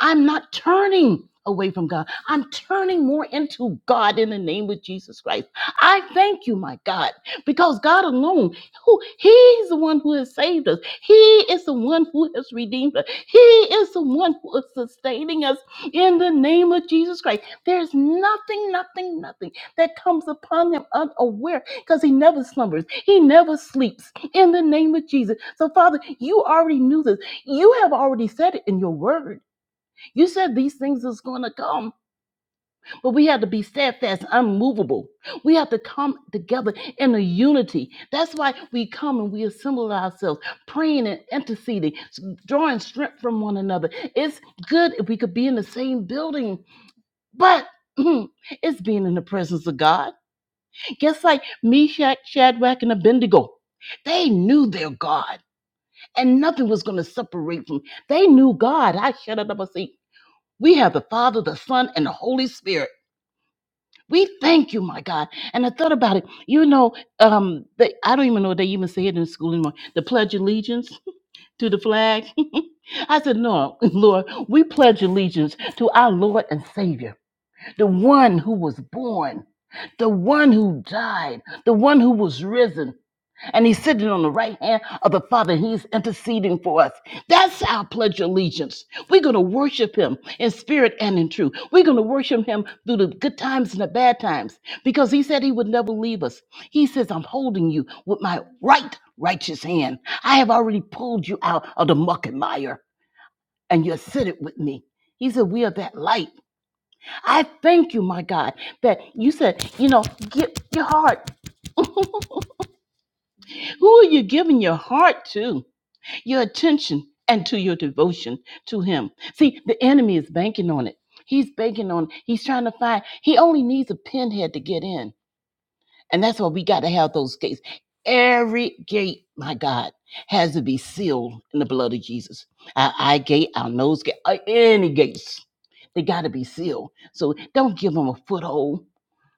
Speaker 9: I'm not turning away from God. I'm turning more into God in the name of Jesus Christ. I thank you, my God, because God alone, who He's the one who has saved us. He is the one who has redeemed us. He is the one who is sustaining us in the name of Jesus Christ. There's nothing, nothing, nothing that comes upon him unaware because he never slumbers. He never sleeps in the name of Jesus. So, Father, you already knew this. You have already said it in your word. You said these things is going to come, but we have to be steadfast, unmovable. We have to come together in a unity. That's why we come and we assemble ourselves, praying and interceding, s- drawing strength from one another. It's good if we could be in the same building, but it's being in the presence of God. Just like Meshach, Shadrach, and Abednego, they knew their God, and nothing was going to separate them. They knew God. I shut it up we have the Father, the Son, and the Holy Spirit. We thank you, my God. And I thought about it. You know, um, they, I don't even know if they even say it in school anymore. The Pledge of Allegiance to the flag. I said, No, Lord, we pledge allegiance to our Lord and Savior, the one who was born, the one who died, the one who was risen and he's sitting on the right hand of the Father. He's interceding for us. That's our pledge of allegiance. We're going to worship him in spirit and in truth. We're going to worship him through the good times and the bad times because he said he would never leave us. He says, I'm holding you with my right righteous hand. I have already pulled you out of the muck and mire, and you're seated with me. He said, We are that light. I thank you, my God, that you said, you know, give your heart. Who are you giving your heart to? your attention and to your devotion to him. See, the enemy is banking on it. He's banking on, he's trying to find, he only needs a pinhead to get in. And that's why we got to have those gates. Every gate, my God, has to be sealed in the blood of Jesus. Our eye gate, our nose gate, uh, any gates, they got to be sealed. So don't give him a foothold.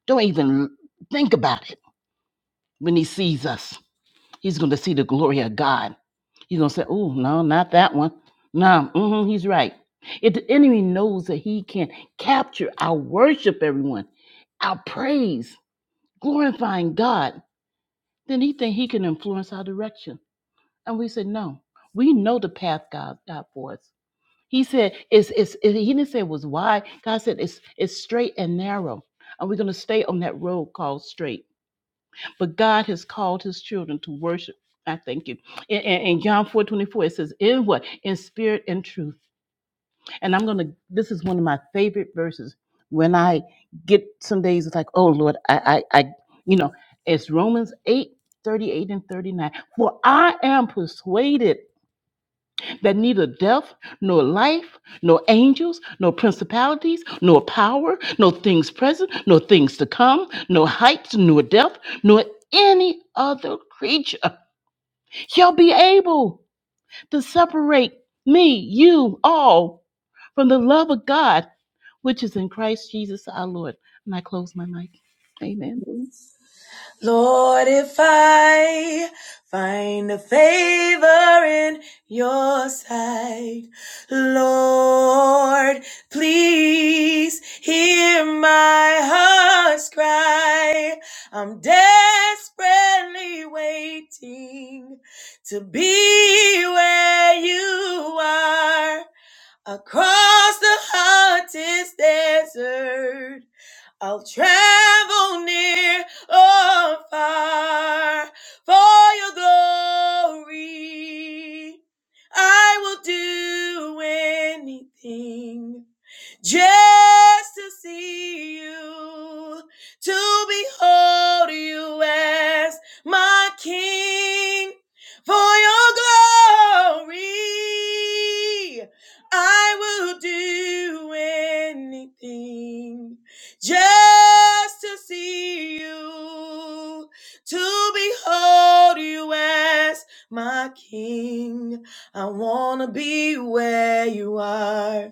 Speaker 9: Don't even think about it when he sees us. He's going to see the glory of God. He's going to say, oh, no, not that one. No, hmm he's right. If the enemy knows that he can capture our worship, everyone, our praise, glorifying God, then he think he can influence our direction. And we said, no, we know the path God got for us. He said, it's, it's, it- he didn't say it was wide. God said, it's, it's straight and narrow. And we're going to stay on that road called straight but God has called his children to worship. I thank you. In, in, in John 4 24, it says, In what? In spirit and truth. And I'm going to, this is one of my favorite verses. When I get some days, it's like, oh Lord, I, I, I you know, it's Romans 8 38 and 39. For I am persuaded that neither death, nor life, nor angels, nor principalities, nor power, nor things present, nor things to come, nor heights, nor depth, nor any other creature shall be able to separate me, you, all from the love of God, which is in Christ Jesus our Lord. And I close my mic. Amen.
Speaker 1: Lord, if I find a favor in your sight, Lord, please hear my heart's cry. I'm desperately waiting to be where you are across the hottest desert. I'll travel near or far for your glory. I will do anything just to see you, to behold you as my King. For your glory, I will do anything just to see you, to behold you as my King. I want to be where you are.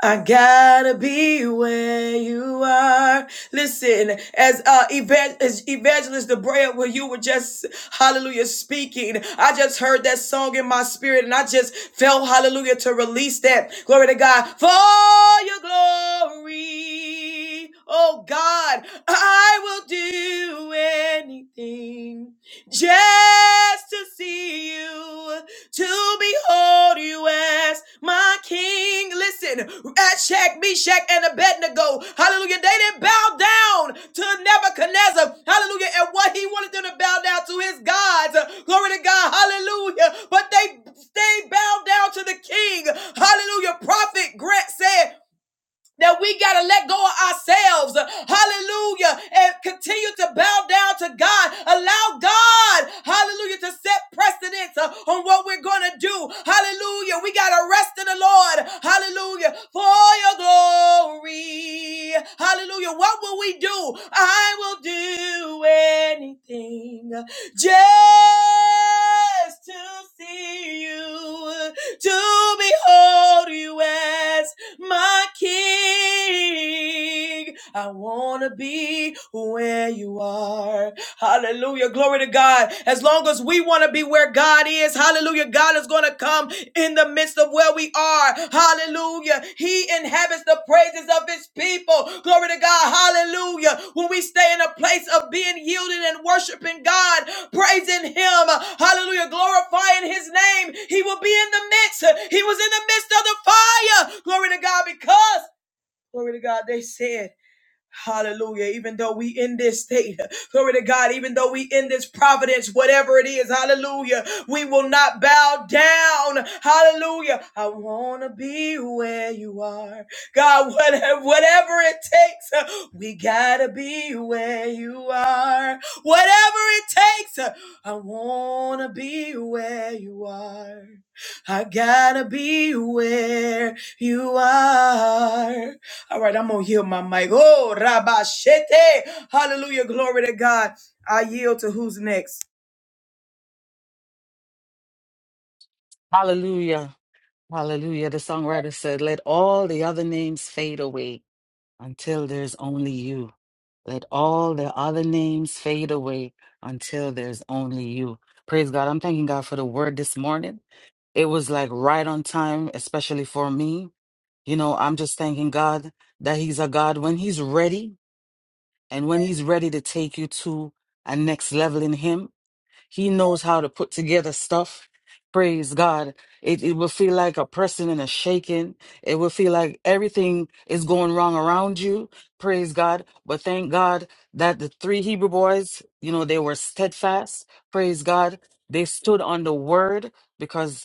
Speaker 1: I gotta be where you are. Listen, as uh evan- as evangelist Debrea, where you were just hallelujah speaking, I just heard that song in my spirit, and I just felt hallelujah to release that. Glory to God for your glory. Oh God, I will do anything just to see you, to behold you as my king. Listen, Shack, Meshach, and Abednego, hallelujah, they didn't bow down to Nebuchadnezzar, hallelujah, and what he wanted them to bow down to his gods, glory to God, hallelujah, but they, they bowed down to the king, hallelujah. Prophet Grant said, that we got to let go of ourselves. Hallelujah. And continue to bow down to God. Allow God, hallelujah, to set precedence uh, on what we're going to do. Hallelujah. We got to rest in the Lord. Hallelujah. For your glory. Hallelujah. What will we do? I will do anything just to see you, to behold you as my king king. I want to be where you are. Hallelujah. Glory to God. As long as we want to be where God is, hallelujah, God is going to come in the midst of where we are. Hallelujah. He inhabits the praises of his people. Glory to God. Hallelujah. When we stay in a place of being yielded and worshiping God, praising him, hallelujah, glorifying his name, he will be in the midst. He was in the midst of the fire. Glory to God because Glory to God. They said, Hallelujah. Even though we in this state, glory to God, even though we in this providence, whatever it is, hallelujah, we will not bow down. Hallelujah. I want to be where you are. God, whatever, whatever it takes, uh, we got to be where you are. Whatever it takes, uh, I want to be where you are. I got to be where you are. All right, I'm gonna yield my mic. Oh, Rabashete. Hallelujah. Glory to God. I yield to who's next.
Speaker 8: Hallelujah. Hallelujah. The songwriter said, Let all the other names fade away until there's only you. Let all the other names fade away until there's only you. Praise God. I'm thanking God for the word this morning. It was like right on time, especially for me. You know, I'm just thanking God that He's a God when He's ready and when He's ready to take you to a next level in Him. He knows how to put together stuff. Praise God. It, it will feel like a pressing and a shaking. It will feel like everything is going wrong around you. Praise God. But thank God that the three Hebrew boys, you know, they were steadfast. Praise God. They stood on the word because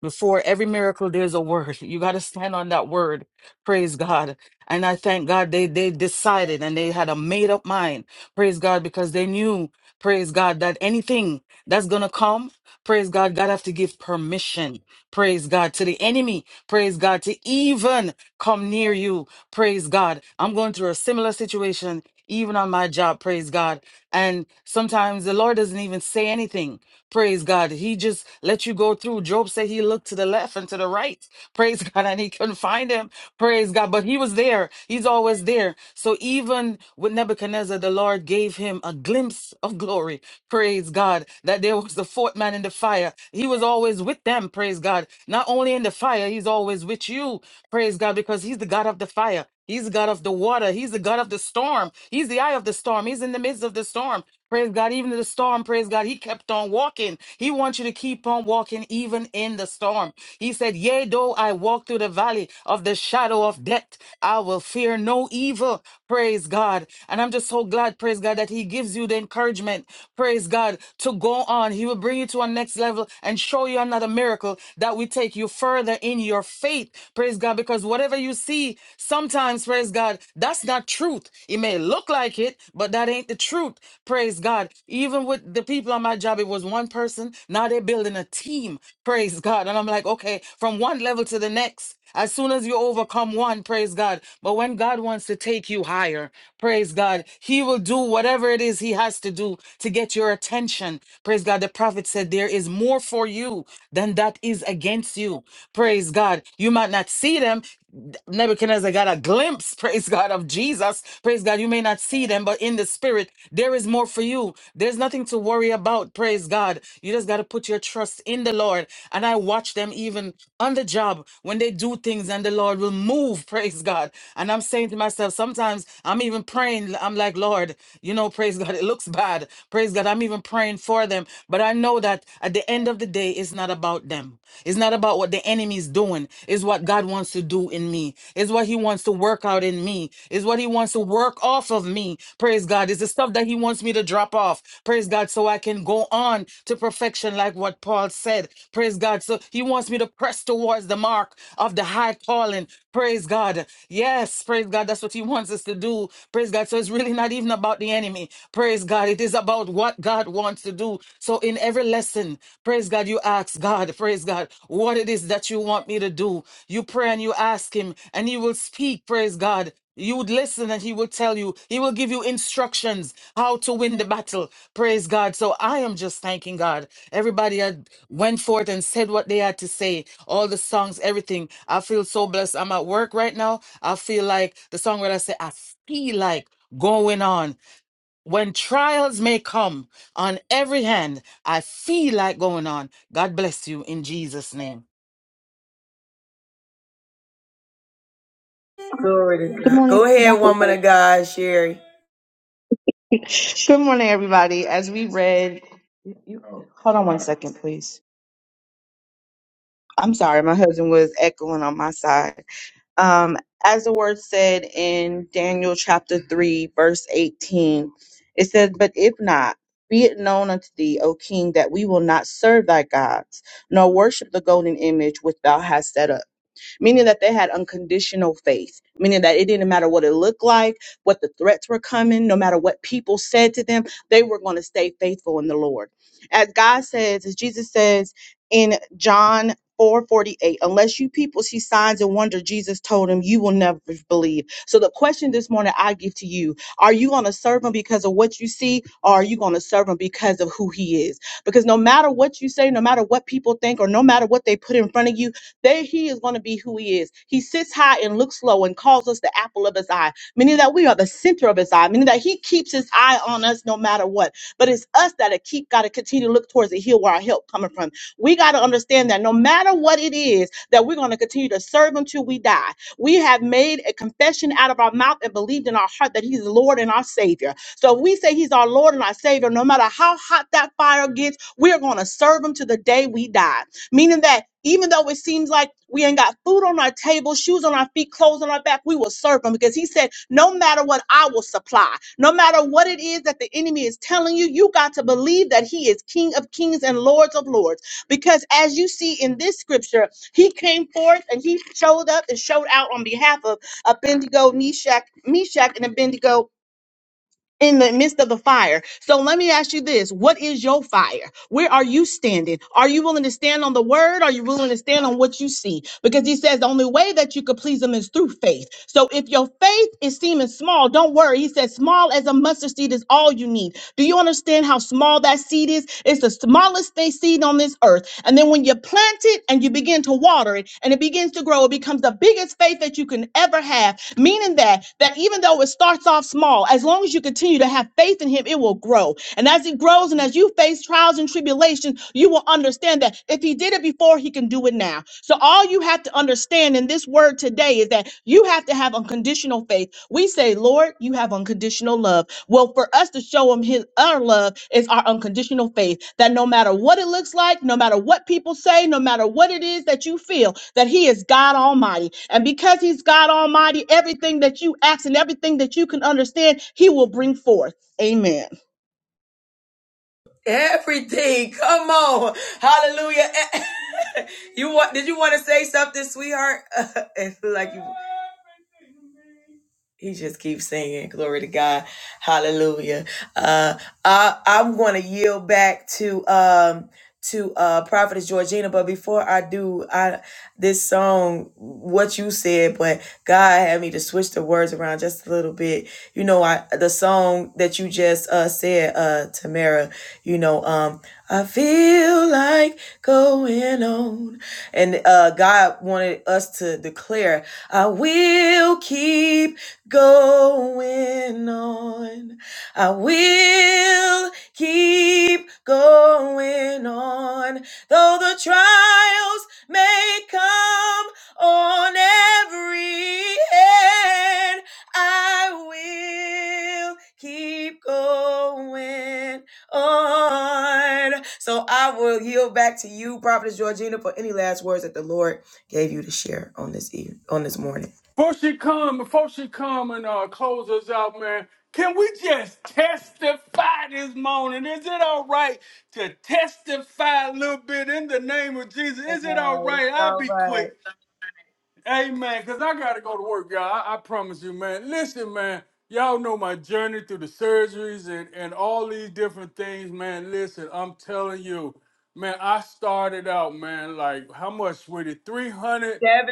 Speaker 8: before every miracle, there's a word. You got to stand on that word. Praise God. And I thank God they, they decided and they had a made up mind. Praise God because they knew, praise God, that anything that's going to come, praise God, God have to give permission. Praise God to the enemy. Praise God to even come near you. Praise God. I'm going through a similar situation even on my job, praise God. And sometimes the Lord doesn't even say anything, praise God. He just let you go through. Job said he looked to the left and to the right, praise God, and he couldn't find him, praise God. But he was there, he's always there. So even with Nebuchadnezzar, the Lord gave him a glimpse of glory, praise God, that there was the fourth man in the fire. He was always with them, praise God. Not only in the fire, he's always with you, praise God, because he's the God of the fire. He's the God of the water. He's the God of the storm. He's the eye of the storm. He's in the midst of the storm. Praise God. Even in the storm, praise God, he kept on walking. He wants you to keep on walking even in the storm. He said, Yea, though I walk through the valley of the shadow of death, I will fear no evil. Praise God. And I'm just so glad, praise God, that He gives you the encouragement, praise God, to go on. He will bring you to a next level and show you another miracle that will take you further in your faith, praise God, because whatever you see, sometimes, praise God, that's not truth. It may look like it, but that ain't the truth, praise God. Even with the people on my job, it was one person. Now they're building a team, praise God. And I'm like, okay, from one level to the next. As soon as you overcome one, praise God. But when God wants to take you higher, praise God, He will do whatever it is He has to do to get your attention. Praise God. The prophet said, There is more for you than that is against you. Praise God. You might not see them. Nebuchadnezzar got a glimpse, praise God, of Jesus. Praise God. You may not see them, but in the spirit, there is more for you. There's nothing to worry about, praise God. You just got to put your trust in the Lord. And I watch them even on the job when they do things and the Lord will move, praise God. And I'm saying to myself, sometimes I'm even praying, I'm like, Lord, you know, praise God, it looks bad. Praise God, I'm even praying for them. But I know that at the end of the day, it's not about them. It's not about what the enemy is doing. It's what God wants to do in me. It's what he wants to work out in me. It's what he wants to work off of me. Praise God. It's the stuff that he wants me to drop off. Praise God, so I can go on to perform perfection, like what Paul said. Praise God. So he wants me to press towards the mark of the high calling. Praise God. Yes, praise God. That's what he wants us to do. Praise God. So it's really not even about the enemy. Praise God. It is about what God wants to do. So in every lesson, praise God, you ask God, praise God, what it is that you want me to do. You pray and you ask him, and he will speak, praise God. You would listen and he will tell you. He will give you instructions how to win the battle. Praise God. So I am just thanking God. Everybody had went forth and said what they had to say. All the songs, everything. I feel so blessed. I'm at work right now. I feel like the songwriter said, I feel like going on. When trials may come on every hand, I feel like going on. God bless you in Jesus' name.
Speaker 1: Glory to
Speaker 10: Good
Speaker 1: God.
Speaker 10: morning.
Speaker 1: Go ahead, woman
Speaker 10: everybody.
Speaker 1: of God, Sherry.
Speaker 10: Good morning, everybody. As we read, you, you- hold on one second, please. I'm sorry, my husband was echoing on my side. Um, as the word said in Daniel chapter 3, verse 18, it says, But if not, be it known unto thee, O king, that we will not serve thy gods, nor worship the golden image which thou hast set up. meaning that they had unconditional faith, meaning that it didn't matter what it looked like, what the threats were coming, no matter what people said to them, they were going to stay faithful in the Lord. As God says, as Jesus says in John 4:48, unless you people see signs and wonder, Jesus told him, you will never believe. So the question this morning I give to you are you going to serve him because of what you see, or are you going to serve him because of who he is? Because no matter what you say, no matter what people think, or no matter what they put in front of you, there he is going to be who he is. He sits high and looks low and calls us the apple of his eye, meaning that we are the center of his eye, meaning that he keeps his eye on us no matter what. But it's us that are keep got to continue to look towards the hill where our help coming from. We got to understand that no matter what it is, that we're going to continue to serve him till we die. We have made a confession out of our mouth and believed in our heart that he's Lord and our Savior. So if we say he's our Lord and our Savior, no matter how hot that fire gets, we're going to serve him to the day we die. Meaning that even though it seems like we ain't got food on our table, shoes on our feet, clothes on our back, we will serve him because he said, No matter what, I will supply. No matter what it is that the enemy is telling you, you got to believe that he is King of kings and Lords of lords. Because as you see in this scripture, he came forth and he showed up and showed out on behalf of Abednego, Meshach, Meshach, and Abednego in the midst of the fire. So let me ask you this. What is your fire? Where are you standing? Are you willing to stand on the word? Are you willing to stand on what you see? Because he says the only way that you could please him is through faith. So if your faith is seeming small, don't worry. He says small as a mustard seed is all you need. Do you understand how small that seed is? It's the smallest thing seed on this earth. And then when you plant it and you begin to water it and it begins to grow, it becomes the biggest faith that you can ever have meaning that that even though it starts off small as long as you continue to have faith in him it will grow and as it grows and as you face trials and tribulations you will understand that if he did it before he can do it now so all you have to understand in this word today is that you have to have unconditional faith we say lord Lord, you have unconditional love. Well, for us to show him his our love is our unconditional faith that no matter what it looks like, no matter what people say, no matter what it is that you feel, that he is God Almighty. And because he's God Almighty, everything that you ask and everything that you can understand, he will bring forth. Amen.
Speaker 1: Everything. Come on. Hallelujah. you want did you want to say something, sweetheart? It's like you He just keeps singing, glory to God, hallelujah. Uh, I, I'm going to yield back to um, to uh, Prophetess Georgina, but before I do, I this song, what you said, but God had me to switch the words around just a little bit. You know, I the song that you just uh, said, uh, Tamara. You know, um, I feel like going on, and uh, God wanted us to declare, I will keep going on. I will keep going on. Though the trials may come on every hand, I will keep going on. So I will yield back to you, Prophetess Georgina, for any last words that the Lord gave you to share on this eve, on this morning.
Speaker 5: Before she come, before she come and uh, close us out, man, can we just testify this morning? Is it all right to testify a little bit in the name of Jesus? Is it all
Speaker 1: Right, It's
Speaker 5: right? I'll
Speaker 1: all
Speaker 5: be
Speaker 1: right.
Speaker 5: quick. Hey man, cause I gotta go to work, y'all. I, I promise you, man. Listen, man, y'all know my journey through the surgeries and, and all these different things, man. Listen, I'm telling you, man, I started out, man, like how much with it?
Speaker 1: 17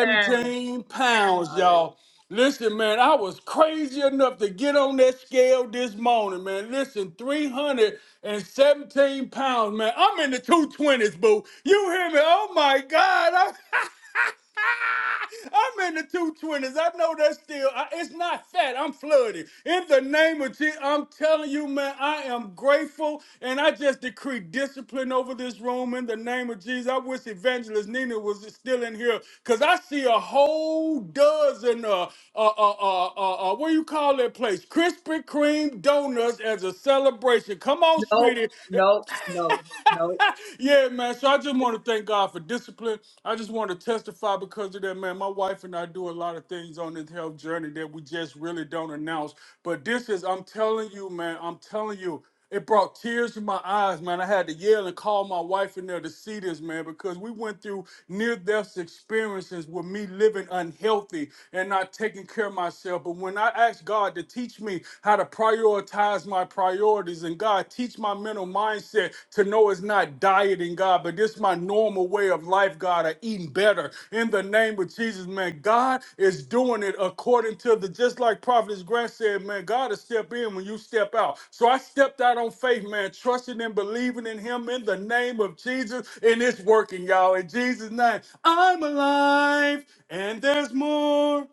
Speaker 1: times.
Speaker 5: pounds, y'all. Listen, man, I was crazy enough to get on that scale this morning, man. Listen, 317 pounds, man. I'm in the 220s, boo. You hear me? Oh my God. I'm I'm in the 220s. I know that's still, I- it's not fat. I'm flooded. In the name of Jesus, I'm telling you, man, I am grateful. And I just decree discipline over this room in the name of Jesus. I wish Evangelist Nina was still in here because I see a whole dozen, uh, uh, uh, uh, uh, uh, what do you call that place? Krispy Kreme donuts as a celebration. Come on,
Speaker 1: Nope,
Speaker 5: sweetie
Speaker 1: nope, nope, nope.
Speaker 5: yeah, man. So I just want to thank God for discipline. I just want to testify because of that, man. My wife and I do a lot of things on this health journey that we just really don't announce. But this is, I'm telling you, man, I'm telling you, it brought tears to my eyes, man. I had to yell and call my wife in there to see this, man, because we went through near death experiences with me living unhealthy and not taking care of myself. But when I asked God to teach me how to prioritize my priorities. And God, teach my mental mindset to know it's not dieting, God, but this is my normal way of life, God, of eating better. In the name of Jesus, man, God is doing it according to the, just like Prophet's Grant said, man, God will step in when you step out. So I stepped out on faith, man, trusting and believing in him in the name of Jesus. And it's working, y'all. In Jesus' name, I'm alive and there's more.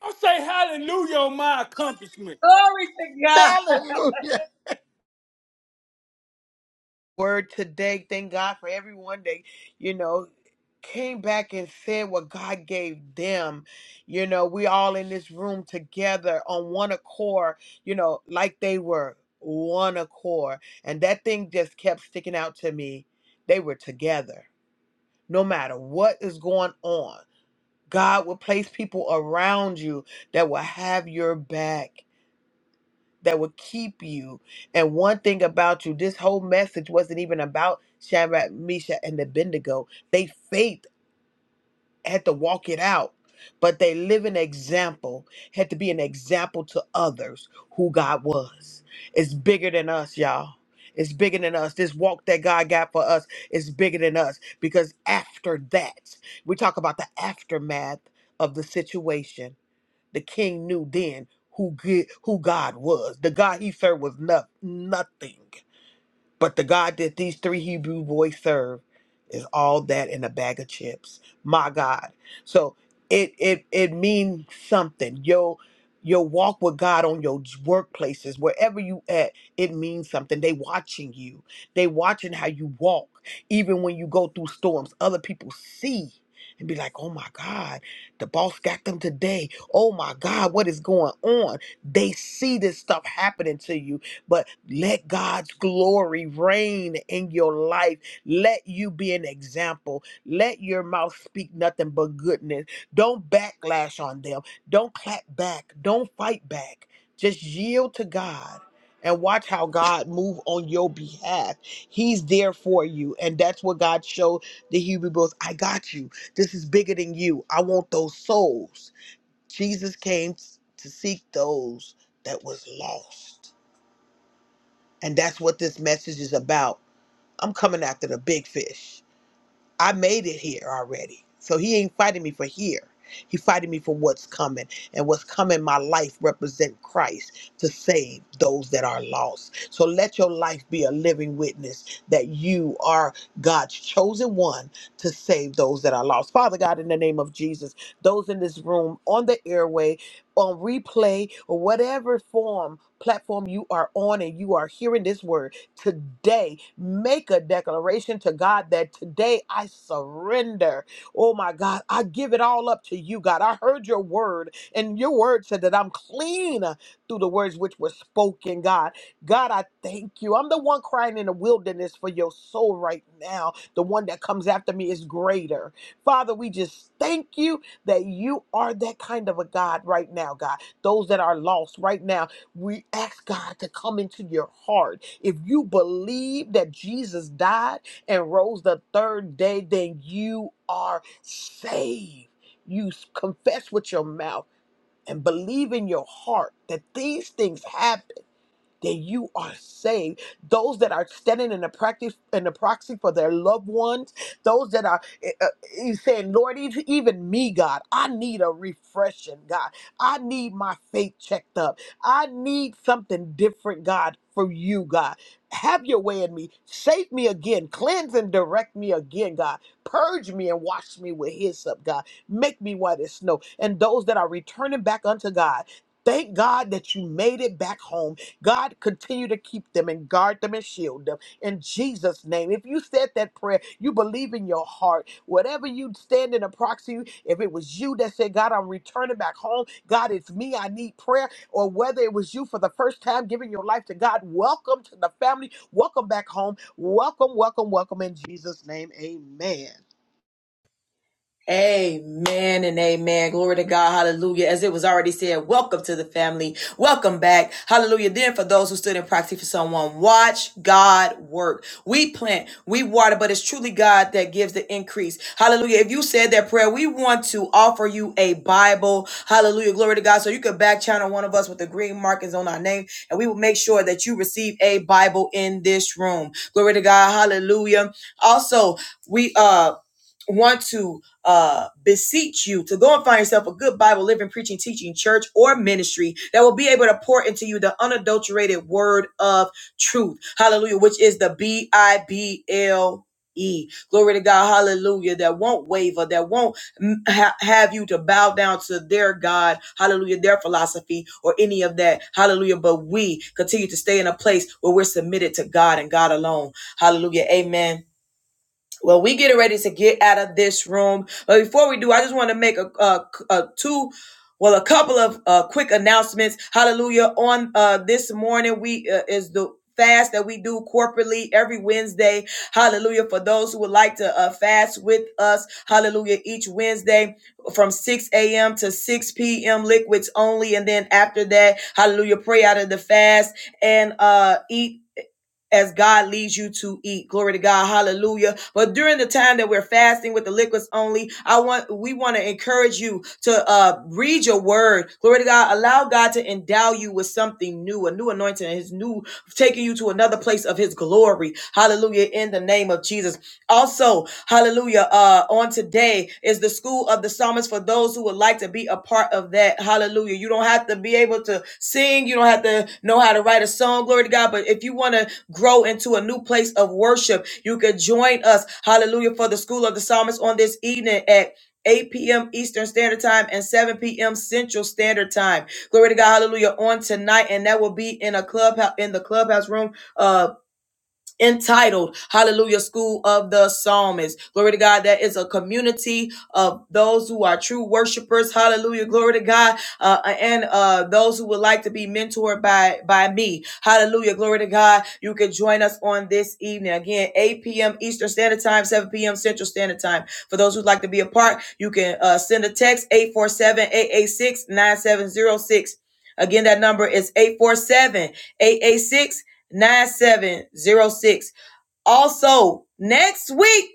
Speaker 5: I say hallelujah on my accomplishment.
Speaker 1: Glory to God.
Speaker 2: Hallelujah. Word today. Thank God for everyone that, you know, came back and said what God gave them. You know, we all in this room together on one accord, you know, like they were one accord. And that thing just kept sticking out to me. They were together. No matter what is going on, God will place people around you that will have your back. that would keep you. And one thing about you, this whole message wasn't even about Shadrach, Meshach, and Abednego. They faith had to walk it out, but they live an example, had to be an example to others who God was. It's bigger than us, y'all. It's bigger than us. This walk that God got for us is bigger than us because after that, we talk about the aftermath of the situation the king knew then who good, who God was. The God he served was no, nothing. But the God that these three Hebrew boys serve is all that in a bag of chips. My God. So it it it means something. Your your walk with God on your j- workplaces, wherever you at, it means something. They watching you. They watching how you walk. Even when you go through storms, other people see and be like, oh my God, the boss got them today. Oh my God, what is going on? They see this stuff happening to you but let God's glory reign in your life. Let you be an example. Let your mouth speak nothing but goodness. Don't backlash on them. Don't clap back. Don't fight back. Just yield to God and watch how God move on your behalf. He's there for you. And that's what God showed the Hebrew boys. I got you. This is bigger than you. I want those souls. Jesus came to seek those that was lost. And that's what this message is about. I'm coming after the big fish. I made it here already. So he ain't fighting me for here. He fighting me for what's coming. And what's coming, my life represent Christ to save those that are lost. So let your life be a living witness that you are God's chosen one to save those that are lost. Father God, in the name of Jesus, those in this room, on the airway, on replay, or whatever form, platform you are on and you are hearing this word, today. Make a declaration to God that today I surrender. Oh my God, I give it all up to you, God. I heard your word, and your word said that I'm clean through the words which were spoken, God. God, I thank you. I'm the one crying in the wilderness for your soul right now. The one that comes after me is greater. Father, we just thank you that you are that kind of a God right now, God. Those that are lost right now, we ask God to come into your heart if you believe that Jesus died and rose the third day, then you are saved. You s- confess with your mouth and believe in your heart that these things happen then you are saved. Those that are standing in the practice in the proxy for their loved ones, those that are uh, uh, he's saying, Lord, e- even me, God, I need a refreshing, God. I need my faith checked up. I need something different, God, from you, God. Have your way in me. Shape me again. Cleanse and direct me again, God. Purge me and wash me with hyssop, God. Make me white as snow. And those that are returning back unto God, thank God that you made it back home God, continue to keep them and guard them and shield them in Jesus' name. If you said that prayer, you believe in your heart. Whatever you stand in a proxy, if it was you that said, God, I'm returning back home, God, it's me, I need prayer, or whether it was you for the first time giving your life to God, welcome to the family, welcome back home, welcome, welcome, welcome in Jesus' name, amen.
Speaker 1: Amen and amen. Glory to God. Hallelujah. As it was already said, welcome to the family. Welcome back. Hallelujah. Then for those who stood in proxy for someone, watch God work. We plant, we water, but it's truly God that gives the increase. Hallelujah. If you said that prayer, we want to offer you a Bible. Hallelujah. Glory to God. So you could back channel one of us with the green markings on our name and we will make sure that you receive a Bible in this room. Glory to God. Hallelujah. Also, we, uh, want to uh, beseech you to go and find yourself a good Bible, living, preaching, teaching church or ministry that will be able to pour into you the unadulterated word of truth. Hallelujah, which is the B I B L E. Glory to God. Hallelujah. That won't waver, that won't mm, ha- have you to bow down to their God. Hallelujah. Their philosophy or any of that. Hallelujah. But we continue to stay in a place where we're submitted to God and God alone. Hallelujah. Amen well, we getting ready to get out of this room, but before we do, I just want to make a, a, a two, well, a couple of uh, quick announcements. Hallelujah! On uh, this morning, we uh, is the fast that we do corporately every Wednesday. Hallelujah! For those who would like to uh, fast with us, Hallelujah! Each Wednesday from 6 a.m. to 6 p.m. liquids only, and then after that, Hallelujah! Pray out of the fast and uh, eat as God leads you to eat. Glory to God. Hallelujah. But during the time that we're fasting with the liquids only, I want we want to encourage you to uh read your word. Glory to God. Allow God to endow you with something new, a new anointing, and his new taking you to another place of his glory. Hallelujah. In the name of Jesus. Also, hallelujah, uh, on today is the school of the psalmist for those who would like to be a part of that. Hallelujah. You don't have to be able to sing, you don't have to know how to write a song, glory to God. But if you want to grow into a new place of worship, you can join us, hallelujah, for the school of the psalmist on this evening at 8 p.m. Eastern Standard Time and 7 p.m. Central Standard Time. Glory to God, hallelujah, on tonight. And that will be in a clubhouse in the clubhouse room. Uh entitled hallelujah school of the psalmist glory to god that is a community of those who are true worshipers hallelujah glory to god uh, and uh, those who would like to be mentored by by me hallelujah glory to god you can join us on this evening again 8 p.m eastern standard time 7 p.m central standard time for those who'd like to be a part you can uh, send a text eight four seven eight eight six nine seven zero six. again that number is 847- 9706. Also, next week,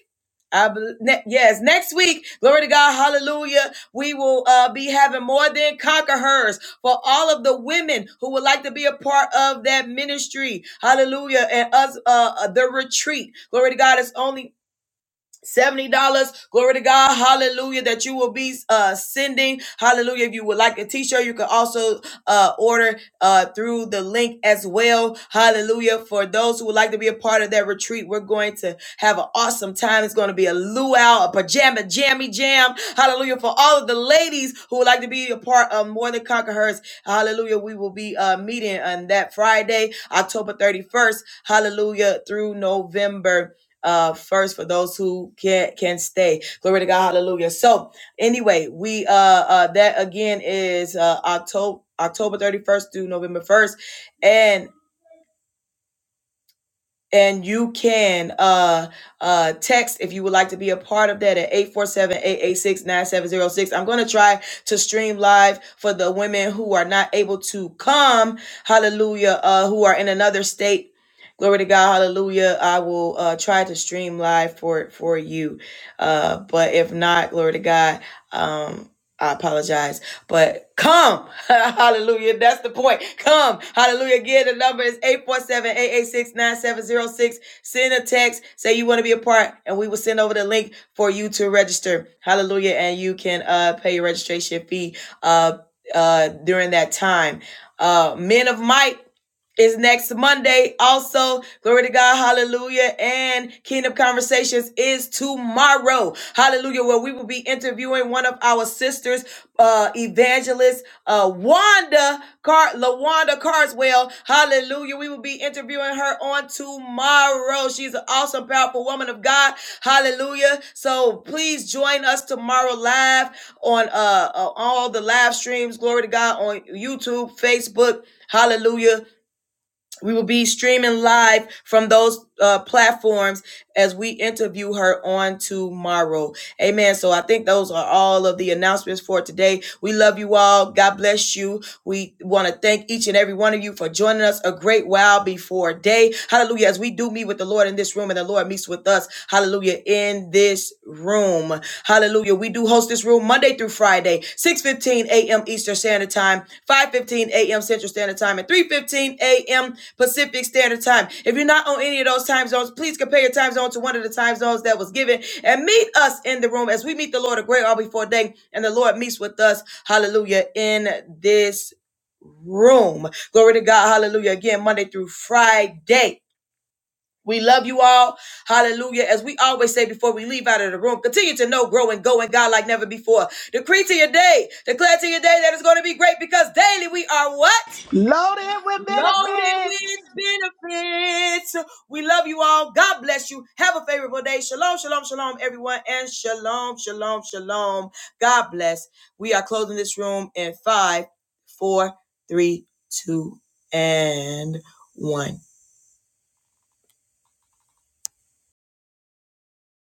Speaker 1: I bel ne- yes, next week, glory to God, hallelujah. We will uh, be having more than conquerors for all of the women who would like to be a part of that ministry, hallelujah, and us, uh, uh, the retreat. Glory to God, it's only $70. Glory to God. Hallelujah. That you will be uh sending. Hallelujah. If you would like a t-shirt, you can also uh order uh through the link as well. Hallelujah. For those who would like to be a part of that retreat, we're going to have an awesome time. It's going to be a luau, a pajama jammy jam. Hallelujah. For all of the ladies who would like to be a part of More Than Conquer Hers, hallelujah. We will be uh meeting on that Friday, October 31st. Hallelujah. Through November uh first for those who can can stay glory to god hallelujah so anyway we uh uh that again is uh october october 31st through november 1st and and you can uh uh text if you would like to be a part of that at eight four seven, eight eight six, nine seven zero six. i'm going to try to stream live for the women who are not able to come hallelujah uh who are in another state glory to god hallelujah i will uh try to stream live for for you uh but if not glory to god um i apologize but come, hallelujah. That's the point. Come, hallelujah. Again, the number is 847 886 9706. Send a text, say you want to be a part, and we will send over the link for you to register. Hallelujah. And you can uh, pay your registration fee uh, uh, during that time. Uh, men of might is next Monday. Also, glory to God, hallelujah. And Kingdom Conversations is tomorrow, hallelujah, where we will be interviewing one of our sisters, uh, evangelist, uh, Wanda Car, LaWanda Carswell, hallelujah. We will be interviewing her on tomorrow. She's an awesome, powerful woman of God, hallelujah. So please join us tomorrow live on, uh, uh all the live streams, glory to God, on YouTube, Facebook, hallelujah we will be streaming live from those uh, platforms as we interview her on tomorrow. Amen. So I think those are all of the announcements for today. We love you all. God bless you. We want to thank each and every one of you for joining us a great while before day. Hallelujah. As we do meet with the Lord in this room and the Lord meets with us, hallelujah, in this room. Hallelujah. We do host this room Monday through Friday, 6:15 a.m. Eastern Standard Time, 5:15 a.m. Central Standard Time, and 3:15 a.m. Pacific Standard Time. If you're not on any of those time zones, please compare your time zone to one of the time zones that was given and meet us in the room as we meet the Lord a great all before day and the Lord meets with us. Hallelujah. In this room. Glory to God. Hallelujah. Again, Monday through Friday. We love you all. Hallelujah. As we always say before we leave out of the room, continue to know, grow, and go in God like never before. Decree to your day, declare to your day that it's going to be great because daily we are what?
Speaker 2: Loaded with
Speaker 1: loaded
Speaker 2: benefits.
Speaker 1: with benefits. We love you all. God bless you. Have a favorable day. Shalom, shalom, shalom, everyone. And shalom, shalom, shalom. God bless. We are closing this room in five, four, three, two, and one.